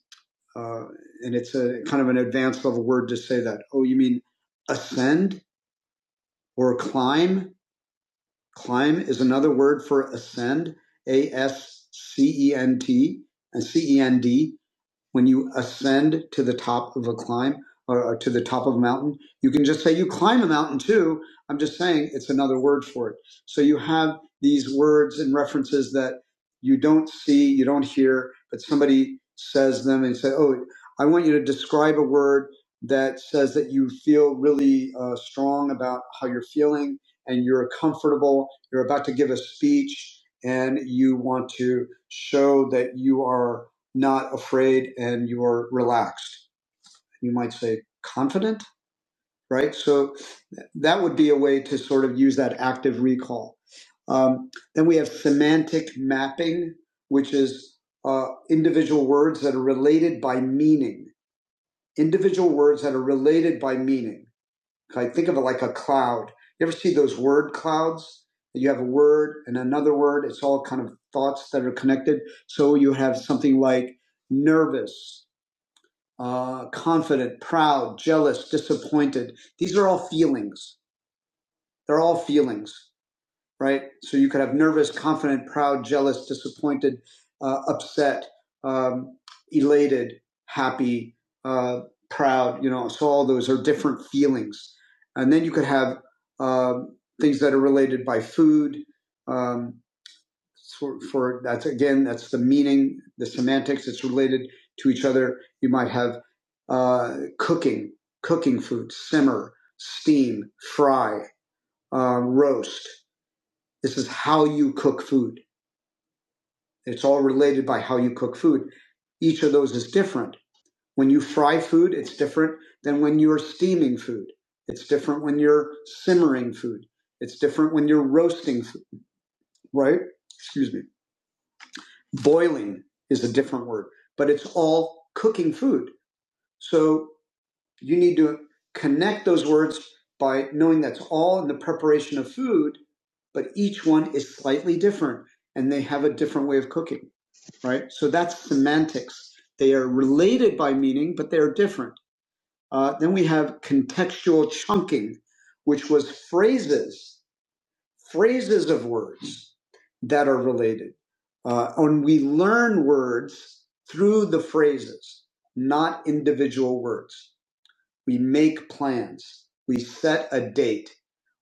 A: Uh, and it's a kind of an advanced level word to say that. Oh, you mean ascend or climb? Climb is another word for ascend, A S C E N T and C E N D when you ascend to the top of a climb or, or to the top of a mountain, you can just say you climb a mountain too. I'm just saying it's another word for it. So you have these words and references that you don't see, you don't hear, but somebody says them and say, "Oh, I want you to describe a word that says that you feel really uh, strong about how you're feeling and you're comfortable. You're about to give a speech." And you want to show that you are not afraid and you're relaxed. You might say confident, right? So th- that would be a way to sort of use that active recall. Um, then we have semantic mapping, which is uh, individual words that are related by meaning. Individual words that are related by meaning. Okay, think of it like a cloud. You ever see those word clouds? You have a word and another word. It's all kind of thoughts that are connected. So you have something like nervous uh, confident, proud, jealous, disappointed. These are all feelings. They're all feelings, right? So you could have nervous, confident, proud, jealous, disappointed, uh, upset, um, elated, happy, uh, proud. You know, so all those are different feelings. And then you could have um things that are related by food. Um, for, for that's again that's the meaning the semantics it's related to each other you might have uh, cooking cooking food simmer steam fry uh, roast this is how you cook food it's all related by how you cook food each of those is different when you fry food it's different than when you're steaming food it's different when you're simmering food it's different when you're roasting food right excuse me Boiling is a different word, but it's all cooking food. So you need to connect those words by knowing that's all in the preparation of food, but each one is slightly different and they have a different way of cooking, right? So that's semantics. They are related by meaning, but they are different. Uh, then we have contextual chunking, which was phrases phrases of words that are related. Uh, and we learn words through the phrases, not individual words. We make plans. We set a date.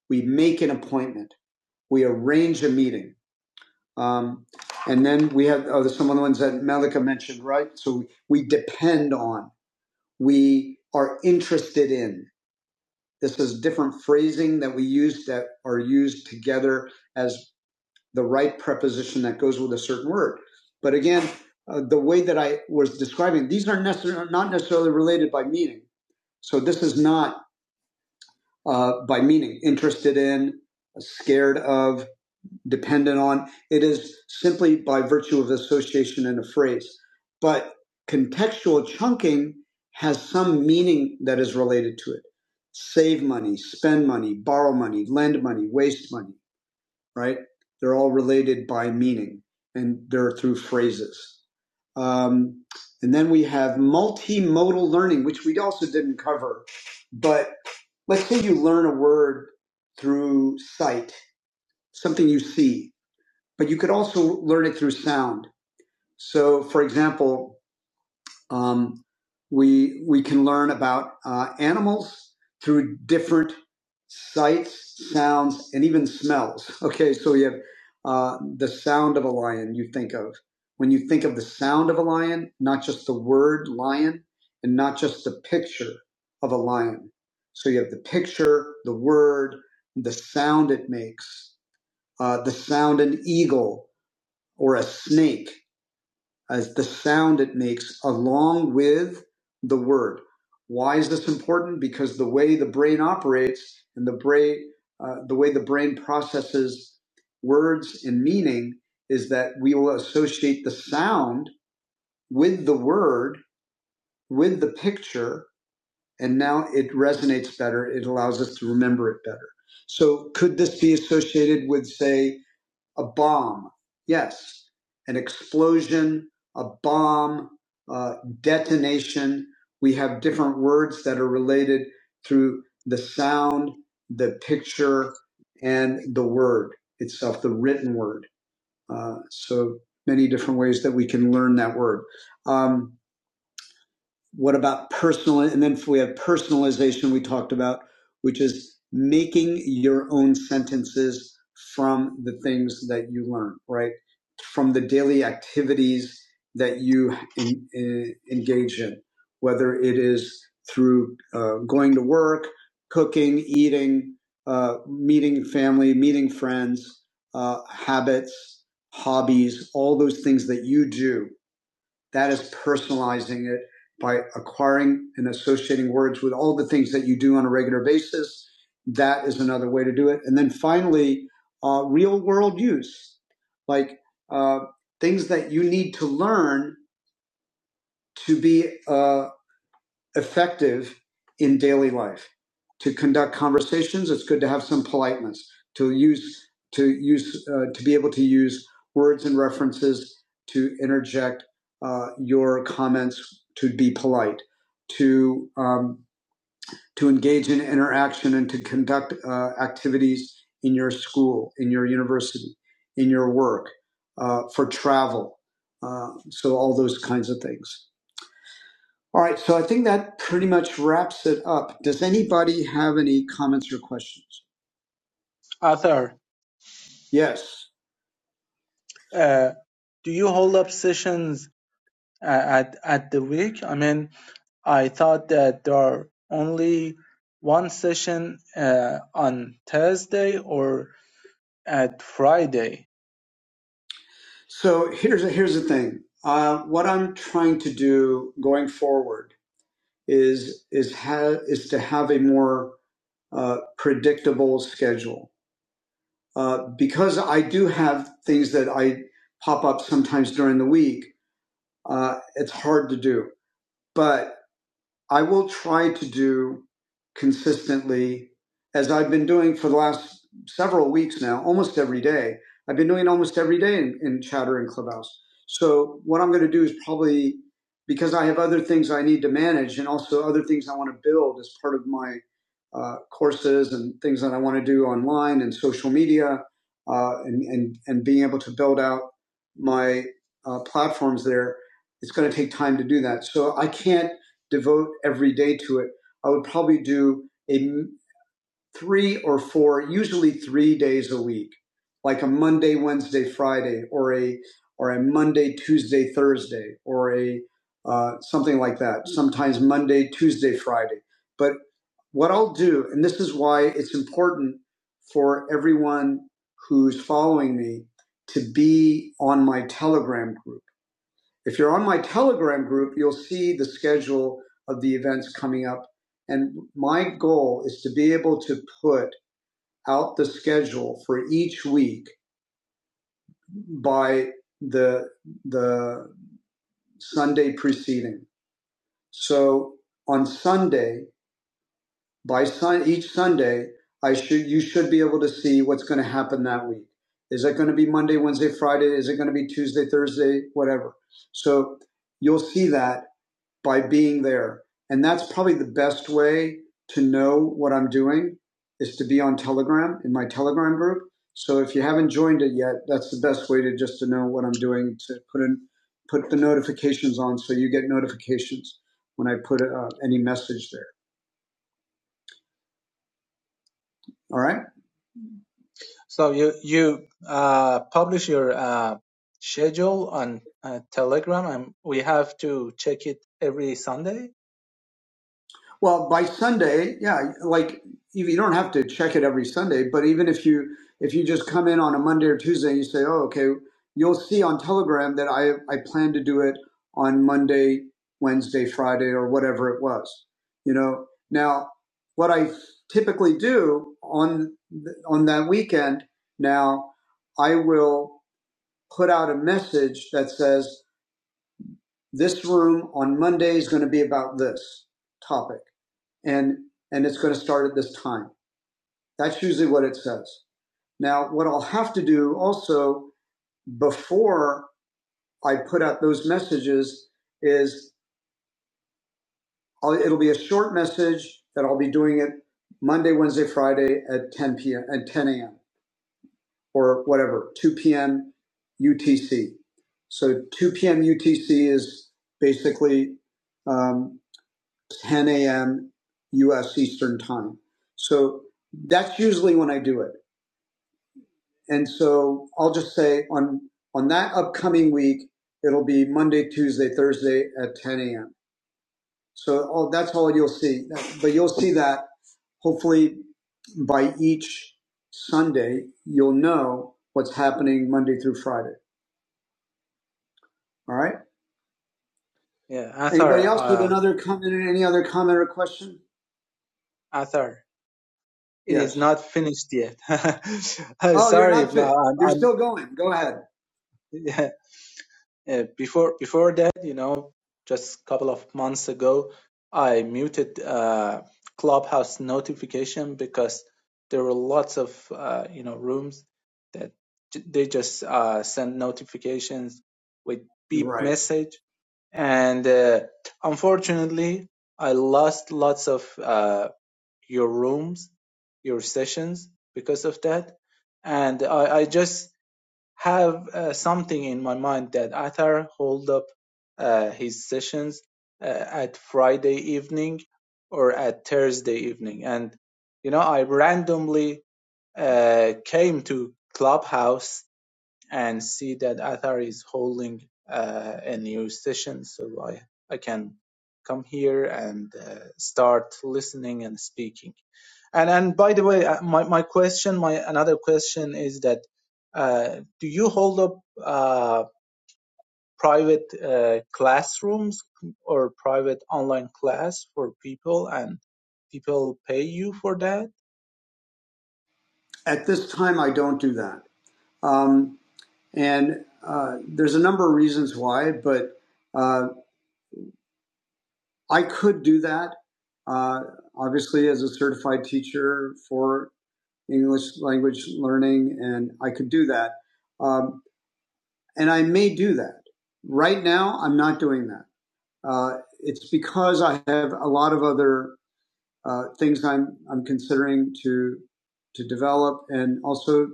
A: We make an appointment. We arrange a meeting. Um, and then we have oh, some of the ones that Malika mentioned, right? So we depend on, we are interested in. This is different phrasing that we use that are used together as the right preposition that goes with a certain word. But again, uh, the way that I was describing, these are necessar- not necessarily related by meaning. So this is not uh, by meaning, interested in, uh, scared of, dependent on. It is simply by virtue of association in a phrase. But contextual chunking has some meaning that is related to it. Save money, spend money, borrow money, lend money, waste money right? They're all related by meaning and they're through phrases. Um, and then we have multimodal learning, which we also didn't cover. But let's say you learn a word through sight, something you see, but you could also learn it through sound. So, for example, um, we we can learn about uh, animals through different sights, sounds, and even smells. Okay, so we have uh, the sound of a lion. You think of when you think of the sound of a lion, not just the word lion, and not just the picture of a lion. So you have the picture, the word, the sound it makes, uh, the sound an eagle or a snake as the sound it makes along with the word. Why is this important? Because the way the brain operates and the brain, uh, the way the brain processes words and meaning is that we will associate the sound with the word, with the picture, and now it resonates better. It allows us to remember it better. So could this be associated with, say, a bomb. Yes, an explosion, a bomb, uh, detonation. We have different words that are related through the sound, the picture, and the word itself, the written word. Uh, so many different ways that we can learn that word. Um, what about personal? And then if we have personalization, we talked about, which is making your own sentences from the things that you learn, right? From the daily activities that you en- en- engage in, whether it is through uh, going to work, cooking, eating, uh, meeting family, meeting friends, uh, habits, hobbies, all those things that you do that is personalizing it by acquiring and associating words with all the things that you do on a regular basis. That is another way to do it. And then finally, uh, real world use, like uh, things that you need to learn to be uh, effective in daily life. To conduct conversations, it's good to have some politeness. To use to use uh, to be able to use words and references to interject uh, your comments to be polite. To um, to engage in interaction and to conduct uh, activities in your school, in your university, in your work, uh, for travel. Uh, so all those kinds of things. All right, so I think that pretty much wraps it up. Does anybody have any comments or questions?
F: Author,
A: Yes.
F: uh, do you hold up sessions uh, at at the week? I mean, I thought that there are only one session uh, on Thursday or at Friday.
A: So here's here's the thing. Uh, what I'm trying to do going forward is is ha- is to have a more uh, predictable schedule uh, because I do have things that I pop up sometimes during the week. Uh, it's hard to do, but. I will try to do consistently, as I've been doing for the last several weeks now, almost every day. I've been doing almost every day in, in Chatter and Clubhouse. So what I'm going to do is probably because I have other things I need to manage and also other things I want to build as part of my uh, courses and things that I want to do online and social media uh, and, and, and being able to build out my uh, platforms there. It's going to take time to do that. So I can't devote every day to it, I would probably do a three or four, usually three days a week, like a Monday, Wednesday, Friday, or a or a Monday, Tuesday, Thursday, or a uh, something like that. Sometimes Monday, Tuesday, Friday. But what I'll do, and this is why it's important for everyone who's following me to be on my Telegram group if you're on my Telegram group, you'll see the schedule of the events coming up. And my goal is to be able to put out the schedule for each week by the the Sunday preceding. So on Sunday, by sun, each Sunday, I should you should be able to see what's going to happen that week. Is it going to be Monday, Wednesday, Friday? Is it going to be Tuesday, Thursday, whatever? So you'll see that by being there. And that's probably the best way to know what I'm doing is to be on Telegram in my Telegram group. So if you haven't joined it yet, that's the best way to just to know what I'm doing to put in put the notifications on so you get notifications when I put uh, any message there. All right?
F: So you you uh, publish your uh, schedule on uh, Telegram, and we have to check it every Sunday.
A: Well, by Sunday, yeah, like you, you don't have to check it every Sunday, but even if you if you just come in on a Monday or Tuesday and you say, "Oh, okay," you'll see on Telegram that I I plan to do it on Monday, Wednesday, Friday, or whatever it was. You know, now what I typically do on th- on that weekend now, I will put out a message that says, "This room on Monday is going to be about this topic." and and it's going to start at this time. That's usually what it says. Now, what I'll have to do also before I put out those messages is I'll, it'll be a short message that I'll be doing it Monday, Wednesday, Friday at 10 p.m. at 10 a.m. or whatever 2 p.m. UTC. So 2 p.m. UTC is basically um, 10 a.m. U.S. Eastern time. So that's usually when I do it. And so I'll just say on on that upcoming week, it'll be Monday, Tuesday, Thursday at 10 a.m. So all, that's all you'll see. But you'll see that hopefully by each Sunday, you'll know what's happening Monday through Friday. All right.
F: Yeah, Athar,
A: Anybody else with
F: uh,
A: another comment? or Any other comment or question?
F: Athar. It
A: Yes.
F: is not finished yet. *laughs* Uh,
A: Oh, you're
F: Sorry,
A: not
F: ma-
A: fit.
F: I'm,
A: You're
F: I'm
A: still going. Go ahead.
F: yeah, uh, before before that, you know, just a couple of months ago, I muted uh, Clubhouse notification because there were lots of uh, you know rooms that j- they just uh, send notifications with beep
A: Right.
F: message, and uh, unfortunately, I lost lots of uh, your rooms, your sessions because of that. And I, I just have uh, something in my mind that Atar hold up uh, his sessions uh, at Friday evening or at Thursday evening. And, you know, I randomly uh, came to Clubhouse and see that Atar is holding uh, a new session. So I, I can come here and uh, start listening and speaking. And and by the way, uh, my my question, my another question is that uh, do you hold up uh, private uh, classrooms or private online class for people, and people pay you for that?
A: At this time, I don't do that. Um, And uh, there's a number of reasons why, but uh, I could do that, uh, obviously, as a certified teacher for English language learning, and I could do that. Um, and I may do that. Right now, I'm not doing that. Uh, it's because I have a lot of other uh, things I'm, I'm considering to, to develop and also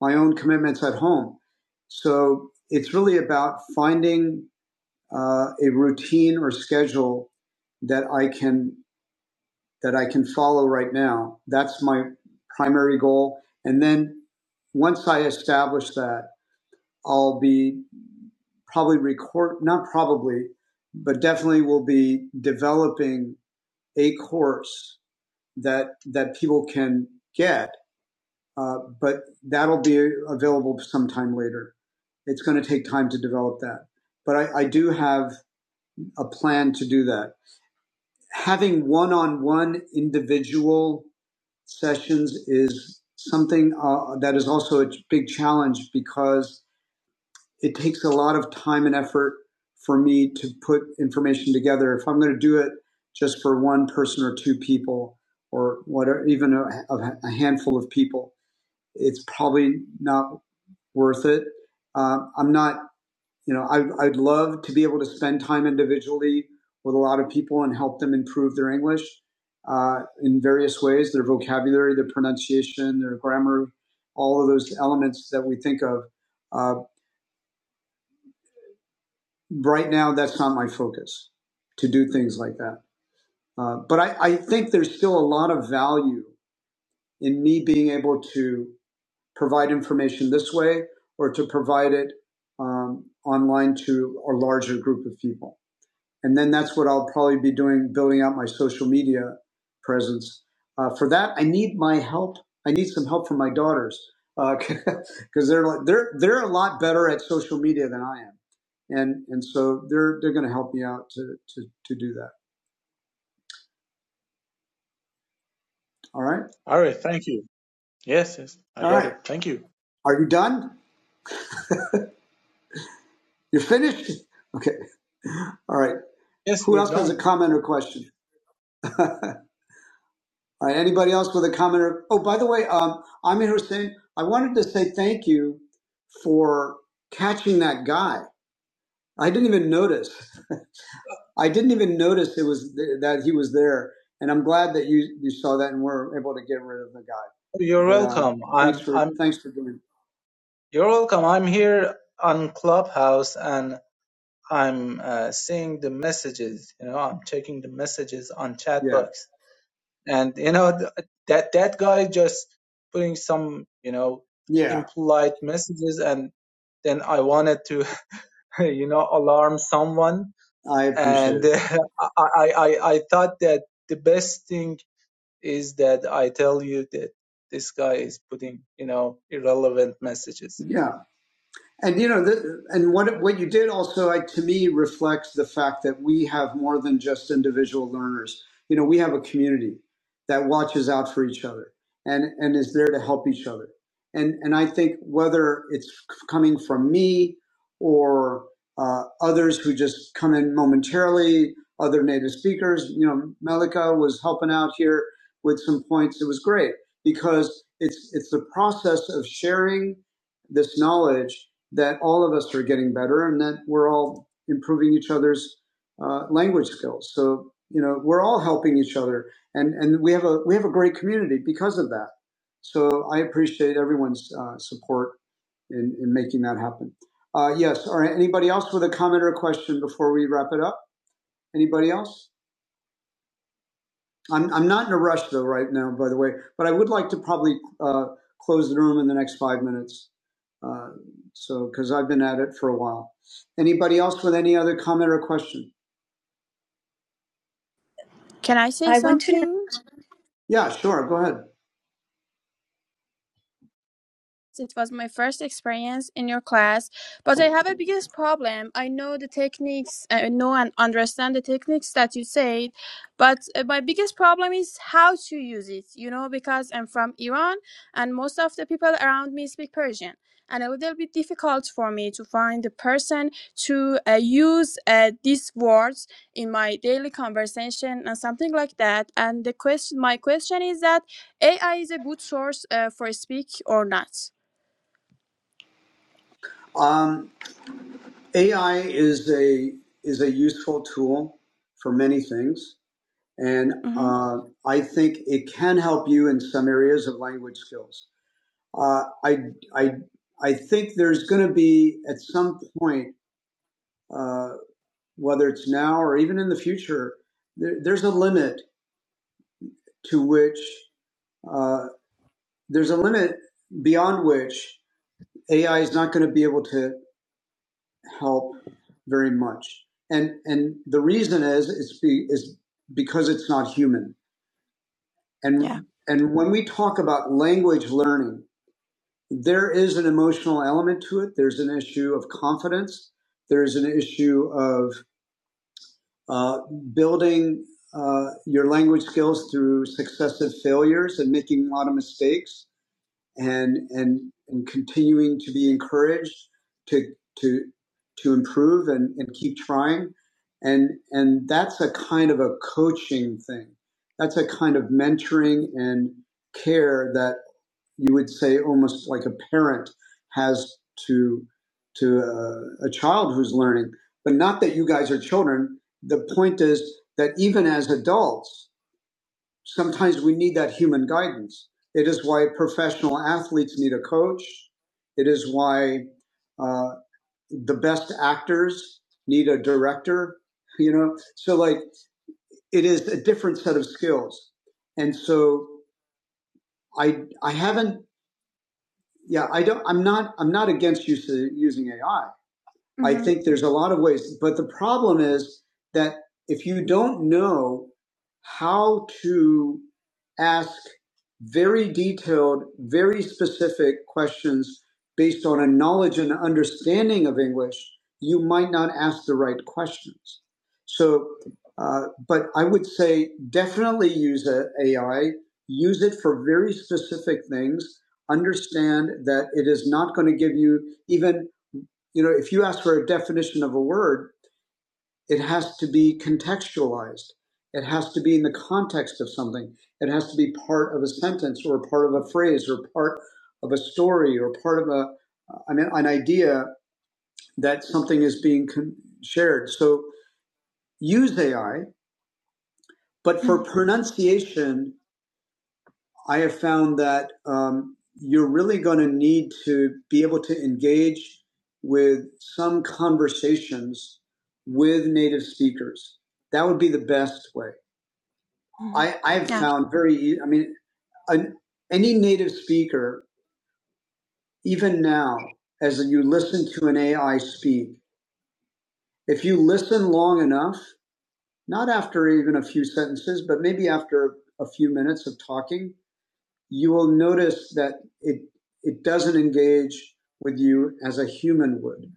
A: my own commitments at home. So it's really about finding uh, a routine or schedule that I can that I can follow right now. That's my primary goal. And then once I establish that, I'll be probably record not probably, but definitely will be developing a course that that people can get. Uh, but that'll be available sometime later. It's going to take time to develop that. But I, I do have a plan to do that having one-on-one individual sessions is something uh, that is also a big challenge because it takes a lot of time and effort for me to put information together. If I'm going to do it just for one person or two people, or whatever, even a, a handful of people, it's probably not worth it. Um, I'm not. You know, I, I'd love to be able to spend time individually with a lot of people and help them improve their English uh, in various ways their vocabulary, their pronunciation, their grammar, all of those elements that we think of. Uh, right now, that's not my focus to do things like that. Uh, but I, I think there's still a lot of value in me being able to provide information this way or to provide it um, online to a larger group of people. and then that's what I'll probably be doing, building out my social media presence. Uh, for that, I need my help. I need some help from my daughters because *laughs* they're like- they're they're a lot better at social media than I am, and and so they're they're going to help me out to to to do that. All right,
F: All right, thank you. Yes, yes, I
A: all
F: got
A: right.
F: it. Thank you.
A: Are you done? You're finished. *laughs* Okay. All right.
F: Yes,
A: Who
F: we're
A: else has a
F: done.
A: comment or question? *laughs* All right, anybody else with a comment? Or, oh, by the way, um, Amir Hussein, I wanted to say thank you for catching that guy. I didn't even notice. *laughs* I didn't even notice it was th- that he was there, and I'm glad that you you saw that and were able to get rid of the guy.
F: You're
A: But um,
F: welcome. I'm
A: thanks
F: I'm
A: for thanks for doing.
F: You're welcome. I'm here on Clubhouse and I'm uh, seeing the messages. You know, I'm checking the messages on chat
A: Yeah,
F: box, and you know th- that that guy just putting some you know
A: yeah,
F: impolite messages, and then I wanted to *laughs* you know alarm someone,
A: I appreciate
F: and *laughs*
A: it.
F: uh, I, I I I thought that the best thing is that I tell you that this guy is putting you know irrelevant messages.
A: Yeah. And you know, the, and what what you did also, like to me, reflects the fact that we have more than just individual learners. You know, we have a community that watches out for each other and and is there to help each other. And and I think whether it's coming from me or uh, others who just come in momentarily, other native speakers. You know, Melika was helping out here with some points. It was great because it's it's the process of sharing this knowledge that all of us are getting better and that we're all improving each other's uh, language skills. So you know we're all helping each other, and and we have a we have a great community because of that. So I appreciate everyone's uh, support in in making that happen. Uh, yes, All right. anybody else with a comment or a question before we wrap it up? Anybody else? I'm, I'm not in a rush though right now, by the way, but I would like to probably uh, close the room in the next five minutes. Uh, so, because I've been at it for a while. Anybody else with any other comment or question?
C: Can I say something?
A: Yeah, sure. Go ahead.
C: It was my first experience in your class, but I have a biggest problem. I know the techniques, uh, I know and understand the techniques that you said, but uh, my biggest problem is how to use it, you know, because I'm from Iran and most of the people around me speak Persian. And a little bit difficult for me to find the person to uh, use uh, these words in my daily conversation and something like that. And the question, my question is that AI is a good source uh, for speak or not?
A: Um, AI is a is a useful tool for many things, and
C: Mm-hmm.
A: uh, I think it can help you in some areas of language skills. Uh, I I I think there's going to be at some point. Uh, whether it's now or even in the future, there, there's a limit to which uh, there's a limit beyond which AI is not going to be able to help very much. And and the reason is it's be, is because it's not human.
C: Yeah.
A: And and when we talk about language learning, there is an emotional element to it. There's an issue of confidence. There's an issue of uh, building uh, your language skills through successive failures and making a lot of mistakes and and and continuing to be encouraged to to to improve and, and keep trying and and that's a kind of a coaching thing that's a kind of mentoring and care that you would say almost like a parent has to to uh, a child who's learning but not that you guys are children the point is that even as adults sometimes we need that human guidance it is why professional athletes need a coach it is why uh, the best actors need a director you know so like it is a different set of skills and so i i haven't yeah, I don't. I'm not. I'm not against use, uh, using AI. I
C: Mm-hmm.
A: think there's a lot of ways, but the problem is that if you don't know how to ask very detailed, very specific questions based on a knowledge and understanding of English, you might not ask the right questions. So, uh, but I would say definitely use a AI, use it for very specific things. Understand that it is not going to give you even you know, if you ask for a definition of a word, it has to be contextualized. It has to be in the context of something. It has to be part of a sentence or part of a phrase or part of a story or part of a, I mean, an idea that something is being shared. So use AI, but
C: Mm-hmm.
A: for pronunciation I have found that um, you're really going to need to be able to engage with some conversations with native speakers. That would be the best way.
C: Mm-hmm.
A: I, I've
C: Yeah.
A: found very, e, I mean, an, any native speaker, even now, as you listen to an AI speak, if you listen long enough, not after even a few sentences, but maybe after a few minutes of talking, you will notice that it it doesn't engage with you as a human would,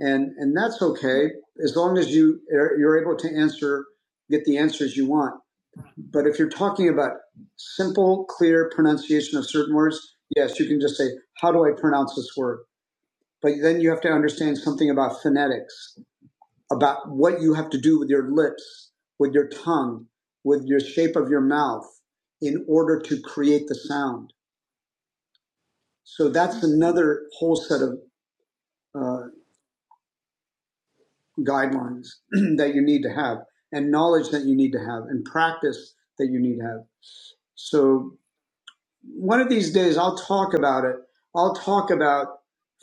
A: and and that's okay as long as you are- you're able to answer get the answers you want. But if you're talking about simple, clear pronunciation of certain words, yes, you can just say, "How do I pronounce this word?" But then you have to understand something about phonetics, about what you have to do with your lips, with your tongue, with your shape of your mouth, in order to create the sound So that's another whole set of uh, guidelines *clears throat* that you need to have, and knowledge that you need to have, and practice that you need to have. So one of these days, I'll talk about it. I'll talk about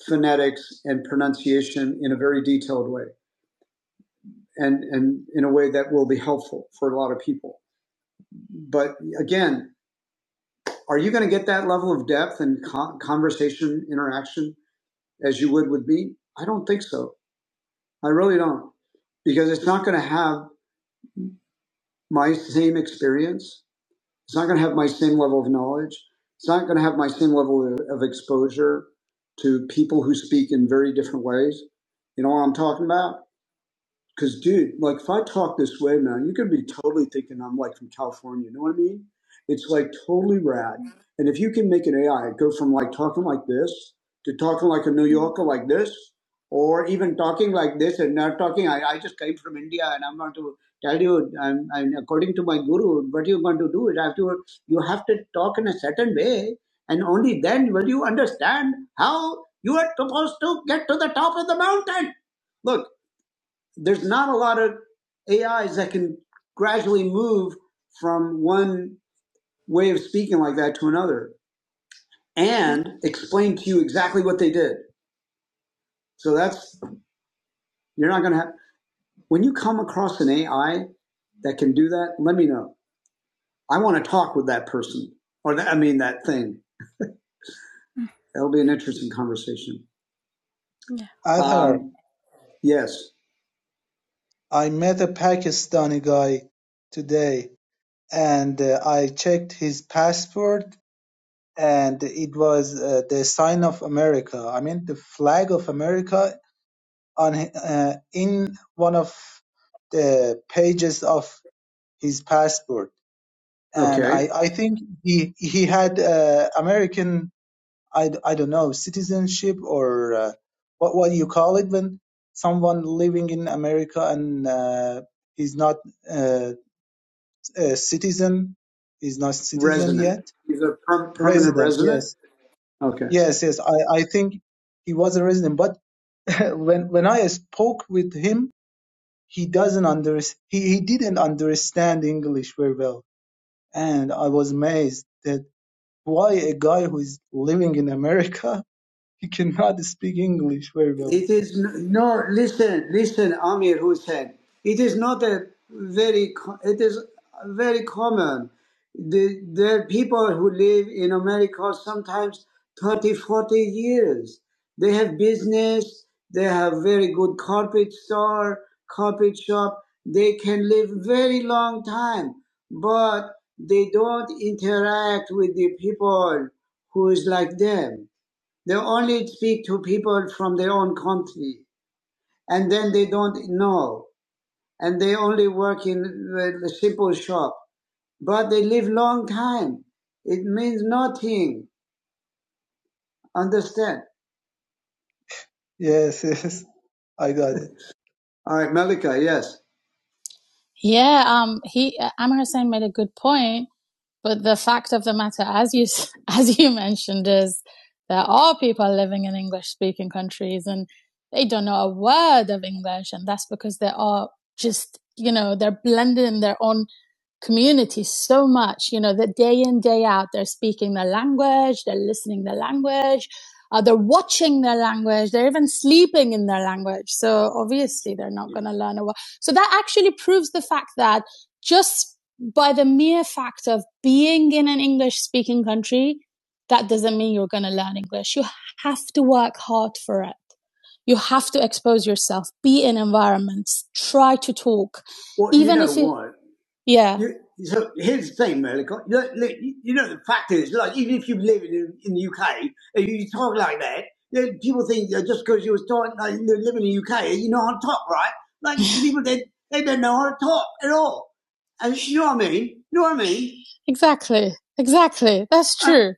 A: phonetics and pronunciation in a very detailed way, and and in a way that will be helpful for a lot of people. But again, are you going to get that level of depth and con- conversation interaction as you would with me? I don't think so I really don't, because it's not going to have my same experience. It's not going to have my same level of knowledge. It's not going to have my same level of, of exposure to people who speak in very different ways. You know what I'm talking about? Cause dude, like if I talk this way, man, you could be totally thinking I'm like from California. You know what I mean? It's like totally rad. And if you can make an AI go from like talking like this to talking like a New
C: Mm-hmm.
A: Yorker like this, or even talking like this and not talking, I, I just came from India and I'm going to tell you, I'm, I'm according to my guru, what you're going to do is after you have to talk in a certain way, and only then will you understand how you are supposed to get to the top of the mountain. Look there's not a lot of AIs that can gradually move from one way of speaking like that to another and explain to you exactly what they did. So that's, you're not going to have, when you come across an AI that can do that, let me know. I want to talk with that person or that, I mean, that thing.
C: Mm-hmm.
A: That'll be an interesting conversation.
C: Yeah.
F: Arthur.
A: Um, yes.
F: I met a Pakistani guy today and uh, I checked his passport and it was uh, the sign of America. I mean the flag of America on uh, in one of the pages of his passport. And
A: Okay.
F: I, I think he he had uh, American I, I don't know citizenship or uh, what what you call it when someone living in America and uh, he's not uh, a citizen is not citizen
A: Resident.
F: yet
A: He's a per- permanent
F: resident
A: resident.
F: yes
A: Okay.
F: yes yes i i think he was a resident but *laughs* when when i spoke with him he doesn't under he, he didn't understand english very well and i was amazed that why a guy who is living in america *laughs* he cannot speak english very well
A: It is n- no, listen, listen, Amir Hussein. It is not a very, co- it is very common. The, the people who live in America sometimes 30, 40 years. They have business, they have very good carpet store, carpet shop. They can live very long time, but they don't interact with the people who is like them they only speak to people from their own country, and then they don't know, and they only work in a simple shop. But they live long time. It means nothing. Understand?
F: yes *laughs* yes i got it
A: All right, Malika. Yes. Yeah, um, he Amr Hussein made a good point, but the fact of the matter, as you *laughs* as you mentioned, is there are people living in English speaking countries and they don't know a word of English, and that's because they are just you know they're blended in their own community so much you know that day in day out they're speaking the language they're listening the language uh, they're watching their language they're even sleeping in their language so obviously they're not going to learn a word so that actually proves the fact that just by the mere fact of being in an English speaking country, that doesn't mean you're going to learn English. You have to work hard for it. You have to expose yourself, be in environments, try to talk, Well, you even you know if you, what? yeah, You, so here's the thing, Malika. you know, the fact is, like, even if you live in, in the UK, if you talk like that, people think that just because you're starting, like, living in the UK, you know how to talk, right? Like, *laughs* people, they, they don't know how to talk at all. And you know what I mean? You know what I mean? exactly, exactly. That's Uh, true.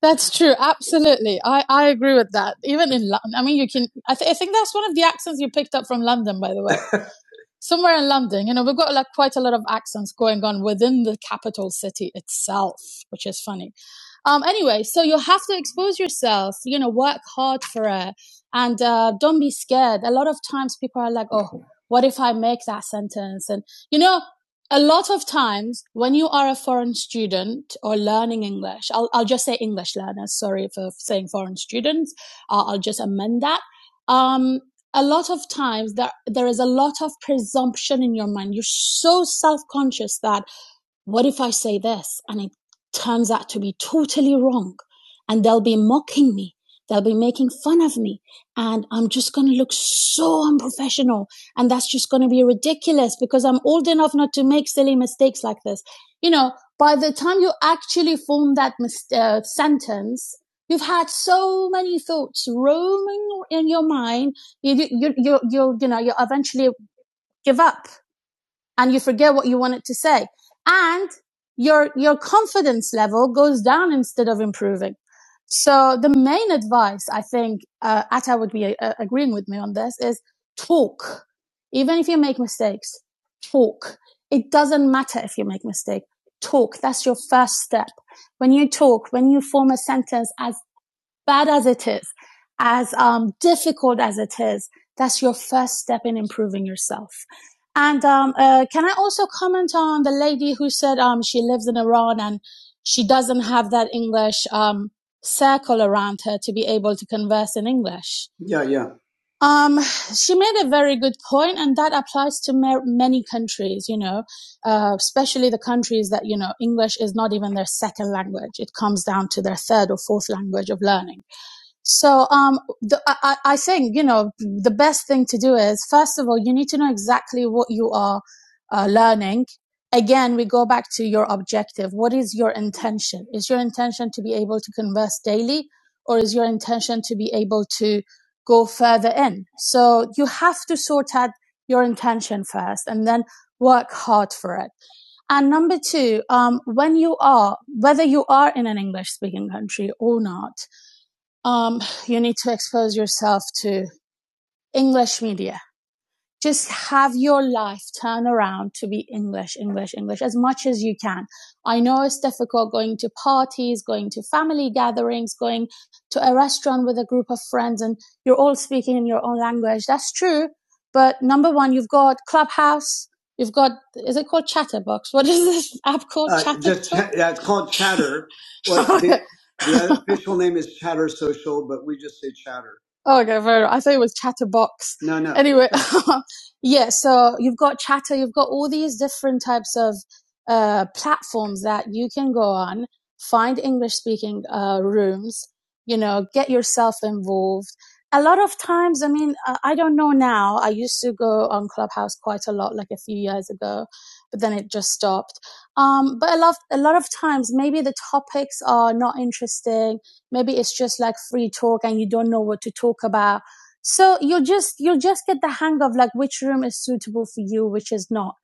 A: That's true. Absolutely. I, I agree with that. Even in London, I mean, you can, I, th- I think that's one of the accents you picked up from London, by the way somewhere in London, you know, we've got like quite a lot of accents going on within the capital city itself, which is funny. Um, anyway, so you have to expose yourself, you know, work hard for it and uh, don't be scared. A lot of times people are like, oh, what if I make that sentence? And, you know, a lot of times when you are a foreign student or learning English, I'll, I'll just say English learners, sorry for saying foreign students, uh, I'll just amend that. Um, a lot of times there there is a lot of presumption in your mind. You're so self conscious that what if I say this and it turns out to be totally wrong? And they'll be mocking me. They'll be making fun of me. And I'm just going to look so unprofessional. And that's just going to be ridiculous because I'm old enough not to make silly mistakes like this. You know, by the time you actually form that mis- uh, sentence, you've had so many thoughts roaming in your mind. You, you, you, you, you, you know, you eventually give up and you forget what you wanted to say. And your, your confidence level goes down instead of improving. So the main advice I think, uh, Atta would be uh, agreeing with me on this is talk. Even if you make mistakes, talk. It doesn't matter if you make mistake. Talk. That's your first step. When you talk, when you form a sentence as bad as it is, as um, difficult as it is, that's your first step in improving yourself. And um, uh, can I also comment on the lady who said um, she lives in Iran and she doesn't have that English um, circle around her to be able to converse in English? Yeah, yeah. Um, she made a very good point, and that applies to ma- many countries, you know, uh, especially the countries that, you know, English is not even their second language. It comes down to their third or fourth language of learning. So um, the, I, I think you know the best thing to do is first of all you need to know exactly what you are uh, learning. Again, we go back to your objective. What is your intention? Is your intention to be able to converse daily, or is your intention to be able to go further in? So you have to sort out your intention first, and then work hard for it. And number two, um, when you are, whether you are in an English speaking country or not, um, you need to expose yourself to English media just have your life turn around to be English, English, English as much as you can. I know it's difficult going to parties, going to family gatherings, going to a restaurant with a group of friends and you're all speaking in your own language. That's true. But number one, you've got Clubhouse. You've got, is it called Chatterbox? What is this *laughs* app called? Uh, Chatterbox? cha- yeah, it's called Chatter. Well, *laughs* the, the official name is Chatter Social, but we just say Chatter. Okay, fair enough. I thought it was Chatterbox. No, no, Anyway, *laughs* Yeah, so you've got Chatter, you've got all these different types of uh, platforms that you can go on, find English speaking uh, rooms, you know, get yourself involved. A lot of times, I mean, uh, I don't know now. I used to go on Clubhouse quite a lot, like a few years ago, but then it just stopped. Um, but a lot, a lot of times, maybe the topics are not interesting. Maybe it's just like free talk and you don't know what to talk about so you'll just, you'll just get the hang of like which room is suitable for you, which is not.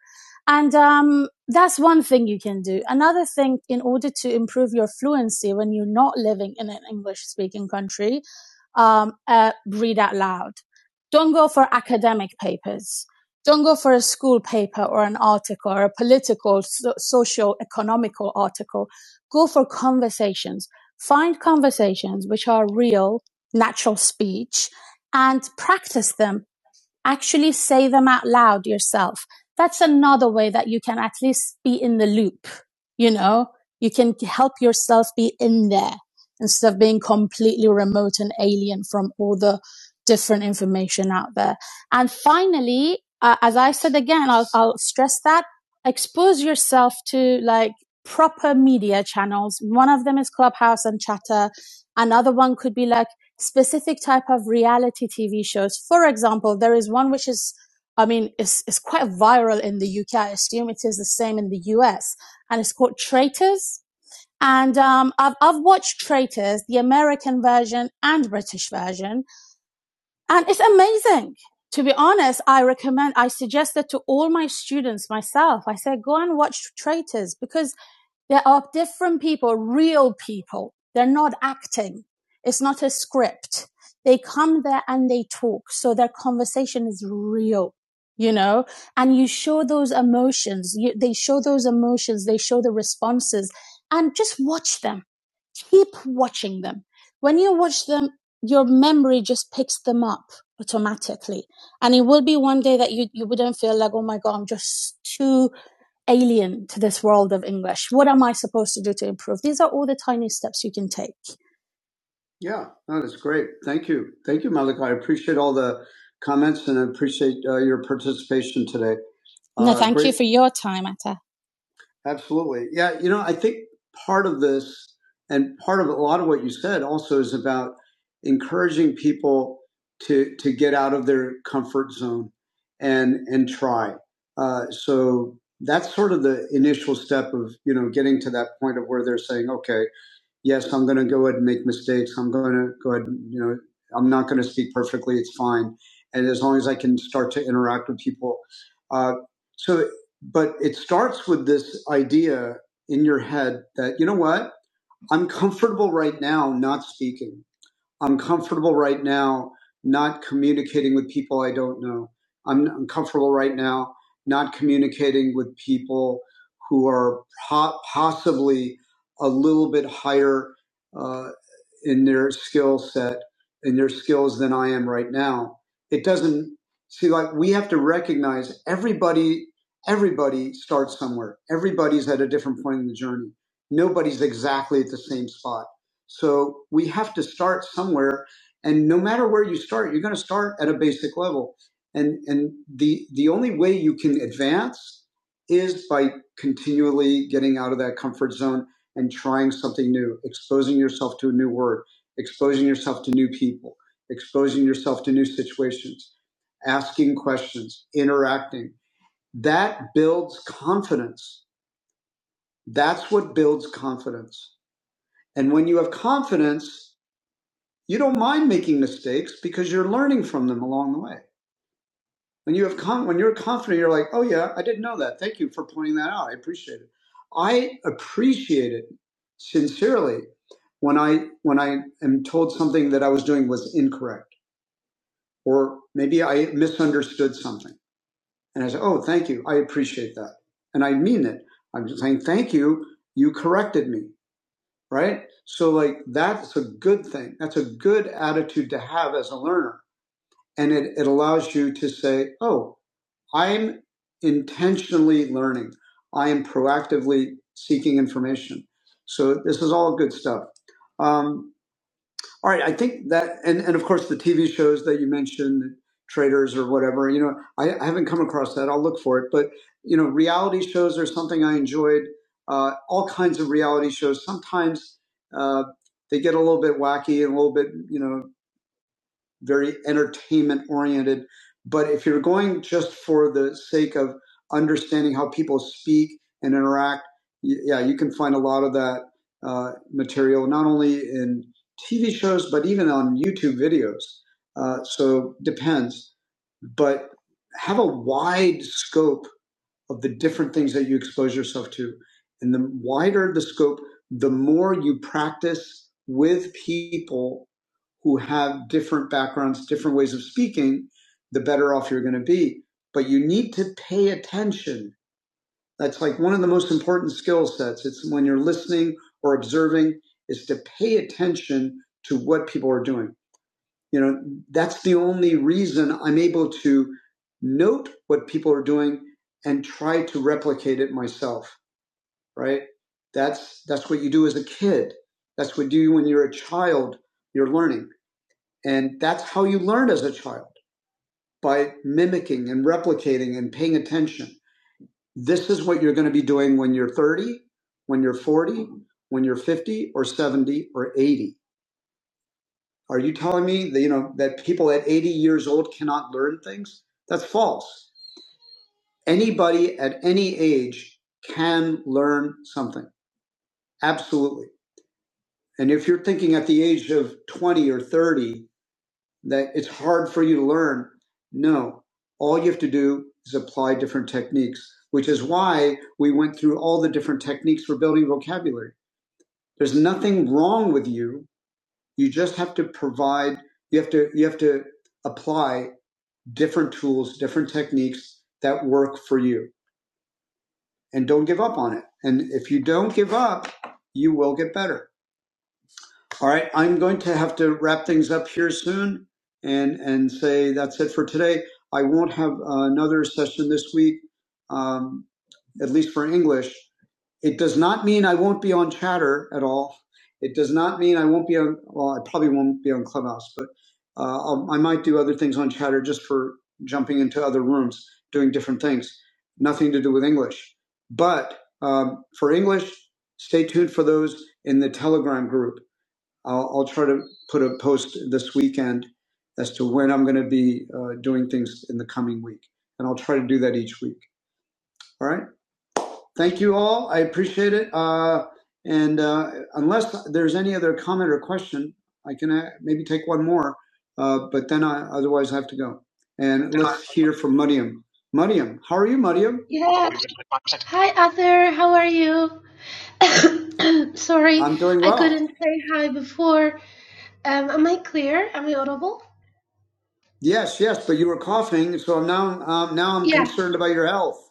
A: And um, that's one thing you can do. Another thing, in order to improve your fluency when you're not living in an English speaking country, um, uh, read out loud. Don't go for academic papers. Don't go for a school paper or an article or a political, so- social, economical article. Go for conversations. Find conversations which are real, natural speech and practice them actually say them out loud yourself. That's another way that you can at least be in the loop. You know, you can help yourself be in there instead of being completely remote and alien from all the different information out there. And finally, uh, as I said again, I'll, I'll stress that expose yourself to like proper media channels. One of them is Clubhouse and Chatter. Another one could be like specific type of reality TV shows. For example, there is one which is, I mean, it's, it's quite viral in the UK. I assume it is the same in the US and it's called Traitors. And, um, I've, I've watched Traitors, the American version and British version, and it's amazing. To be honest, I recommend, I suggest that to all my students myself. I say, go and watch Traitors because there are different people, real people. They're not acting. It's not a script. They come there and they talk. So their conversation is real, you know, and you show those emotions. You, they show those emotions. They show the responses and just watch them. Keep watching them. When you watch them, your memory just picks them up automatically. And it will be one day that you, you wouldn't feel like, oh my God, I'm just too alien to this world of English. What am I supposed to do to improve? These are all the tiny steps you can take. Yeah, no, that's great. Thank you. Thank you, Malika. I appreciate all the comments and I appreciate uh, your participation today. Uh, No, Uh, thank great. you for your time, Atta. Absolutely. Yeah. You know, I think part of this and part of a lot of what you said also is about encouraging people to, to get out of their comfort zone and, and try. Uh, so that's sort of the initial step of, you know, getting to that point of where they're saying, okay, yes, I'm going to go ahead and make mistakes. I'm going to go ahead, and, you know, I'm not going to speak perfectly. It's fine. And as long as I can start to interact with people. Uh, so, but it starts with this idea in your head that, you know what? I'm comfortable right now not speaking. I'm comfortable right now not communicating with people I don't know. I'm, I'm comfortable right now not communicating with people who are po- possibly a little bit higher uh, in their skill set, in their skills than I am right now. It doesn't see like we have to recognize everybody. Everybody starts somewhere. Everybody's at a different point in the journey. Nobody's exactly at the same spot so we have to start somewhere, and no matter where you start, you're going to start at a basic level. And and the the only way you can advance is by continually getting out of that comfort zone and trying something new, exposing yourself to a new word, exposing yourself to new people, exposing yourself to new situations, asking questions, interacting. That builds confidence. That's what builds confidence. And when you have confidence, you don't mind making mistakes because you're learning from them along the way. When you have con- when you're confident, you're like, oh yeah, I didn't know that. Thank you for pointing that out. I appreciate it. I appreciate it sincerely when I when I am told something that I was doing was incorrect or maybe I misunderstood something. And I say, oh, thank you. I appreciate that. And I mean it. I'm just saying, thank you. You corrected me. Right. So like that's a good thing. That's a good attitude to have as a learner and it, it allows you to say, oh, I'm intentionally learning. I am proactively seeking information. So this is all good stuff. Um, all right, I think that, and, and of course the TV shows that you mentioned, traders or whatever, you know, I, I haven't come across that. I'll look for it. But, you know, reality shows are something I enjoyed. Uh, all kinds of reality shows. Sometimes uh, they get a little bit wacky and a little bit, you know, very entertainment oriented. But if you're going just for the sake of understanding how people speak and interact, yeah, you can find a lot of that uh, material, not only in TV shows, but even on YouTube videos. Uh, so depends, but have a wide scope of the different things that you expose yourself to. And the wider the scope, the more you practice with people who have different backgrounds, different ways of speaking, the better off you're going to be. But you need to pay attention. That's like one of the most important skill sets. It's when you're listening or observing, is to pay attention to what people are doing. You know, that's the only reason I'm able to note what people are doing and try to replicate it myself, right? That's that's what you do as a kid. That's what you do when you're a child, you're learning. And that's how you learn as a child by mimicking and replicating and paying attention. This is what you're going to be doing when you're 30, when you're 40, when you're 50 or 70 or 80 Are you telling me that you know that people at 80 years old cannot learn things? That's false. Anybody at any age can learn something. Absolutely. And if you're thinking at the age of 20 or 30 that it's hard for you to learn, no. All you have to do is apply different techniques, which is why we went through all the different techniques for building vocabulary. There's nothing wrong with you. You just have to provide you have to you have to apply different tools, different techniques that work for you. And don't give up on it. And if you don't give up, you will get better. All right, I'm going to have to wrap things up here soon and, and say that's it for today. I won't have uh, another session this week, um, at least for English. It does not mean I won't be on Chatter at all. It does not mean I won't be on, well, I probably won't be on Clubhouse, but uh, I'll, I might do other things on Chatter just for jumping into other rooms, doing different things. Nothing to do with English. But um, for English, stay tuned for those in the Telegram group I'll, I'll try to put a post this weekend as to when I'm going to be uh, doing things in the coming week. And I'll try to do that each week. All right. Thank you all. I appreciate it. Uh, and uh, unless there's any other comment or question, I can uh, maybe take one more, uh, but then I otherwise I have to go. And let's hear from Mariam. Mariam, how are you, Mariam?
G: Yeah. Hi, Arthur. How are you? *coughs* Sorry,
A: I'm doing
G: I
A: well.
G: couldn't say hi before. Um, am I clear? Am I audible?
A: Yes, yes, but you were coughing, so now um, now I'm
G: Yeah.
A: concerned about your health.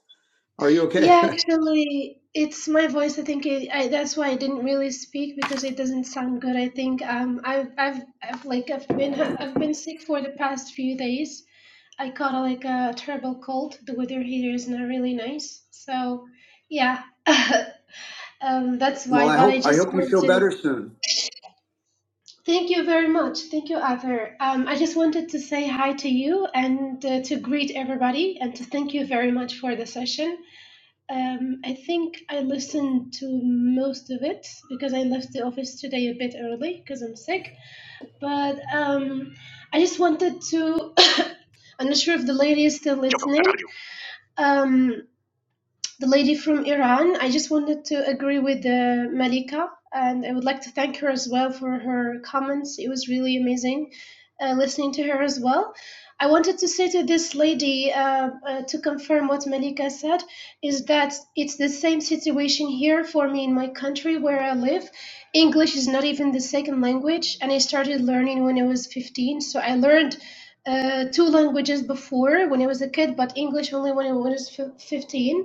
A: Are you okay?
G: Yeah,
A: *laughs*
G: actually, it's my voice. I think it, I, that's why I didn't really speak because it doesn't sound good. I think um, I've, I've, I've like I've been I've been sick for the past few days. I caught like a terrible cold. The weather here is not really nice. So, yeah. *laughs* Um, that's
A: Well,
G: why.
A: I
G: But
A: hope
G: I
A: I
G: just
A: hope you feel
G: wanted.
A: better soon.
G: Thank you very much. Thank you, Arthur. Um, I just wanted to say hi to you and uh, to greet everybody and to thank you very much for the session. Um, I think I listened to most of it because I left the office today a bit early because I'm sick. But um, I just wanted to. *coughs* I'm not sure if the lady is still listening. Um, the lady from Iran. I just wanted to agree with uh, Malika, and I would like to thank her as well for her comments. It was really amazing uh, listening to her as well. I wanted to say to this lady uh, uh, to confirm what Malika said is that it's the same situation here for me in my country where I live. English is not even the second language, and I started learning when I was 15. So I learned uh, two languages before when I was a kid, but English only when I was 15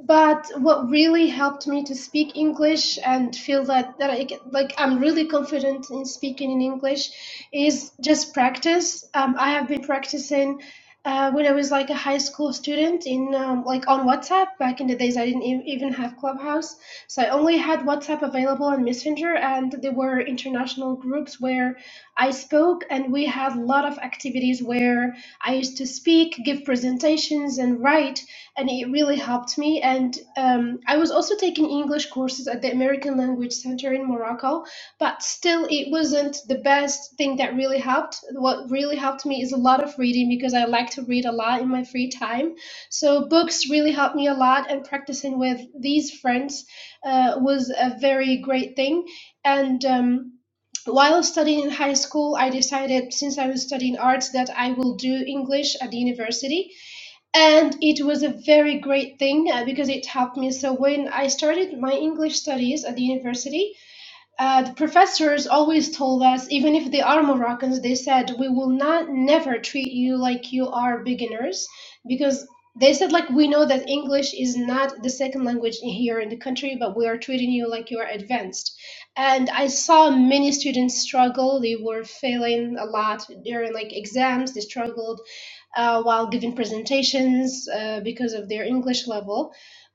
G: but what really helped me to speak English and feel that, that I, like I'm really confident in speaking in English is just practice. Um, I have been practicing uh, when I was like a high school student in um, like on WhatsApp back in the days I didn't e- even have Clubhouse, so so I only had WhatsApp available and Messenger, and there were international groups where I spoke, and we had a lot of activities where I used to speak, give presentations, and write, and it really helped me. And um, I was also taking English courses at the American Language Center in Morocco, but still, it wasn't the best thing that really helped. What really helped me is a lot of reading because I like to read a lot in my free time. So books really helped me a lot and practicing with these friends uh, was a very great thing. And um, while studying in high school, I decided since I was studying arts that I will do English at the university. And it was a very great thing uh, because it helped me. So when I started my English studies at the university, uh, the professors always told us, even if they are Moroccans, they said we will not never treat you like you are beginners because they said like we know that English is not the second language here in the country, but we are treating you like you are advanced. And I saw many students struggle. They were failing a lot during like exams. They struggled uh, while giving presentations uh, because of their English level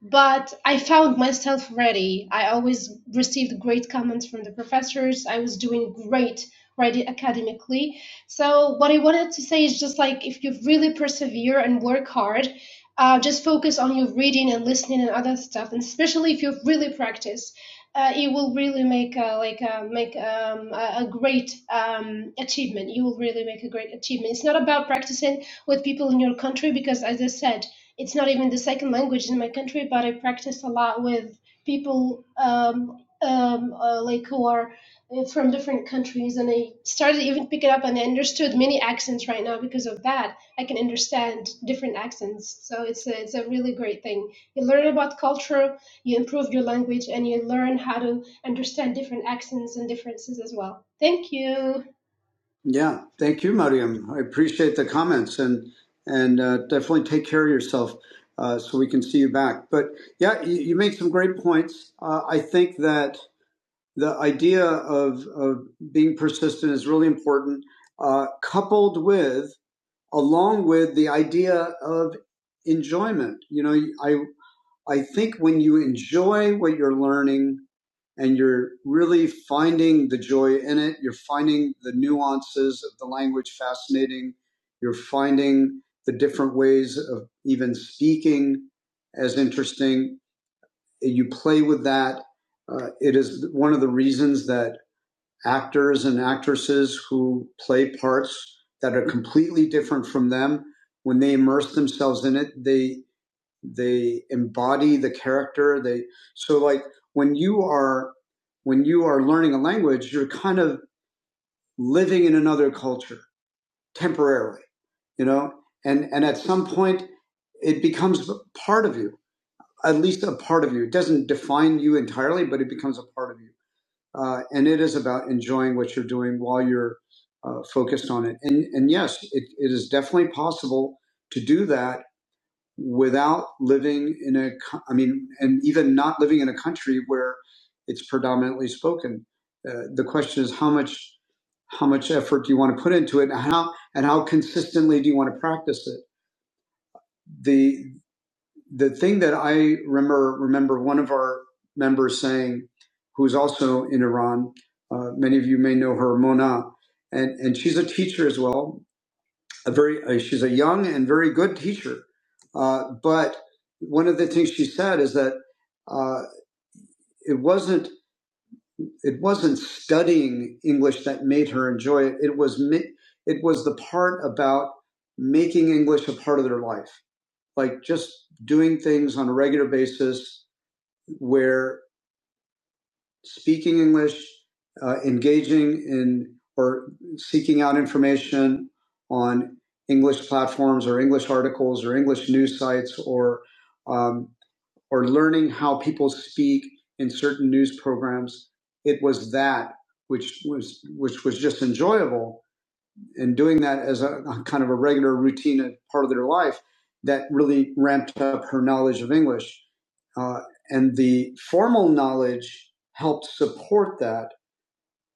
G: but I found myself ready. I always received great comments from the professors. I was doing great ready academically. So what I wanted to say is just like if you really persevere and work hard, uh, just focus on your reading and listening and other stuff, and especially if you really practice. Uh, it will really make a, like a, make um, a, a great um, achievement. You will really make a great achievement. It's not about practicing with people in your country because, as I said, it's not even the second language in my country, but I practice a lot with people um, um, uh, like who are uh, from different countries, and I started even picking up and I understood many accents right now because of that. I can understand different accents, so it's a, it's a really great thing. You learn about culture, you improve your language, and you learn how to understand different accents and differences as well. Thank you.
A: Yeah, thank you, Mariam. I appreciate the comments and and uh, definitely take care of yourself uh, so we can see you back. But yeah, you, you make some great points. Uh, I think that the idea of of being persistent is really important, uh, coupled with along with the idea of enjoyment. You know, I. I think when you enjoy what you're learning and you're really finding the joy in it, you're finding the nuances of the language fascinating, you're finding the different ways of even speaking as interesting. You play with that. Uh, it is one of the reasons that actors and actresses who play parts that are completely different from them, when they immerse themselves in it, they they embody the character they so like when you are when you are learning a language you're kind of living in another culture temporarily you know and and at some point it becomes part of you at least a part of you it doesn't define you entirely but it becomes a part of you uh, and it is about enjoying what you're doing while you're uh, focused on it and and yes it, it is definitely possible to do that without living in a, I mean, and even not living in a country where it's predominantly spoken. Uh, the question is how much, how much effort do you want to put into it, and how and how consistently do you want to practice it? The the thing that I remember remember one of our members saying, who's also in Iran, uh, many of you may know her, Mona, and and she's a teacher as well, a very uh, she's a young and very good teacher uh, but one of the things she said is that uh, it wasn't it wasn't studying english that made her enjoy it it was it was the part about making english a part of their life like just doing things on a regular basis where. speaking English, uh, engaging in or seeking out information on English platforms or English articles or English news sites or um, or learning how people speak in certain news programs. It was that which was which was just enjoyable, and doing that as a, a kind of a regular routine and part of their life that really ramped up her knowledge of English. Uh, and the formal knowledge helped support that,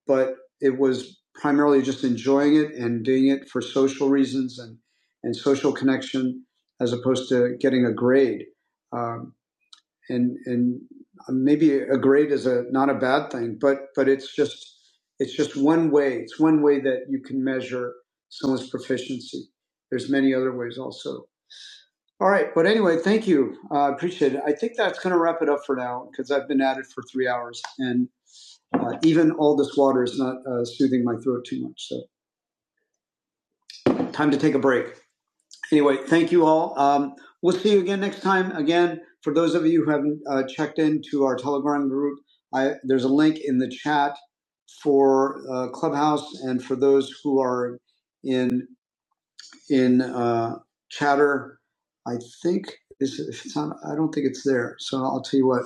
A: but it was primarily just enjoying it and doing it for social reasons and, and social connection as opposed to getting a grade. Um, and and maybe a grade is a not a bad thing, but but it's just it's just one way. It's one way that you can measure someone's proficiency. There's many other ways also. All right, but anyway, thank you. I uh, appreciate it. I think that's going to wrap it up for now because I've been at it for three hours, and uh, even all this water is not uh, soothing my throat too much. So, time to take a break. anyway, thank you all. Um, we'll see you again next time. Again, for those of you who haven't uh, checked into our Telegram group, I, there's a link in the chat for uh, Clubhouse, and for those who are in in uh, Chatter, I think this if it's not. I don't think it's there. So I'll tell you what.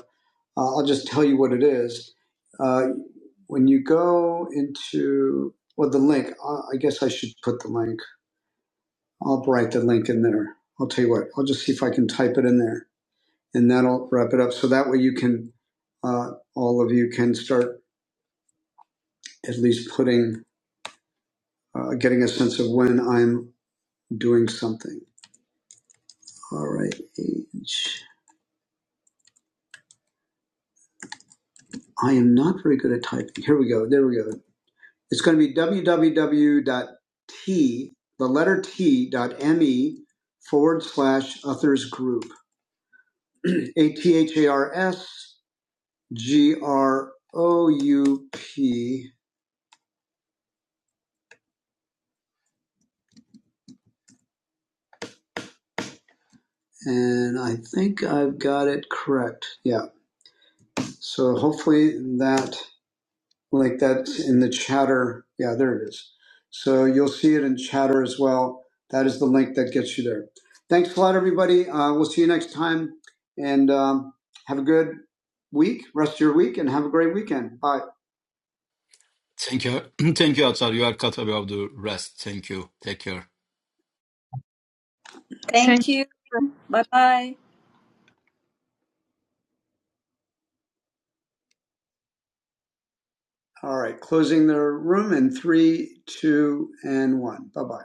A: Uh, I'll just tell you what it is. Uh, when you go into well, the link. Uh, I guess I should put the link. I'll write the link in there. I'll tell you what, I'll just see if I can type it in there and that'll wrap it up. So that way you can, uh, all of you can start at least putting, uh, getting a sense of when I'm doing something. All right. age. I am not very good at typing. Here we go. There we go. It's going to be www.t, the letter T dot me forward slash authors group. *clears throat* A T H A R S G R O U P, and I think I've got it correct. Yeah. So hopefully that, like that's in the chatter. Yeah, there it is. So you'll see it in chatter as well. That is the link that gets you there. Thanks a lot, everybody. Uh, we'll see you next time, and um, have a good week, rest of your week, and have a great weekend. Bye.
E: Thank you. *clears throat* Thank you, Atar. You are cut above the rest. Thank you. Take care.
A: All right, closing the room in three, two, and one. Bye bye.